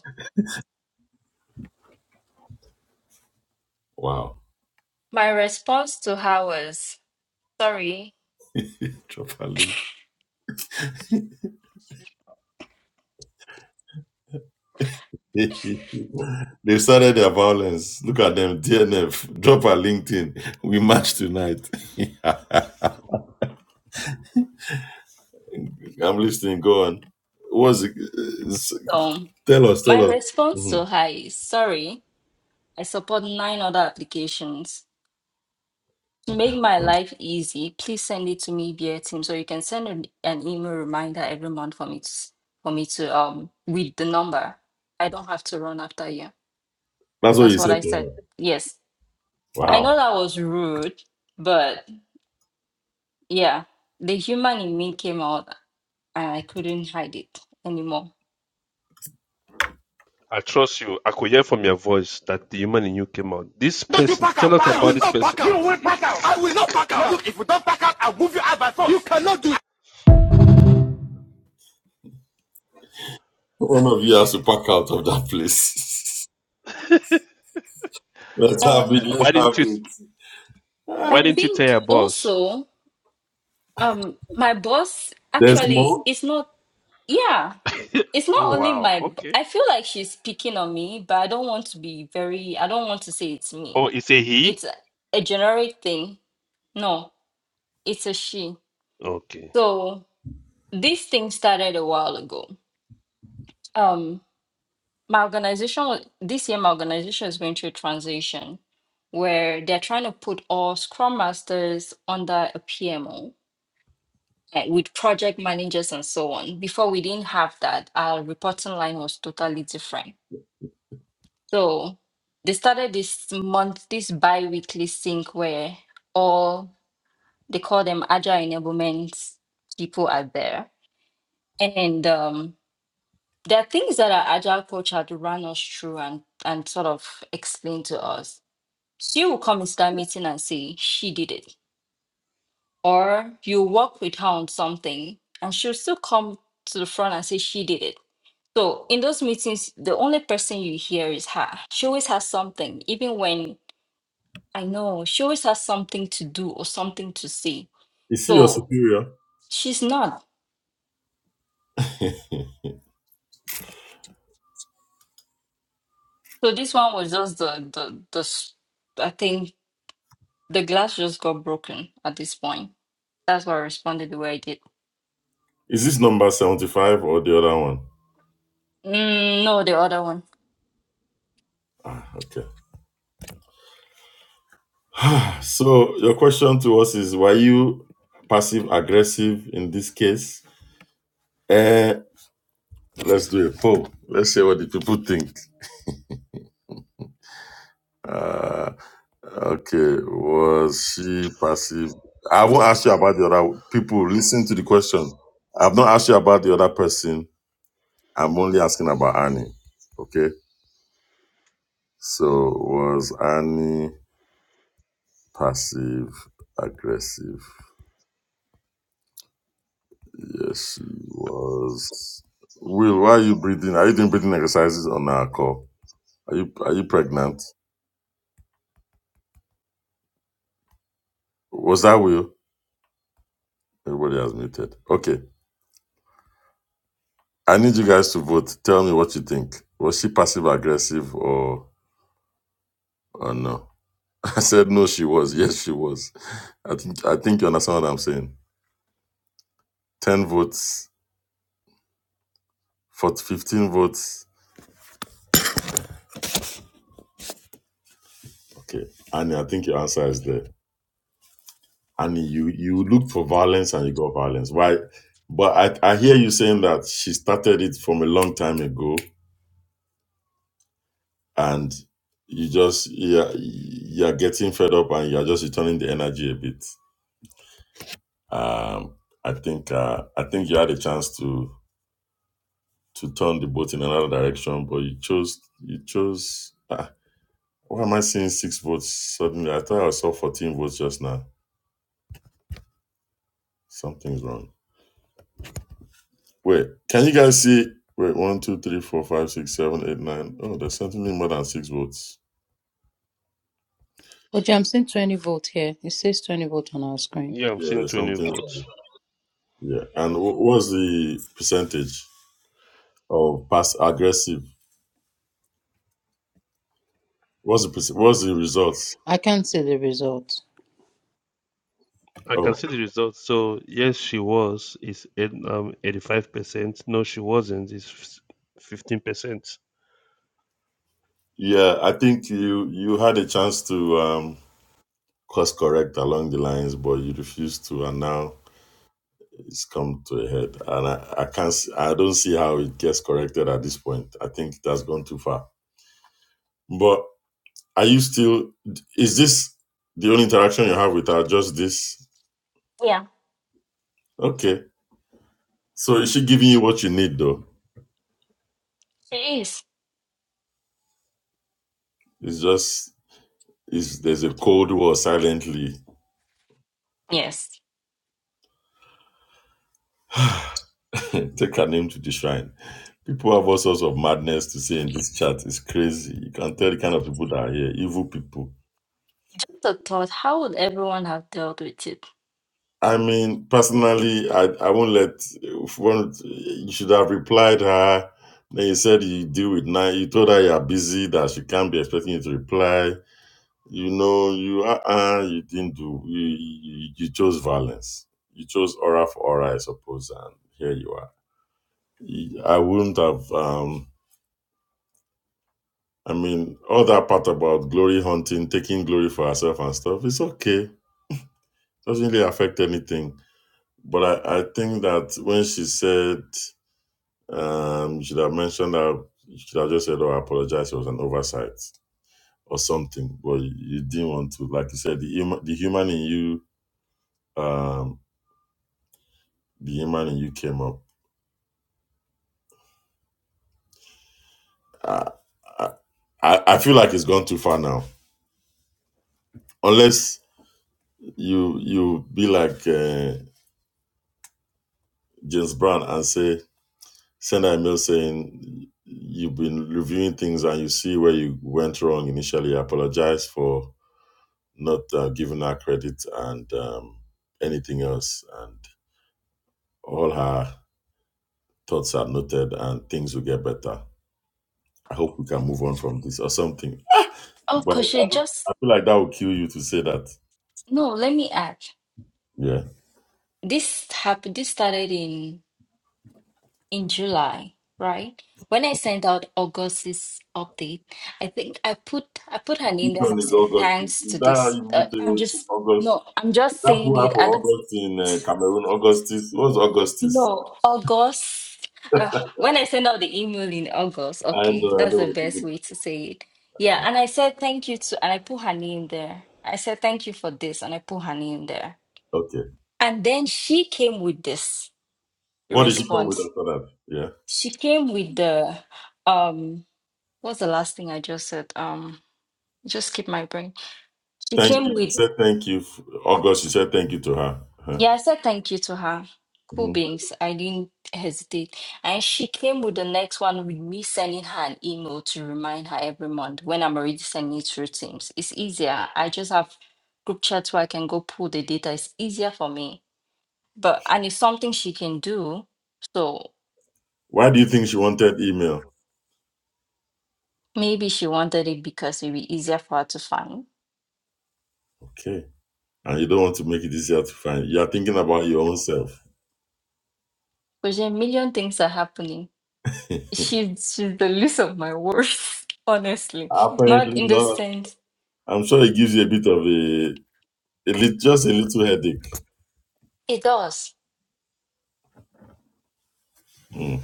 Speaker 2: Wow.
Speaker 6: my response to her was, "Sorry."
Speaker 2: Drop a link. They've started their violence. Look at them. DNF. Drop our LinkedIn. We match tonight. I'm listening. Go on. What's it? it's-
Speaker 6: um,
Speaker 2: Tell us.
Speaker 6: My
Speaker 2: Tell us.
Speaker 6: response to
Speaker 2: Mhm.
Speaker 6: her is sorry, I support nine other applications. To make my life easy, please send it to me via Teams, or you can send an, an email reminder every month for me to s- for me to um read the number. I don't have to run after you.
Speaker 2: That's what
Speaker 6: That's
Speaker 2: you
Speaker 6: what
Speaker 2: said.
Speaker 6: I said.
Speaker 2: to her.
Speaker 6: Yes, I know
Speaker 2: Wow.
Speaker 6: that was rude, but yeah, the human in me came out, and I couldn't hide it anymore.
Speaker 3: I trust you. I could hear from your voice that the human in you came out. This person, tell us about this person.
Speaker 2: One of you has to pack out of that place. Let's have
Speaker 6: And
Speaker 2: it. Let's
Speaker 3: why
Speaker 2: have
Speaker 3: didn't you?
Speaker 6: I
Speaker 3: Why didn't you
Speaker 2: it.
Speaker 3: tell
Speaker 6: think
Speaker 3: your boss?
Speaker 6: also um my boss
Speaker 2: There's
Speaker 6: actually
Speaker 2: more.
Speaker 6: is not Yeah, it's not
Speaker 3: oh
Speaker 6: only
Speaker 3: wow.
Speaker 6: my, b-
Speaker 3: Okay.
Speaker 6: I feel like she's picking on me, but I don't want to be very, I don't want to say it's me.
Speaker 3: Oh, it's a he.
Speaker 6: It's a, a generic thing. No, it's a she.
Speaker 3: Okay.
Speaker 6: So this thing started a while ago. Um, my organization, wa- this year, my organization is going through a transition where they're trying to put all Scrum Masters under a PMO. eh, With project managers and so on. Before we didn't have that, our reporting line was totally different So they started this month, this bi-weekly sync where all they call them agile enablement people are there. And um, there are things that our agile coach had run us through and and sort of explain to us. She will come into that meeting and say she did it. Or you work with her on something and she'll still come to the front and say she did it. So in those meetings, the only person you hear is her. She always has something, even when I know she always has something to do or something to say.
Speaker 2: Is she your
Speaker 6: So
Speaker 2: superior?
Speaker 6: she's not. So this one was just the the the. s- I think the glass just got broken at this point. That's why I responded the way I did.
Speaker 2: Is this number 75 or the other one?
Speaker 6: Mm, no, the other one.
Speaker 2: Ah, okay. So your question to us is: Were you passive aggressive in this case? Eh, let's do a poll. Let's see what the people think. Uh, okay, was she passive? I won't ask you about the other people. Listen to the question. I've not asked you about the other person. I'm only asking about Annie. Okay. So was Annie passive aggressive? Yes, she was. Will, why are you breathing? Are you doing breathing exercises on our call? Are you are you pregnant? Was that Will? Everybody has muted. Okay. I need you guys to vote. Tell me what you think. Was she passive aggressive or or no? I said no, she was. Yes, she was. I think I think you understand what I'm saying. Ten votes, for 15 votes. Okay. Annie, I think your answer is there. and you you looked for violence and you got violence. Why? But I I hear you saying that she started it from a long time ago, and you just you're you're getting fed up and you're just returning the energy a bit. Um, I think uh, I think you had a chance to to turn the boat in another direction, but you chose you chose. ah, why am I seeing six votes suddenly? I thought I saw fourteen votes just now. Something's wrong. Wait, can you guys see? Wait, one, two, three, four, five, six, seven, eight, nine. Oh, there's something more than six votes.
Speaker 7: But I'm seeing 20 volt here. It says 20 volt on our screen.
Speaker 3: Yeah, I'm
Speaker 2: Yeah,
Speaker 3: seeing
Speaker 2: there's
Speaker 3: 20
Speaker 2: something.
Speaker 3: votes.
Speaker 2: Yeah, and wh- what's the percentage of past aggressive? What's the perc- what's the results?
Speaker 7: I can't see the result.
Speaker 3: I can
Speaker 2: Oh,
Speaker 3: see the results. So yes, she was. It's um 85 percent. No, she wasn't. It's 15 percent.
Speaker 2: yeah, I think you you had a chance to um course correct along the lines, but you refused to, and now it's come to a head. And I, I can't, s- I don't see how it gets corrected at this point. I think that's gone too far. But Are you still? Is this the only interaction you have with her? Just this?
Speaker 6: Yeah,
Speaker 2: Okay. So is she giving you what you need though?
Speaker 6: she is.
Speaker 2: It's just is there's a cold war silently.
Speaker 6: Yes.
Speaker 2: Take her name to the shrine. People have all sorts of madness to say in this chat. It's crazy. You can tell the kind of people that are here. Evil people.
Speaker 6: The thought. How would everyone have dealt with it?
Speaker 2: I mean, personally, I, I won't let. If one, you should have replied her. Then you said you deal with nine. You told her you are busy that she can't be expecting you to reply You know, you uh, uh you didn't do you, you you chose violence. You chose aura for aura, I suppose, and here you are. I wouldn't have um I mean all that part about glory hunting, taking glory for herself and stuff, it's okay. Doesn't really affect anything. But I, I think that when she said um you should have mentioned that you should have just said, Oh, I apologize, it was an oversight or something. But you, you didn't want to, like you said, the hum- the human in you um. The Yemen and you came up. I, I I feel like it's gone too far now. Unless you you be like uh, James Brown and say send an email saying you've been reviewing things and you see where you went wrong initially. I apologize for not uh, giving her credit and um, anything else. And all her thoughts are noted and things will get better. I hope we can move on from this or something.
Speaker 6: Oh,
Speaker 2: But I,
Speaker 6: cause she just
Speaker 2: I feel like that would kill you to say that.
Speaker 6: no. Let me add.
Speaker 2: Yeah.
Speaker 6: This happened. This started in in July, right? When I sent out August's update, I think I put I put her name there and I
Speaker 2: Eton is
Speaker 6: said
Speaker 2: August.
Speaker 6: thanks
Speaker 2: Is
Speaker 6: to
Speaker 2: that how
Speaker 6: this.
Speaker 2: you
Speaker 6: Uh,
Speaker 2: people say
Speaker 6: I'm
Speaker 2: it?
Speaker 6: just
Speaker 2: August?
Speaker 6: no, I'm
Speaker 2: Is
Speaker 6: just
Speaker 2: that
Speaker 6: saying
Speaker 2: plural
Speaker 6: it
Speaker 2: for
Speaker 6: at
Speaker 2: August in uh, Cameroon? Augustus? What's Augustus?
Speaker 6: no August. Uh, when I sent out the email in August,
Speaker 2: I
Speaker 6: okay,
Speaker 2: know, I
Speaker 6: that's
Speaker 2: know
Speaker 6: the
Speaker 2: what to
Speaker 6: best
Speaker 2: do.
Speaker 6: way to say it. Yeah, and I said thank you to, and I put her name there. I said thank you for this, and I put her name there.
Speaker 2: Okay.
Speaker 6: And then she came with this
Speaker 2: What did she come with
Speaker 6: response.
Speaker 2: after that? Yeah.
Speaker 6: She came with the um What's the last thing I just said? Um, just keep my brain. She
Speaker 2: Thank
Speaker 6: came
Speaker 2: you. You
Speaker 6: with,
Speaker 2: said thank you. f- August, you said thank you to her. Huh.
Speaker 6: yeah, I said thank you to her. Cool
Speaker 2: Mhm.
Speaker 6: beans. I didn't hesitate. And she came with the next one with me sending her an email to remind her every month when I'm already sending it through Teams. It's easier. I just have group chats where I can go pull the data. It's easier for me. But and it's something she can do. So
Speaker 2: Why do you think she wanted email?
Speaker 6: maybe she wanted it because it'd be easier for her to find.
Speaker 2: Okay. And you don't want to make it easier to find. You are thinking about your own self.
Speaker 6: Because there are a million things are happening. she's she's the least of my worries, honestly.
Speaker 2: Apparently
Speaker 6: Not in the
Speaker 2: not.
Speaker 6: sense
Speaker 2: I'm sure it gives you a bit of a, a lit- just a little headache.
Speaker 6: it does.
Speaker 2: Mm.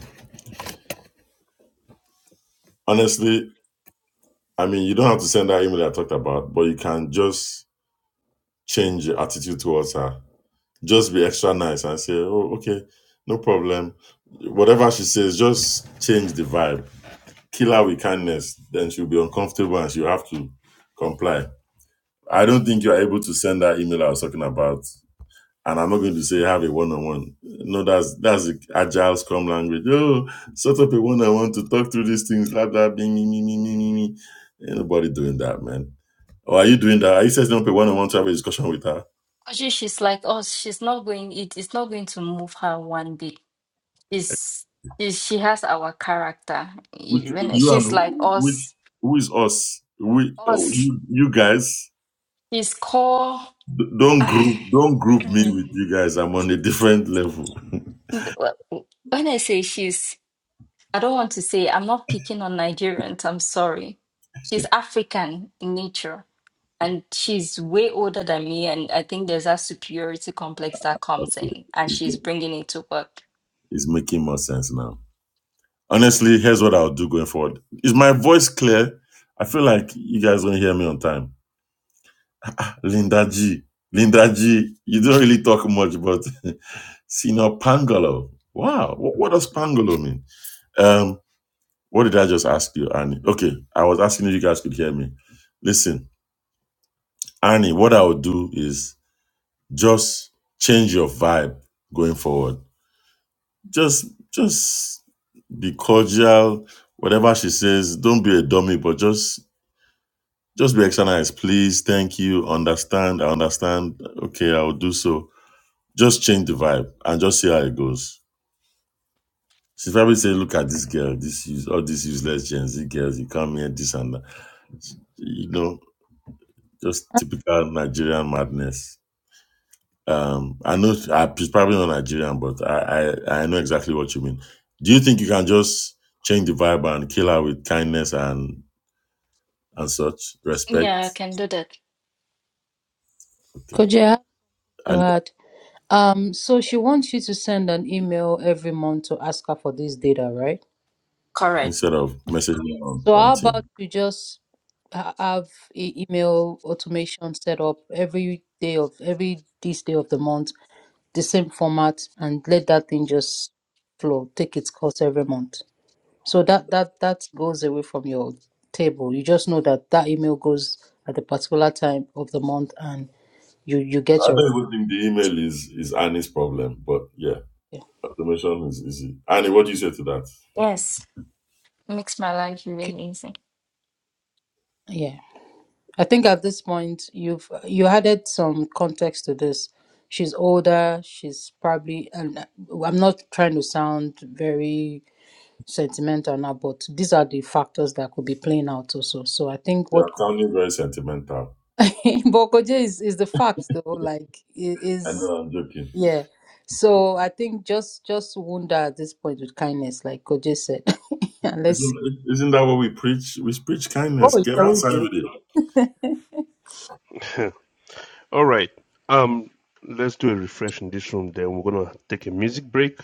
Speaker 2: Honestly, I mean, you don't have to send that email I talked about, but you can just change your attitude towards her. Just be extra nice and say, "Oh, okay, no problem." Whatever she says, just change the vibe. Kill her with kindness, then she'll be uncomfortable and she'll have to comply. I don't think you are able to send that email I was talking about. And I'm not going to say have a one-on-one. No, that's that's the agile scrum language. Oh, set up a one-on-one to talk through these things, blah blah, bing, me, me, me, me, me. Ain't nobody doing that, man or are you doing that? Are you setting up a one on one to have a discussion with her?
Speaker 6: 'Cause She she's like us. She's not going. It is not going to move her one bit. Is she she has our character.
Speaker 2: With
Speaker 6: E- When
Speaker 2: you
Speaker 6: she's like
Speaker 2: and with
Speaker 6: us,
Speaker 2: who is us? We oh,
Speaker 6: us.
Speaker 2: you you guys
Speaker 6: She's core.
Speaker 2: D- don't
Speaker 6: ah,
Speaker 2: group don't group me with
Speaker 6: mm,
Speaker 2: you guys. I'm on a different level.
Speaker 6: When I say she's, I don't want to say. I'm not picking on Nigerians. I'm sorry. She's African in nature and she's way older than me and i think there's that superiority complex that comes in and
Speaker 2: it's,
Speaker 6: she's bringing it to work
Speaker 2: it's making more sense now. Honestly, here's what I'll do going forward. Is my voice clear? I feel like you guys don't hear me on time. Linda G. Linda G, you don't really talk much, but Sino Pangolo. Wow. What, what does Pangolo mean? Um, What did I just ask you, Annie? Okay, I was asking if you guys could hear me. Listen, Annie, what I would do is just change your vibe going forward. Just just be cordial. Whatever she says, don't be a dummy, but just just be extra nice. Please, thank you. Understand, I understand. Okay, I will do so. Just change the vibe and just see how it goes. She probably say, look at this girl, this use all these useless Gen Z girls, you come here, this and that. You know, Just typical Nigerian madness. Um, I know I, she's probably not Nigerian, but I, I I know exactly what you mean. Do you think you can just change the vibe and kill her with kindness and and such respect?
Speaker 6: yeah i can do that
Speaker 2: Okay,
Speaker 7: Could you have to
Speaker 2: and
Speaker 7: add? Um, so she wants you to send an email every month to ask her for this data, right?
Speaker 6: correct
Speaker 2: instead of messaging on
Speaker 7: So
Speaker 2: on
Speaker 7: how about
Speaker 2: team,
Speaker 7: you just ha- have e- email automation set up every day of every this day of the month, the same format, and let that thing just flow, take its course every month. So that that that goes away from your table. You just know that that email goes at the particular time of the month, and you you get
Speaker 2: I
Speaker 7: your
Speaker 2: don't even think the email is is Annie's problem, but yeah,
Speaker 7: yeah.
Speaker 2: automation is easy. Annie, what do you say to that?
Speaker 6: yes makes my life
Speaker 7: Okay.
Speaker 6: really easy
Speaker 7: yeah. I think at this point you've you added some context to this. She's older. She's probably and uh, I'm not trying to sound very sentimental now, but these are the factors that could be playing out also. So I think
Speaker 2: You
Speaker 7: what
Speaker 2: are sounding very sentimental.
Speaker 7: but Koje is is the fact though. Like i-
Speaker 2: I know
Speaker 7: is
Speaker 2: I'm joking.
Speaker 7: yeah. So I think just just wonder at this point with kindness, like Koje said, and let's see.
Speaker 2: Isn't isn't that what we preach? We preach kindness.
Speaker 7: Oh
Speaker 2: Get
Speaker 7: yeah, we
Speaker 2: outside
Speaker 7: do.
Speaker 2: with it.
Speaker 3: All right. Um, let's do a refresh in this room. Then we're gonna take a music break.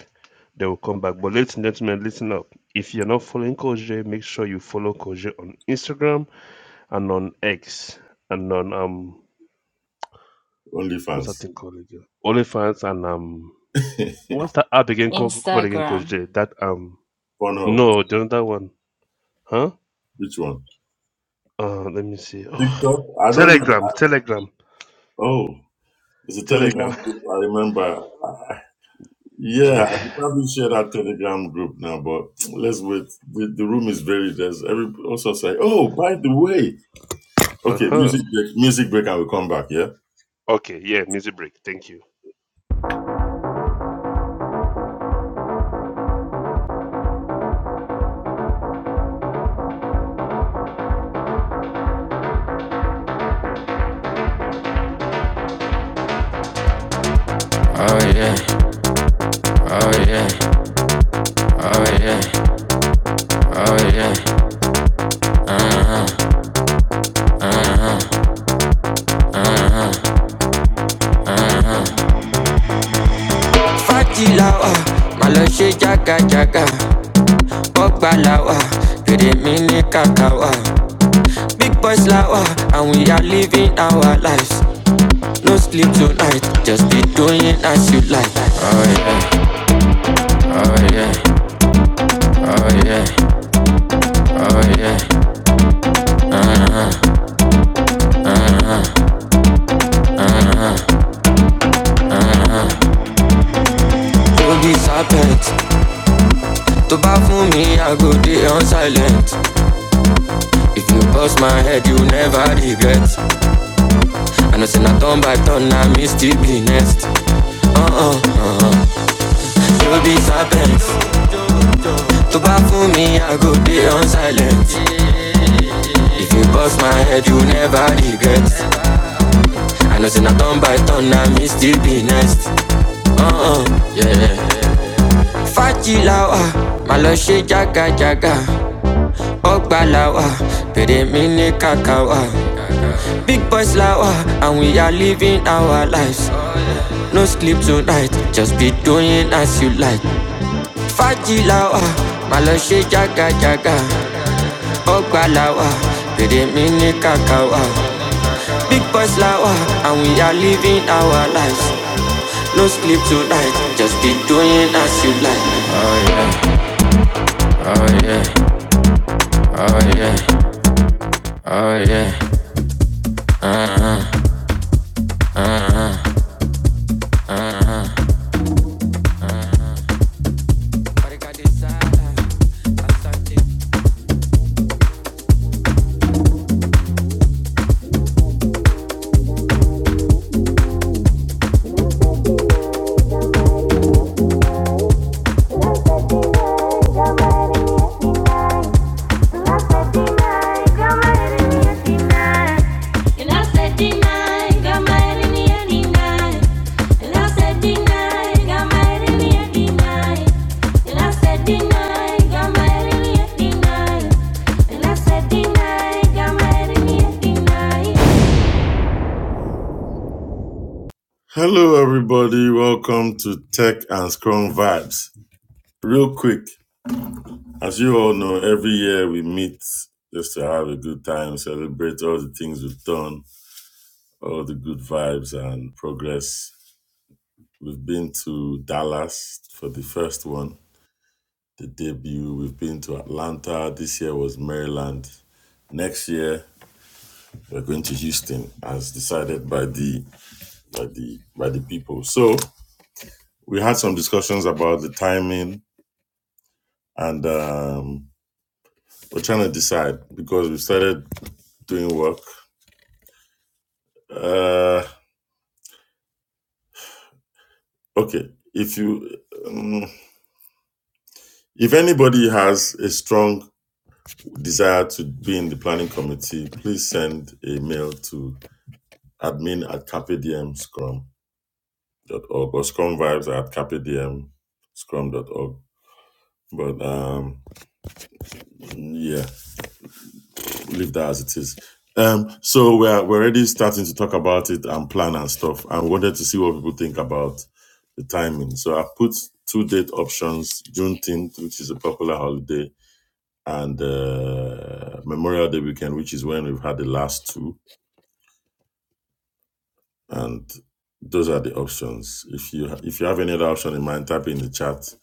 Speaker 3: Then we'll come back. But ladies and gentlemen, listen up. If you're not following Koje, make sure you follow Koje on Instagram and on X and on um what's that
Speaker 2: OnlyFans,
Speaker 3: thing called again? OnlyFans and um what's that app again called, called again
Speaker 6: instagram
Speaker 3: Koje? That um
Speaker 2: Pornhub,
Speaker 3: no, the other one, huh?
Speaker 2: which one?
Speaker 3: Uh, let me see. Oh,
Speaker 2: TikTok. I don't.
Speaker 3: Telegram,
Speaker 2: use-
Speaker 3: Telegram,
Speaker 2: Oh, it's a
Speaker 3: Telegram.
Speaker 2: Telegram group. I remember. Yeah, I
Speaker 3: Yeah.
Speaker 2: could probably share that Telegram group now, but let's wait. The, the room is very there's every also say. Oh, by the way,
Speaker 3: Uh
Speaker 2: okay,
Speaker 3: huh.
Speaker 2: music break. Music break, and we come back. Yeah.
Speaker 3: Okay. Yeah. Music break. Thank you.
Speaker 1: Party lawa, malo jaga jagajaga, ọgbà lawa, fèrè mi ní kàkàwà. Big boys lawa, and we are living our lives. No sleep tonight, just be doing as you like. Oh yeah, oh yeah, oh yeah, oh yeah. no serpent, tó bá fún mi i go dey on silent if you bust my head you never regret And i know say na turn by turn i me still be next uh-uh. no serpent, tó bá fún mi i go dey on silent if you bust my head you never regret i know say na turn by turn i me still be next uh-uh. yeah. fàjìláwà má jaga jaga. jágajàga ọgbàláwà pèrè mí ní kàkàwà. Big boys like wah, and we are living our lives. No sleep tonight, just be doing as you like. Fight.
Speaker 2: Hello, everybody. Welcome to Tech and Scrum Vibes. Real quick, as you all know, every year we meet just to have a good time, celebrate all the things we've done, all the good vibes and progress. We've been to Dallas for the first one, the debut. We've been to Atlanta. This year was Maryland. Next year we're going to Houston, as decided by the by the by the people. So we had some discussions about the timing, and um, we're trying to decide because we started doing work. Uh, okay, if you um, if anybody has a strong desire to be in the planning committee, please send a mail to admin at capdmscrum.org or scrum vibes at capdmscrum.org. But um, yeah, leave that as it is. Um, so we're we're already starting to talk about it and plan and stuff. I wanted to see what people think about the timing. So I put two date options: Juneteenth, which is a popular holiday, and uh, Memorial Day weekend, which is when we've had the last two and those are the options. If you ha- if you have any other option in mind, type it in the chat.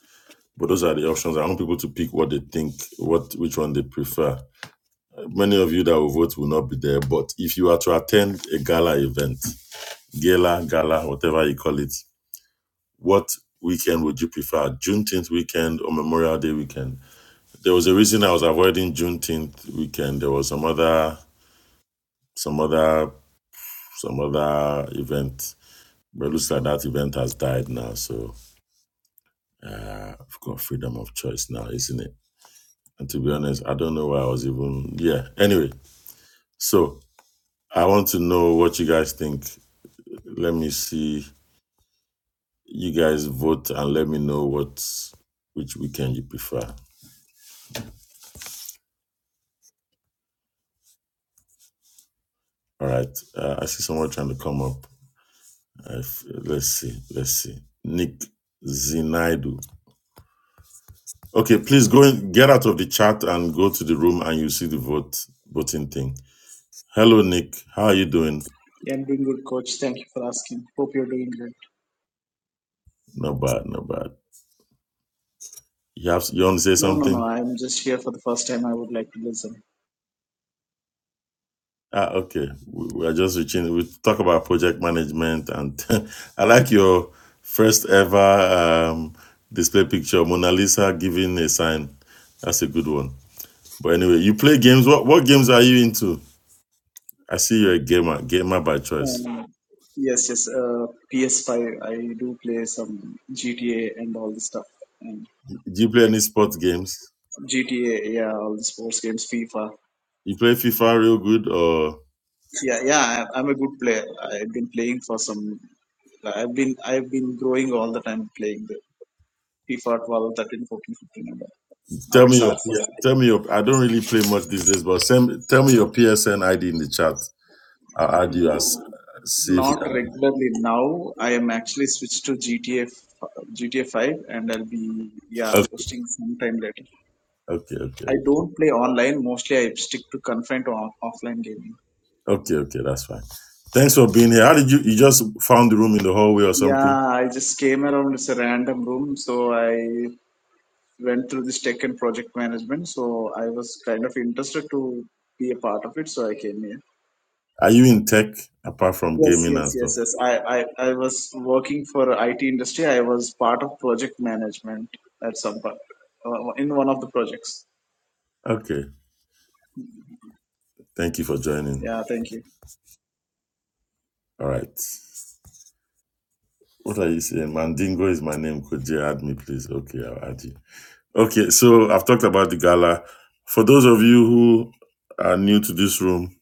Speaker 2: But those are the options. I want people to pick what they think, what which one they prefer. Many of you that will vote will not be there, but if you are to attend a gala event, gala, gala, whatever you call it, what weekend would you prefer? Juneteenth weekend or Memorial Day weekend? There was a reason I was avoiding Juneteenth weekend. There was some other, some other, some other event, but it looks like that event has died now. So Uh, I've got freedom of choice now, isn't it? And to be honest, I don't know why I was even. Yeah. Anyway, so I want to know what you guys think. Let me see. You guys vote and let me know what which weekend you prefer. All right. Uh, I see someone trying to come up. I f- let's see. Let's see. Nick Zinaidu. Okay, please go in, get out of the chat and go to the room and you see the vote voting thing. Hello, Nick. How are you doing?
Speaker 9: Yeah, I'm doing good, coach. Thank you for asking. Hope you're doing great.
Speaker 2: Not bad. Not bad. You have you want to say
Speaker 9: No, no, no.
Speaker 2: something?
Speaker 9: I'm just here for the first time. I would like to listen.
Speaker 2: Ah, okay. We, we are just reaching. We talk about project management, and I like your first ever um, display picture, Mona Lisa giving a sign. That's a good one. But anyway, you play games. What what games are you into? I see you're a gamer, gamer by choice.
Speaker 9: Um, yes, yes. Uh, PS5. I do play some GTA and all this stuff. And
Speaker 2: Do you play any sports games?
Speaker 9: GTA, yeah, all the sports games, FIFA.
Speaker 2: You play FIFA real good, or
Speaker 9: Yeah, yeah. I- I'm a good player. I've been playing for some. I've been I've been growing all the time playing the FIFA 12, 13, 14, 15. and all. Now
Speaker 2: tell
Speaker 9: it's
Speaker 2: me your
Speaker 9: RC.
Speaker 2: yeah, tell me your. I don't really play much these days, but send, tell me your PSN ID in the chat. I'll add you as see if you
Speaker 9: Not regularly now. I am actually switched to GTA, GTA 5, and I'll be yeah
Speaker 2: can.
Speaker 9: posting sometime later.
Speaker 2: Okay, okay,
Speaker 9: I
Speaker 2: okay,
Speaker 9: don't play online. Mostly, I stick to confined to off- offline gaming.
Speaker 2: okay, okay. That's fine. Thanks for being here. How did you? You just found the room in the hallway or something?
Speaker 9: Yeah, I just came around. It's a random room, so I went through this tech and project management. So I was kind of interested to be a part of it, so I came here.
Speaker 2: Are you in tech apart from
Speaker 9: Yes,
Speaker 2: gaming and
Speaker 9: yes,
Speaker 2: stuff?
Speaker 9: yes, yes. I, I, I was working for IT industry. I was part of project management at some part, uh, in one of the projects.
Speaker 2: Okay. Thank you for joining.
Speaker 9: Yeah, thank you.
Speaker 2: All right. What are you saying? Mandingo is my name. Could you add me, please? Okay, I'll add you. Okay. So I've talked about the gala. For those of you who are new to this room,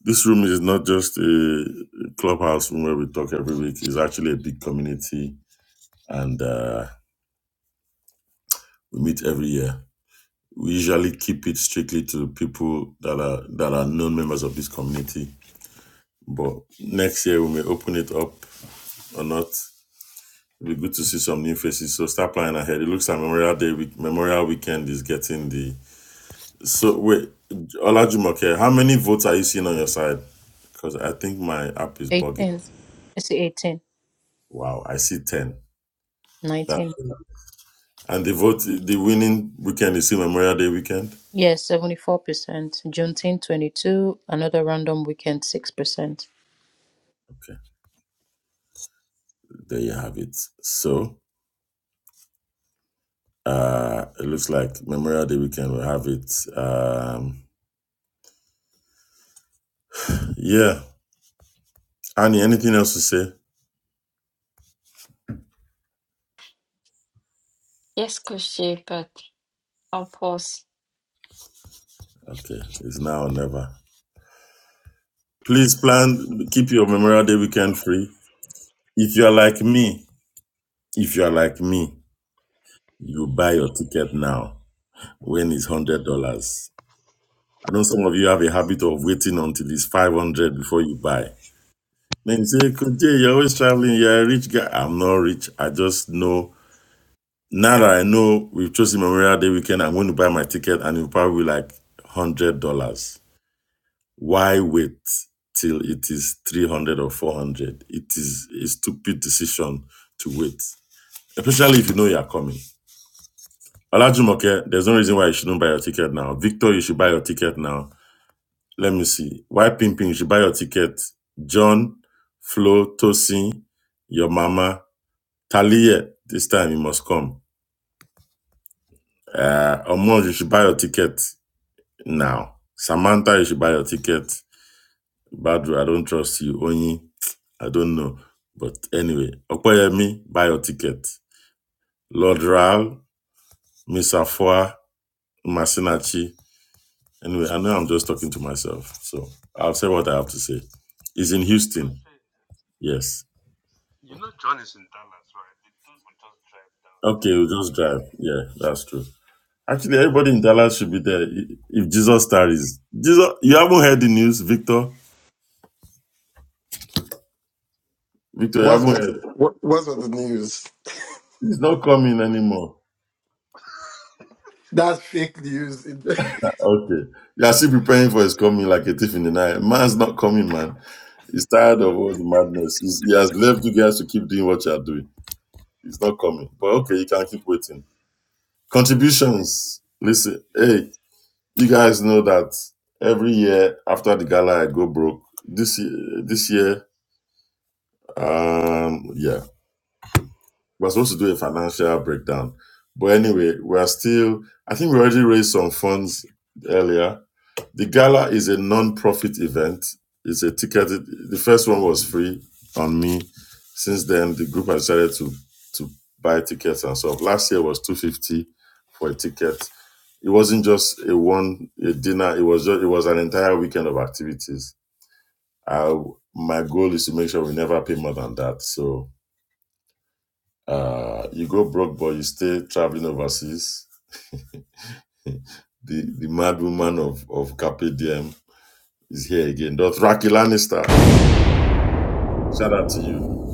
Speaker 2: this room is not just a clubhouse room where we talk every week. It's actually a big community, and uh, we meet every year we usually keep it strictly to people that are that are known members of this community. But next year we may open it up or not. It'll be good to see some new faces. So start planning ahead. It looks like Memorial Day week, Memorial Weekend is getting the so wait Olajumoke, how many votes are you seeing on your side? Because I think my app is
Speaker 7: 18.
Speaker 2: bugging.
Speaker 7: Let's see, 18
Speaker 2: Wow, I see ten. That
Speaker 7: 19.
Speaker 2: and the vote the winning weekend is still Memorial Day weekend.
Speaker 7: Yes, 74%. Juneteenth 22, another random weekend 6%.
Speaker 2: Okay, there you have it. So Uh, it looks like Memorial Day weekend will have it. Um, yeah. Annie, anything else to say?
Speaker 6: yes crochet but i'll pause
Speaker 2: Okay, it's now or never. Please plan, keep your Memorial Day weekend free. If you are like me, if you are like me, you buy your ticket now when it's one hundred dollars. I know some of you have a habit of waiting until it's five hundred dollars before you buy. Then you say, Kunje, you're always traveling, you're a rich guy. I'm not rich. I just know Now that I know we've chosen Memorial Day weekend, I'm going to buy my ticket and it'll probably be like one hundred dollars. Why wait till it is three hundred dollars or four hundred? dollars? It is a stupid decision to wait, especially if you know you are coming. Olajumoke, there's no reason why you shouldn't buy your ticket now. Victor, you should buy your ticket now. Let me see. Why Pimping, you should buy your ticket. John, Flo, Tosin, your mama, Talia, this time you must come. Uh, Omon, you should buy your ticket. Now, Samantha, you should buy your ticket. Badru, I don't trust you. Onyi, I don't know. But anyway, Okoyemi, buy your ticket. Lord Ral, Miss Afua, Masinachi. Anyway, I know I'm just talking to myself. So I'll say what I have to say. It's in Houston. Yes. Okay, we'll just drive. Yeah, that's true. Actually, everybody in Dallas should be there i- if Jesus tarries. Jesus, you haven't heard the news, Victor. Victor, you
Speaker 4: What's
Speaker 2: haven't heard.
Speaker 4: what, what's on the news?
Speaker 2: He's not coming anymore.
Speaker 4: That's fake news.
Speaker 2: Okay. You are still preparing for his coming like a thief in the night. Man's not coming, man. He's tired of all the madness. He's, he has left you guys to keep doing what you are doing. He's not coming. But okay, you can keep waiting. Contributions. Listen, hey, you guys know that every year after the gala, I go broke. This year, this year, um, yeah, we're supposed to do a financial breakdown. But anyway, we are still. I think we already raised some funds earlier The gala is a non-profit event. It's a ticketed. The first one was free on me. Since then, the group has decided to to buy tickets and stuff. Last year was two hundred fifty dollars for a ticket. It wasn't just a one a dinner. It was just, it was an entire weekend of activities. I, my goal is to make sure we never pay more than that. So uh, you go broke, but you stay traveling overseas. the the mad woman of of Carpe Diem is here again. Dothraki Lannister Shout out to you.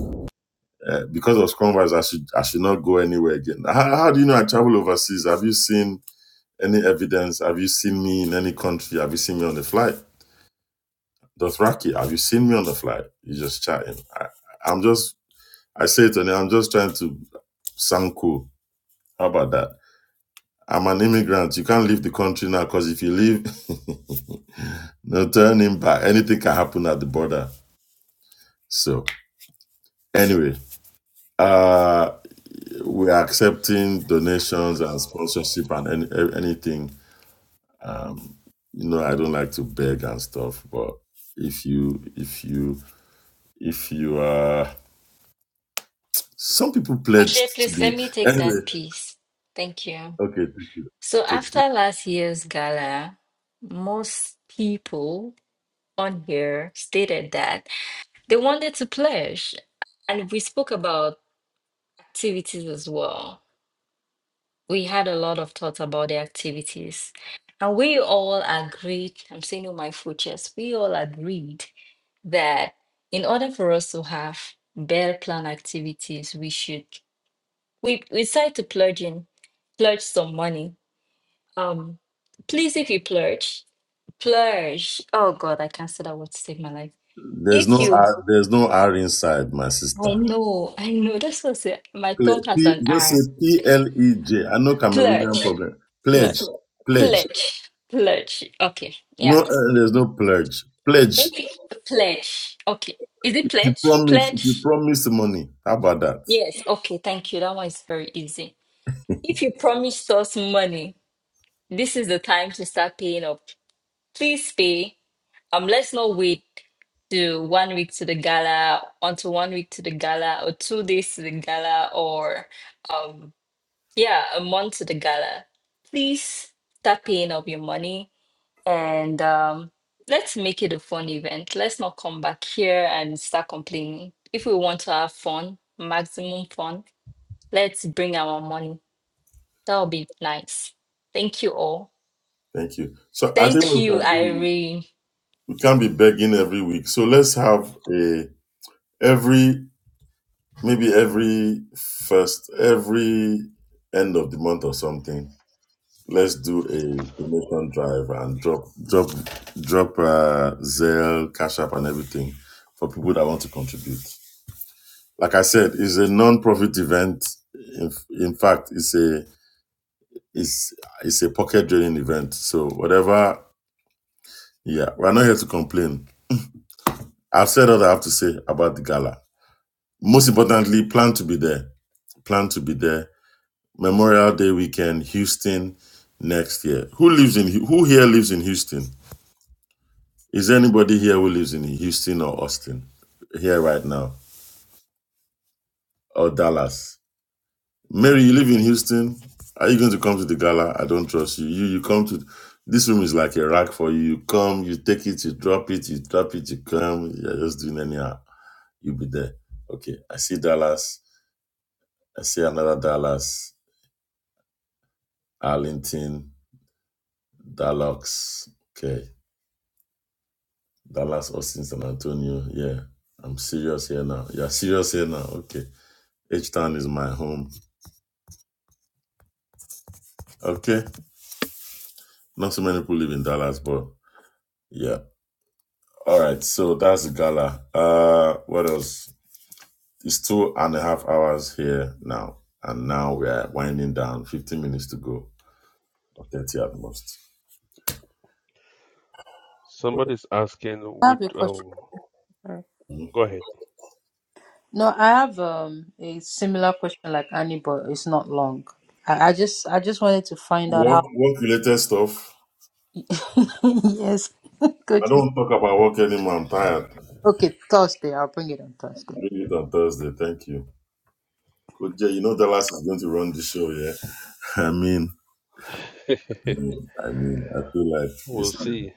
Speaker 2: Uh, because of Scrumwise, I should I should not go anywhere again. How, how do you know I travel overseas? Have you seen any evidence? Have you seen me in any country? Have you seen me on the flight? Dothraki, have you seen me on the flight? You just chatting. I, I'm just I say it and I'm just trying to sound cool. How about that? I'm an immigrant. You can't leave the country now because if you leave, no turning back. Anything can happen at the border. So anyway, uh, we are accepting donations and sponsorship and any, e, anything. Um, you know, I don't like to beg and stuff, but if you, if you, if you are, some people
Speaker 6: crochet
Speaker 2: pledged to
Speaker 6: please let
Speaker 2: be
Speaker 6: me take
Speaker 2: anyway.
Speaker 6: that piece thank you
Speaker 2: Okay,
Speaker 6: so
Speaker 2: take
Speaker 6: after
Speaker 2: it.
Speaker 6: last year's gala most people on here stated that they wanted to pledge and we spoke about activities as well we had a lot of thoughts about the activities. And we all agreed, I'm saying all my full chest, we all agreed that in order for us to have better plan activities, we should we we decided to plurge in, plurge some money. Um please if you plurge, plurge. Oh God, I can't say that word to save my life.
Speaker 2: There's no
Speaker 6: If you
Speaker 2: R, there's no R inside, my
Speaker 6: I
Speaker 2: sister.
Speaker 6: know, I know, that's what I say. My tongue
Speaker 2: Ple-
Speaker 6: has
Speaker 2: P,
Speaker 6: an
Speaker 2: just
Speaker 6: R.
Speaker 2: say P L E J. I know Cameroonian
Speaker 6: Plurge,
Speaker 2: problem.
Speaker 6: plurge,
Speaker 2: Pledge, pledge.
Speaker 6: pledge, plurge. Okay,
Speaker 2: No,
Speaker 6: yeah
Speaker 2: uh, there's no pledge. Pledge.
Speaker 6: If pledge, okay. Is it
Speaker 2: You
Speaker 6: pledge?
Speaker 2: promise. You
Speaker 6: Pledge?
Speaker 2: promise money. How about that?
Speaker 6: Yes, okay, thank you. That one is very easy. If you promised us money, this is the time to start paying up. Please pay. Um, let's not wait to one week to the gala, until one week to the gala, or two days to the gala, or um, yeah, a month to the gala. Please start paying up your money and um, let's make it a fun event. Let's not come back here and start complaining. If we want to have fun, maximum fun, let's bring our money. That'll be nice. Thank you all.
Speaker 2: Thank you. So I think
Speaker 6: Thank
Speaker 2: we
Speaker 6: you,
Speaker 2: can
Speaker 6: Irene.
Speaker 2: we can't be begging every week. So let's have a every maybe every first every end of the month or something. Let's do a donation drive and drop drop drop uh, Zelle, Cash App, and everything for people that want to contribute. Like I said, it's a non-profit event. In, in fact, it's a it's it's a pocket draining event. So whatever, yeah, we're not here to complain I've said all I have to say about the gala. Most importantly, plan to be there. Plan to be there. Memorial Day weekend, Houston next year. Who lives in who here lives in Houston? Is there anybody here who lives in Houston or Austin? Here right now. Or Dallas. Mary, you live in Houston. Are you going to come to the gala? I don't trust you. You you come to this room is like a rack for you. You come, you take it, you drop it, you drop it, you come. You're just doing anyhow. You'll be there. Okay. I see Dallas. I see another Dallas, Arlington, Dallas. Okay. Dallas, Austin, San Antonio. Yeah. I'm serious here now. You're serious here now. Okay. H Town is my home. Okay. Not so many people live in Dallas, but yeah. All right. So that's the gala. Uh what else? It's two and a half hours here now. And now we are winding down. 15 minutes to go. Or 30 at most. Well,
Speaker 3: Somebody's asking
Speaker 7: I
Speaker 3: which.
Speaker 7: have a question.
Speaker 3: Um,
Speaker 7: Mm.
Speaker 2: hmm.
Speaker 3: go ahead.
Speaker 7: No, I have um, a similar question like Annie, but it's not long. I, I just I just wanted to find out
Speaker 2: Work
Speaker 7: how.
Speaker 2: work related stuff.
Speaker 7: yes,
Speaker 2: I
Speaker 7: coaches.
Speaker 2: don't talk about work anymore. I'm tired.
Speaker 7: Okay, Thursday. I'll bring it on Thursday.
Speaker 2: Read it on Thursday. Thank you. Coach Jay, you know Dallas is going to run the show, yeah? I mean, I mean, I feel like
Speaker 3: we'll
Speaker 2: he's,
Speaker 3: see.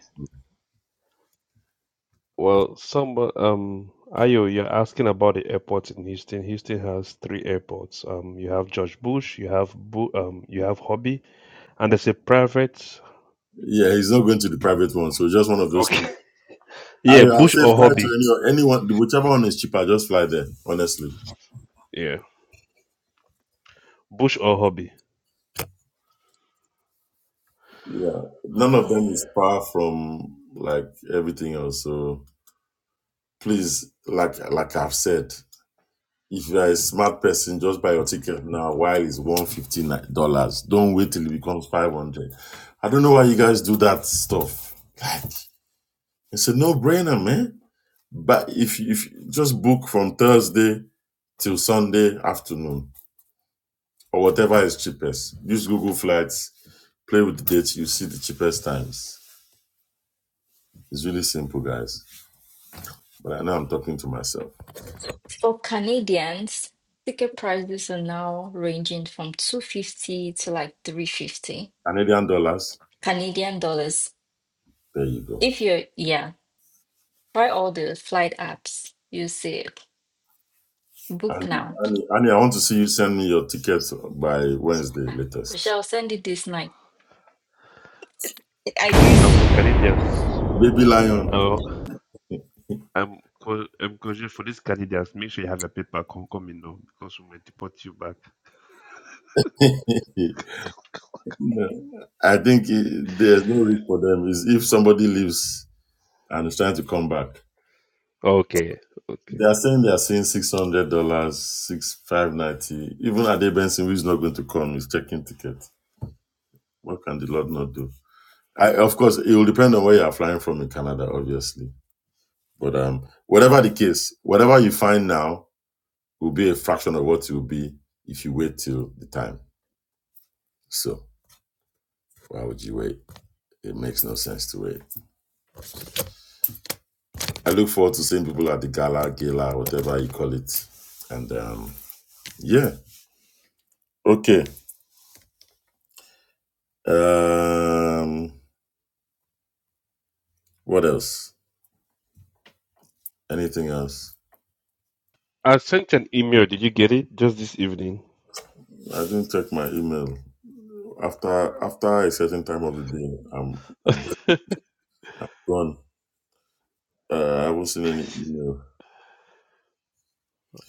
Speaker 3: Well, some. Um, Ayo, you're asking about the airports in Houston. Houston has three airports. Um, you have George Bush. You have Bu- Um, you have Hobby, and there's a private.
Speaker 2: yeah, he's not going to the private one. So just one of those two.
Speaker 3: Okay.
Speaker 2: I,
Speaker 3: Yeah,
Speaker 2: I'll
Speaker 3: Bush
Speaker 2: say
Speaker 3: or
Speaker 2: fly
Speaker 3: Hobby.
Speaker 2: to any, anyone, whichever one is cheaper, just fly there, honestly.
Speaker 3: Yeah, Bush or Hobby.
Speaker 2: Yeah. None of them is far from like everything else. So please, like, like I've said, If you are a smart person, just buy your ticket now while it's one hundred fifty dollars. Don't wait till it becomes five hundred. dollars. I don't know why you guys do that stuff. Like it's a no brainer, man. But if if just book from Thursday till Sunday afternoon or whatever is cheapest. Use Google Flights, play with the dates, you see the cheapest times. It's really simple, guys. But I know I'm talking to myself.
Speaker 6: For Canadians, ticket prices are now ranging from 250 to like 350
Speaker 2: Canadian dollars,
Speaker 6: Canadian dollars.
Speaker 2: there you go.
Speaker 6: If you're, yeah, try all the flight apps. You see it. Book
Speaker 2: Annie,
Speaker 6: now. please.
Speaker 2: Annie, Annie, I want to see you send me your tickets by Wednesday
Speaker 6: Ah, We
Speaker 2: latest.
Speaker 6: shall send it this night. I did
Speaker 3: And for Canadians.
Speaker 2: Baby Lion.
Speaker 3: uh, I'm co- I'm coaching for these candidates. Make sure you have your paper. coming in now because we might deport you back.
Speaker 2: I think it- there's no risk for them. Is if somebody leaves and is trying to come back,
Speaker 3: Okay, okay.
Speaker 2: they are saying they are seeing six hundred dollars, six five ninety. Even Ade Benson, who is not going to come, is checking ticket. What can the Lord not do? I, of course, it will depend on where you are flying from in Canada, obviously. But um, whatever the case, whatever you find now, will be a fraction of what it will be if you wait till the time. So why would you wait? It makes no sense to wait. I look forward to seeing people at the gala, gala, whatever you call it. And um, yeah, okay. Um, what else? Anything else?
Speaker 3: I sent an email. Did you get it? Just this evening.
Speaker 2: I didn't check my email. After after a certain time of the day, I'm I'm gone. Uh, I haven't seen any email.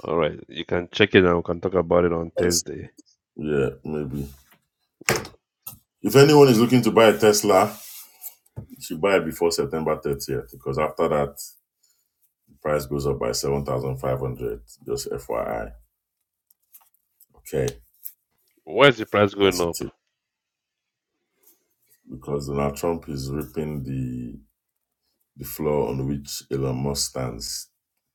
Speaker 3: All right, you can check it and we can talk about it on
Speaker 2: Yes.
Speaker 3: Thursday.
Speaker 2: Yeah, maybe.
Speaker 3: Yeah.
Speaker 2: If anyone is looking to buy a Tesla, should buy it before September 30th because after that, the price goes up by 7,500. Just FYI. Okay,
Speaker 3: Why is the price going
Speaker 2: that's a
Speaker 3: up?
Speaker 2: tip. Because Donald Trump is ripping the, the floor on which Elon Musk stands.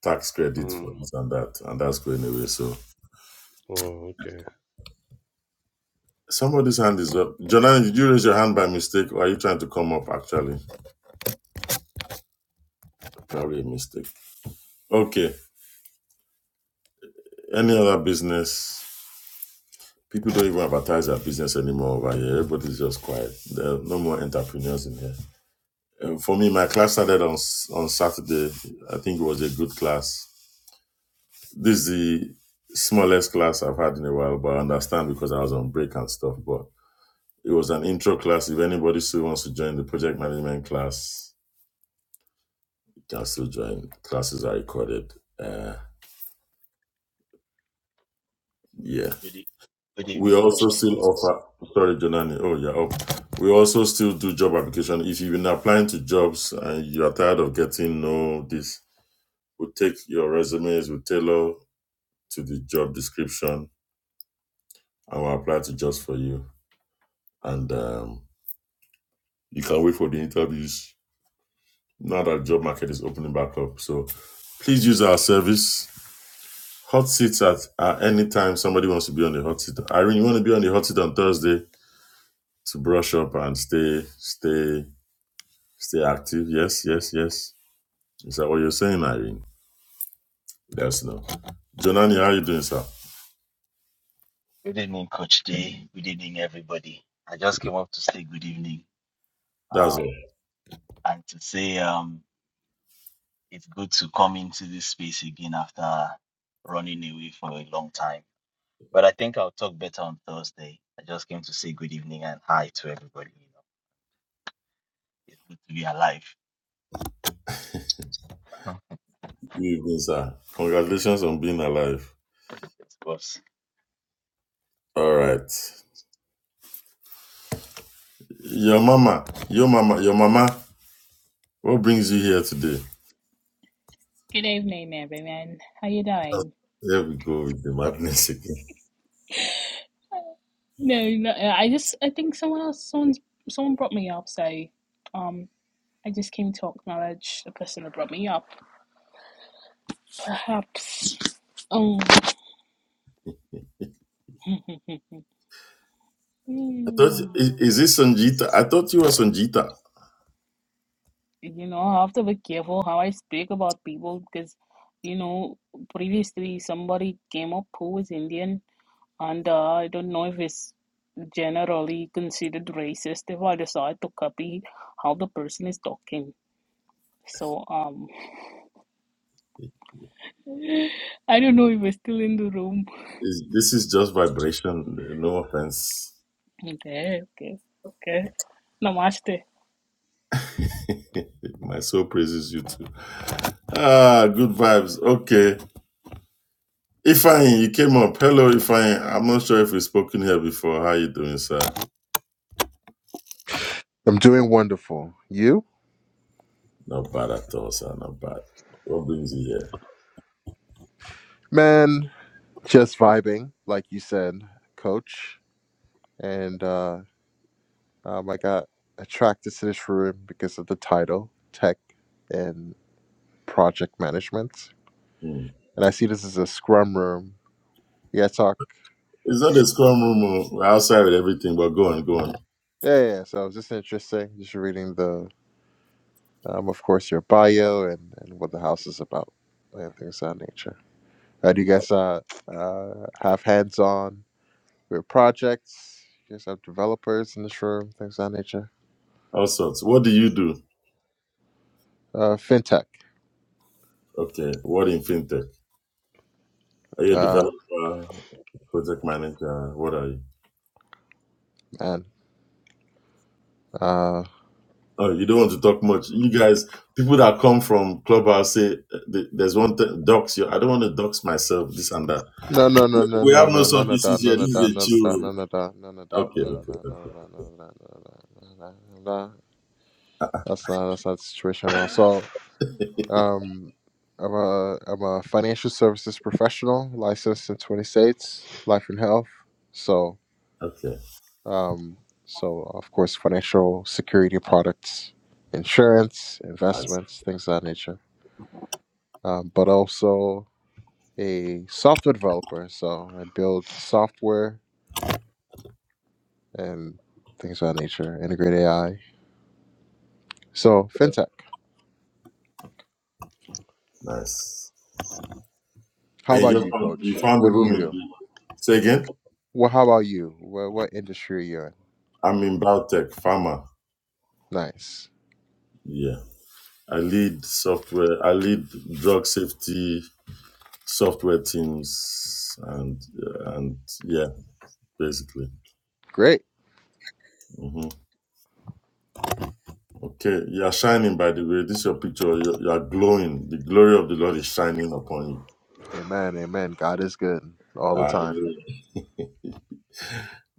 Speaker 2: Tax credit for
Speaker 3: Hmm.
Speaker 2: this and that, and that's going away. So
Speaker 3: Oh, okay.
Speaker 2: somebody's hand is up. Jonathan, did you raise your hand by mistake, or are you trying to come up? Actually, probably a mistake. Okay. Any other business? People don't even advertise their business anymore over here. Everybody's just quiet. There are no more entrepreneurs in here. Uh, for me, my class started on on Saturday. I think it was a good class. This is the smallest class I've had in a while, but I understand because I was on break and stuff. But it was an intro class. If anybody still wants to join the project management class, you can still join. Classes are recorded. Uh, yeah.
Speaker 10: Good, e- good
Speaker 2: We
Speaker 10: evening, Coach
Speaker 2: also
Speaker 10: Jay.
Speaker 2: still offer. Sorry, Jonani. Oh, yeah. Up. We also still do job application. If you've been applying to jobs and you are tired of getting no this, we take your resumes, we tailor to the job description and will apply to just for you. And um, you can wait for the interviews. Now that job market is opening back up. So please use our service. Hot seats at, at any time somebody wants to be on the hot seat. Irene, you want to be on the hot seat on Thursday to brush up and stay, stay, stay active. Yes, yes, yes. Is that what you're saying, Irene? Yes, no. Jonani, how are you doing, sir?
Speaker 10: Good evening, Coach Jay. Good evening, everybody. I just came up to say good evening
Speaker 2: That's
Speaker 10: um,
Speaker 2: all.
Speaker 10: and to say um, it's good to come into this space again after running away for a long time. But I think I'll talk better on Thursday. I just came to say good evening and hi to everybody. You know, it's good to be alive.
Speaker 2: Good evening, sir. Congratulations on being alive.
Speaker 10: Of course.
Speaker 2: All right. Your mama, your mama, your mama. What brings you here today?
Speaker 11: Good evening, everyone. How you doing?
Speaker 2: There we go with the madness again.
Speaker 11: No, no, I just I think someone else, someone's someone brought me up, so um, I just came to acknowledge the person who brought me up. Perhaps. Um,
Speaker 2: I thought,
Speaker 11: hmm,
Speaker 2: is, is this Sanjita? I thought you were Sanjita.
Speaker 11: you know, I have to be careful how I speak about people because, you know, previously somebody came up who was Indian, and uh, I don't know if it's generally considered racist if I decide to copy how the person is talking. So um, I don't know if we're still in the room.
Speaker 2: Is, this is just vibration. No offense.
Speaker 11: Okay, okay, okay. Namaste.
Speaker 2: My soul praises you too. Ah, good vibes. Okay. Ifine, you came up. Hello, Ifine. I'm not sure if we've spoken here before. How you doing, sir?
Speaker 12: I'm doing wonderful. You?
Speaker 2: Not bad at all, sir. Not bad. What brings you here?
Speaker 12: Man, just vibing, like you said, coach. And uh, um, I got attracted to this room because of the title, Tech and Project Management.
Speaker 2: Hmm.
Speaker 12: And I see this is a scrum room. Yeah, talk.
Speaker 2: It's not a scrum room. oh. We're outside with everything, but go on, go on.
Speaker 12: Yeah, yeah. yeah. So it's just interesting. Just reading the, um, of course, your bio and, and what the house is about and things of that nature. Uh, do you guys uh, uh, have hands on? We have projects. You guys have developers in this room, things of that nature.
Speaker 2: All sorts. What do you do?
Speaker 12: Uh, fintech.
Speaker 2: Okay. What in fintech? Are you a
Speaker 12: Uh,
Speaker 2: developer, project manager? What are you?
Speaker 12: and uh,
Speaker 2: Oh, you don't want to talk much. You guys, people that come from Clubhouse say uh, th- there's one thing, docs you. I don't want to dox myself, this and that.
Speaker 12: no, no, no, no,
Speaker 2: We
Speaker 12: no,
Speaker 2: have no
Speaker 12: no,
Speaker 2: such
Speaker 12: none of that,
Speaker 2: issues here.
Speaker 12: none
Speaker 2: This
Speaker 12: of that,
Speaker 2: is a
Speaker 12: none of
Speaker 2: chill
Speaker 12: that,
Speaker 2: room.
Speaker 12: none of that, none of that,
Speaker 2: Okay,
Speaker 12: none of
Speaker 2: okay,
Speaker 12: that, none of that, none
Speaker 2: okay,
Speaker 12: of that, none of that, none of that, none of that. That's not that's not the situation at all. So, um, I'm a I'm a financial services professional, licensed in 20 states, life and health. So.
Speaker 2: okay.
Speaker 12: Um, so, of course, financial security products, insurance,
Speaker 2: Nice,
Speaker 12: investments, things of that nature. Um, but also a software developer. So, I build software and things of that nature, integrate AI. So, fintech.
Speaker 2: nice.
Speaker 12: How
Speaker 2: And you
Speaker 12: about
Speaker 2: just
Speaker 12: you,
Speaker 2: found, you
Speaker 12: coach?
Speaker 2: found the
Speaker 12: What do you
Speaker 2: room in
Speaker 12: do?
Speaker 2: the, say again?
Speaker 12: Well, how about you? What, what industry are you in?
Speaker 2: I'm in biotech, pharma.
Speaker 12: Nice.
Speaker 2: Yeah. I lead software, I lead drug safety software teams and and yeah basically
Speaker 12: Great.
Speaker 2: hmm okay you are shining by the way this your picture you, you are glowing the glory of the lord is shining upon you
Speaker 12: Amen. Amen. God is good all the time.
Speaker 2: Hallelujah.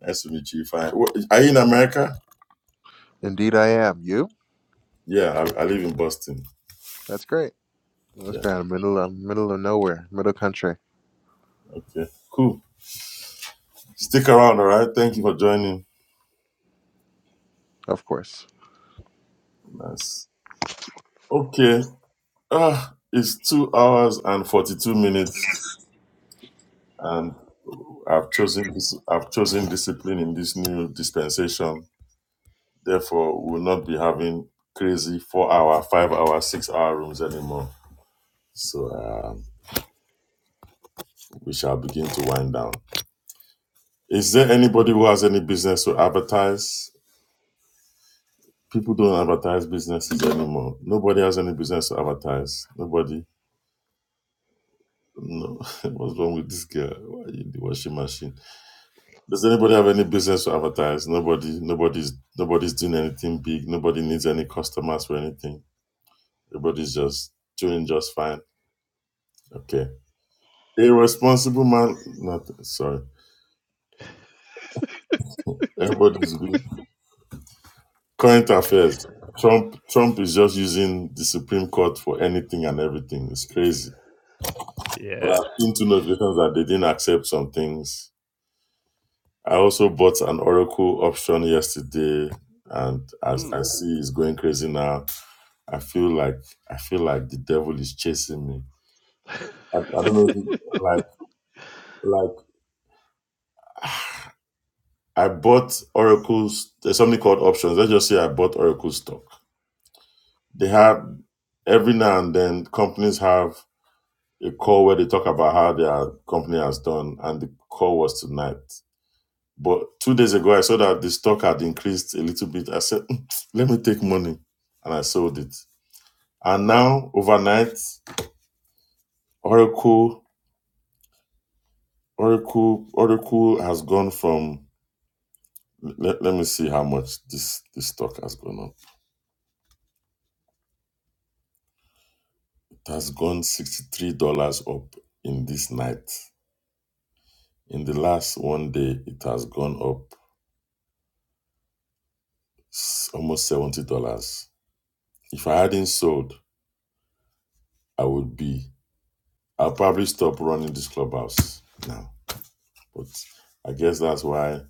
Speaker 2: nice to meet you fine Wh- are you in america
Speaker 12: Indeed, I am. You?
Speaker 2: yeah I, I live in boston
Speaker 12: That's great. That's
Speaker 2: yeah
Speaker 12: great. I'm middle, I'm middle of nowhere, middle country.
Speaker 2: okay cool stick around all right thank you for joining
Speaker 12: Of course.
Speaker 2: nice okay ah it's two hours and 42 minutes and i've chosen this i've chosen discipline in this new dispensation Therefore, we'll not be having crazy four hour, five hour, six hour rooms anymore. So um, we shall begin to wind down. Is there anybody who has any business to advertise? People don't advertise businesses anymore. Nobody has any business to advertise. Nobody. No. What's wrong with this girl? Why are you in the washing machine? Does anybody have any business to advertise? Nobody. Nobody's. Nobody's doing anything big. Nobody needs any customers for anything. Everybody's just doing just fine. Okay. Irresponsible man. not Sorry. Everybody's good. Current affairs. Trump. Trump is just using the Supreme Court for anything and everything. It's crazy. But
Speaker 3: Yeah.
Speaker 2: I've seen two notifications that they didn't accept some things. I also bought an Oracle option yesterday, and as
Speaker 3: Hmm.
Speaker 2: I see, it's going crazy now. I feel like I feel like the devil is chasing me. I, I don't know, if- like like I bought Oracle's. There's something called options. Let's just say I bought Oracle stock. They have every now and then companies have a call where they talk about how their company has done, and the call was tonight. But two days ago, I saw that the stock had increased a little bit. I said, "Hmm, "Let me take money," and I sold it. And now, overnight, Oracle, Oracle, Oracle has gone from. Let, let me see how much this this stock has gone up. It has gone sixty three dollars up in this night. In the last one day, it has gone up s- almost seventy dollars. If I hadn't sold, I would be. I'll probably stop running this clubhouse now. But I guess that's why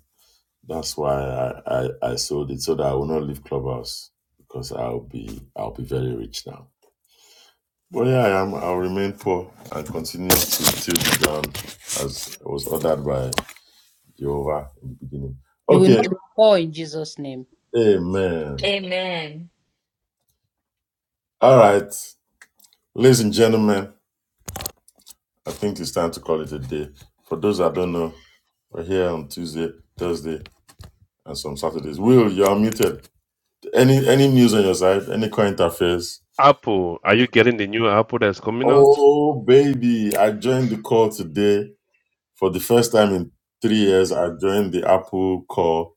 Speaker 2: that's why I, I, I sold it so that I will not leave clubhouse because I'll be I'll be very rich now. But yeah, I am. I'll remain poor and continue to till the ground as was ordered by Jehovah in the beginning.
Speaker 7: You will
Speaker 2: Okay,
Speaker 7: not be poor in Jesus' name.
Speaker 2: Amen.
Speaker 6: Amen.
Speaker 2: All right, ladies and gentlemen, I think it's time to call it a day. For those that don't know, We're here on Tuesday, Thursday, and some Saturdays. Will, you're muted. Any any news on your side? Any current affairs?
Speaker 3: Apple, are you getting the new Apple that's coming out?
Speaker 2: Oh baby, I joined the call today for the first time in three years. I joined the Apple call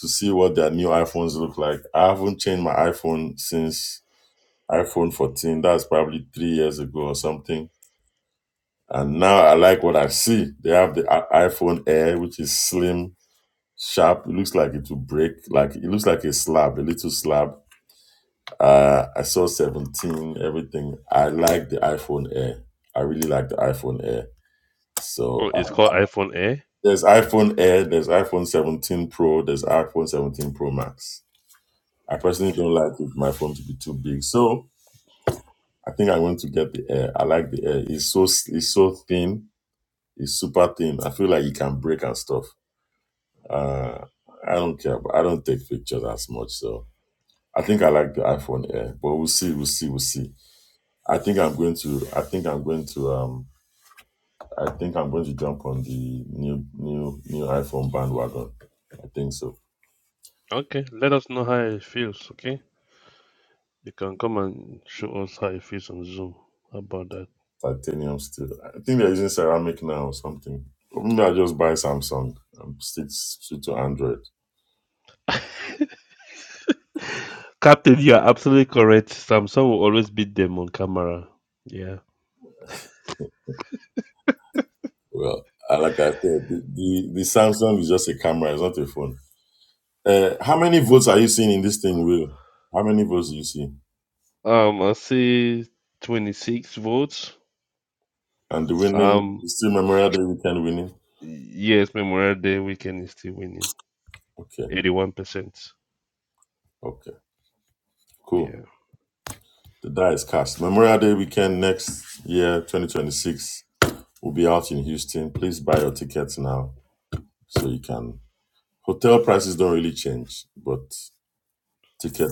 Speaker 2: to see what their new iPhones look like. I haven't changed my iPhone since iPhone 14. That's probably three years ago or something. And now I like what I see. They have the i- iPhone Air, which is slim sharp. It looks like it will break. Like it looks like a slab, a little slab. Uh, I saw 17, everything. I like the iPhone Air. I really like the iPhone Air. So
Speaker 3: Oh, it's
Speaker 2: uh,
Speaker 3: called iPhone Air.
Speaker 2: there's iPhone Air, there's iPhone 17 Pro, there's iPhone 17 Pro Max. I personally
Speaker 3: Okay.
Speaker 2: don't like it, my phone to be too big. So I think I'm going to get the Air. I like the Air. It's so s- it's so thin. It's super thin. I feel like it can break and stuff. Uh, I don't care. But I don't take pictures as much. So I think I like the iPhone Air, but we'll see, we'll see, we'll see. I think I'm going to, I think I'm going to, um, I think I'm going to jump on the new, new, new iPhone bandwagon. I think so.
Speaker 3: Okay. Let us know how it feels. Okay. You can come and show us how it feels on Zoom. How about that?
Speaker 2: Titanium still. I think they're using ceramic now or something. Or maybe I just buy Samsung. I'm stick, stick to Android.
Speaker 3: Captain, you are absolutely correct. Samsung will always beat them on camera. Yeah.
Speaker 2: Well, I like I said, the, the, the Samsung is just a camera. It's not a phone. Uh, how many votes are you seeing in this thing, Will? How many votes do you see?
Speaker 3: Um, I see 26 votes.
Speaker 2: And the winning
Speaker 3: Um,
Speaker 2: is still Memorial Day weekend winning.
Speaker 3: yes, Memorial Day weekend is still winning.
Speaker 2: Okay,
Speaker 3: 81%.
Speaker 2: okay. Cool.
Speaker 3: Yeah.
Speaker 2: The die is cast. Memorial Day weekend next year, 2026, will be out in Houston. Please buy your tickets now so you can. Hotel prices don't really change, but ticket,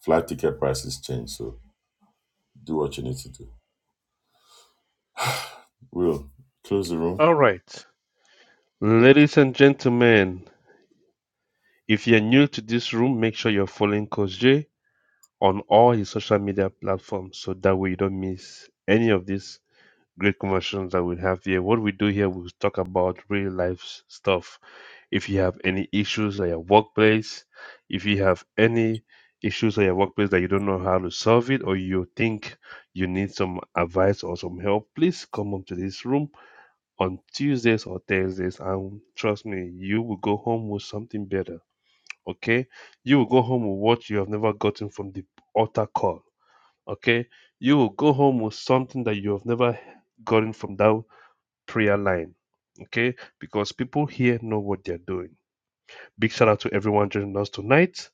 Speaker 2: flight ticket prices change. So do what you need to do. Will close the room.
Speaker 3: All right. Ladies and gentlemen, if you're new to this room, make sure you're following Coach J on all his social media platforms so that way you don't miss any of these great conversations that we have here. What we do here, we talk about real life s- stuff. If you have any issues at your workplace, if you have any issues at your workplace that you don't know how to solve it, or you think you need some advice or some help, please come up to this room on Tuesdays or Thursdays. And trust me, you will go home with something better. Okay? You will go home with what you have never gotten from the altar call. Okay? You will go home with something that you have never gotten from that prayer line, okay? Because people here know what they're doing. Big shout out to everyone joining us tonight.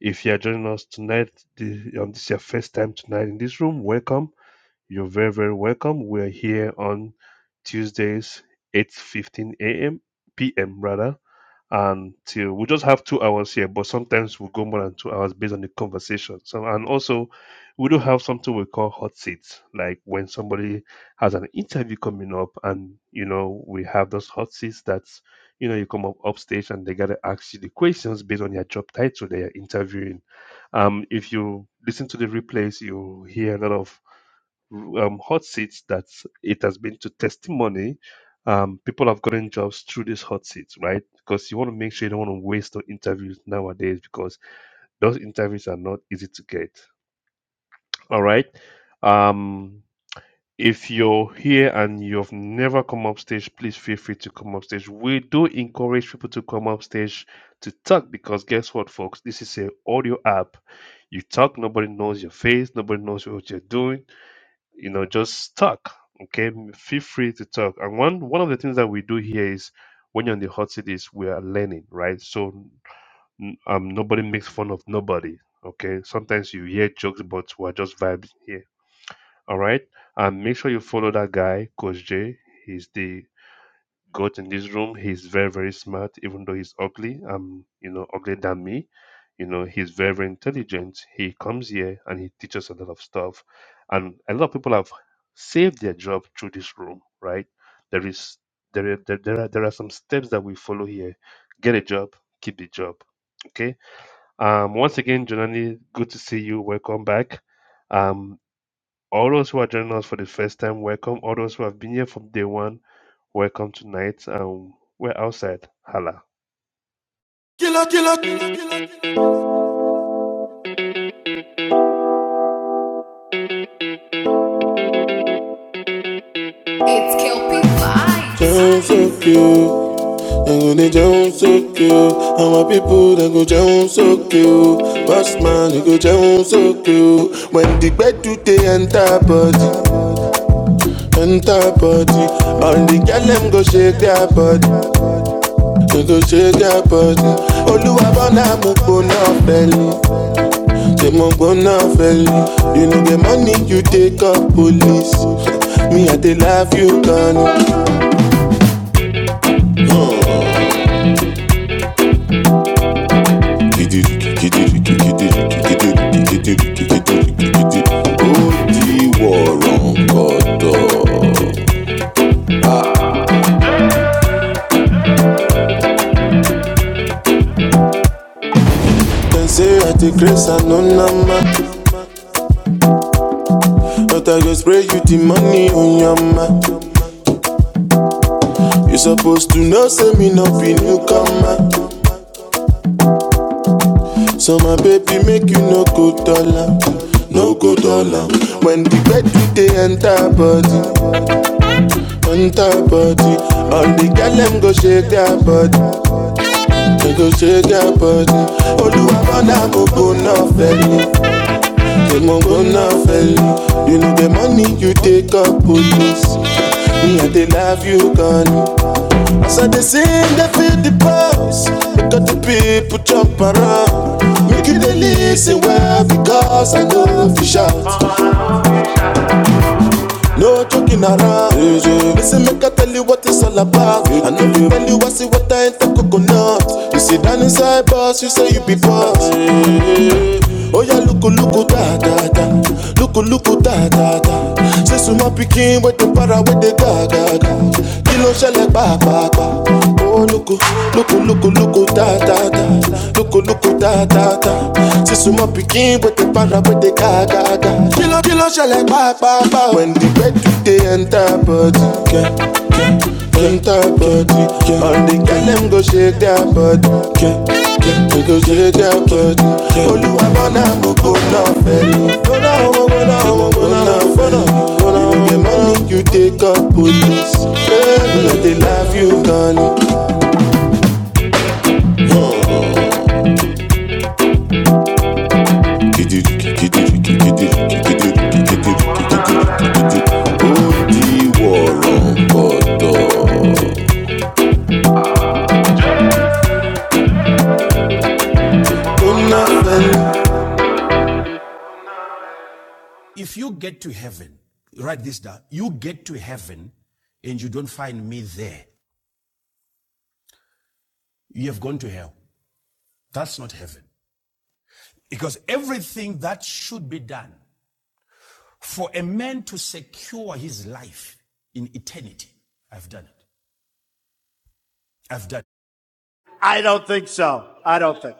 Speaker 3: If you are joining us tonight, the- um, this is your first time tonight in this room, welcome. You're very, very welcome. We're here on Tuesdays, 8.15 a.m., p.m. rather, until we just have two hours here, but sometimes we go more than two hours based on the conversation. So, and also we do have something we call hot seats, like when somebody has an interview coming up, and you know we have those hot seats that's you know you come up upstage and they gotta ask you the questions based on your job title they are interviewing. Um, if you listen to the replays, you hear a lot of um, hot seats that it has been to testimony. Um, people have gotten jobs through these hot seats, right? Because you want to make sure you don't want to waste on interviews nowadays because those interviews are not easy to get. All right. Um, if you're here and you've never come up stage, please feel free to come up stage. We do encourage people to come up stage to talk because guess what, folks? This is an audio app. You talk, nobody knows your face, nobody knows what you're doing you know just talk okay feel free to talk and one one of the things that we do here is when you're on the hot seat is we are learning right so n- um nobody makes fun of nobody okay sometimes you hear jokes but we're just vibes here all right and make sure you follow that guy coach j he's the Got in this room. He's very, very smart, even though he's ugly. Um, you know, uglier than me. You know, he's very, very intelligent. He comes here and he teaches a lot of stuff. And a lot of people have saved their job through this room, right? There is there are- there, there are there are some steps that we follow here. Get a job, keep the job. Okay. Um once again, Jonani, good to see you. Welcome back. Um all those who are joining us for the first time, welcome. All those who have been here from day one Welcome tonight, and we're outside. Hala.
Speaker 1: Killer, killer, killer, killer. Jones of you. I'm gonna Jones of you. All my people that go Jones of you. Boss man, you go Jones of you. When the bed do they enter body, enter body. All the girl them go shake their body, they go shake their body. Oluwabona mo gbona belly, say mo gbona belly. You know the money you take up police. Me, I they love you, Connie. Dem say I take grace I no number. but I go spray you the money on your yama. You supposed to know say me no be newcomer, so my baby make you no go dollar, no go dollar. When the gbedu they enter body, enter body, all the girl them go shake their body. They go shake your body. Oluwa bona mo gbona fẹli, they mo gbona fẹli. You know the money you take up police. Me and they love you gone. As I dey sing, dey feel the pulse. Because the people jump around. Make you dey lis well because I know fi shout. No joking around. Listen, make I tell you what it's all about. I know you tell you I see what I ain't the coconut. You sit down inside boss, you say you be boss. Oh yeah, look, look, da da da. Look, look, da da da. Say some my picking with the para with the ga ga ga. Kilo shell like ba ba ba. Oh look, look, look, look, da da da. Look, look, ta ta ta. C'est sous mon piquin, but the para, but the gaga Kilo kilo, shele pa pa pa. When the bed to enter body, yeah, enter body, yeah. All the girls them go shake their body, yeah, yeah. They go shake their body. Oluwa bona mo go go now, na fẹ́. Bona go now, omo bona na bona. You dey get money, you take up police. Yeah, they love you, darling. Write this down. You get to heaven and you don't find me there. You have gone to hell. That's not heaven. Because everything that should be done for a man to secure his life in eternity, I've done it. I don't think so. I don't think. so.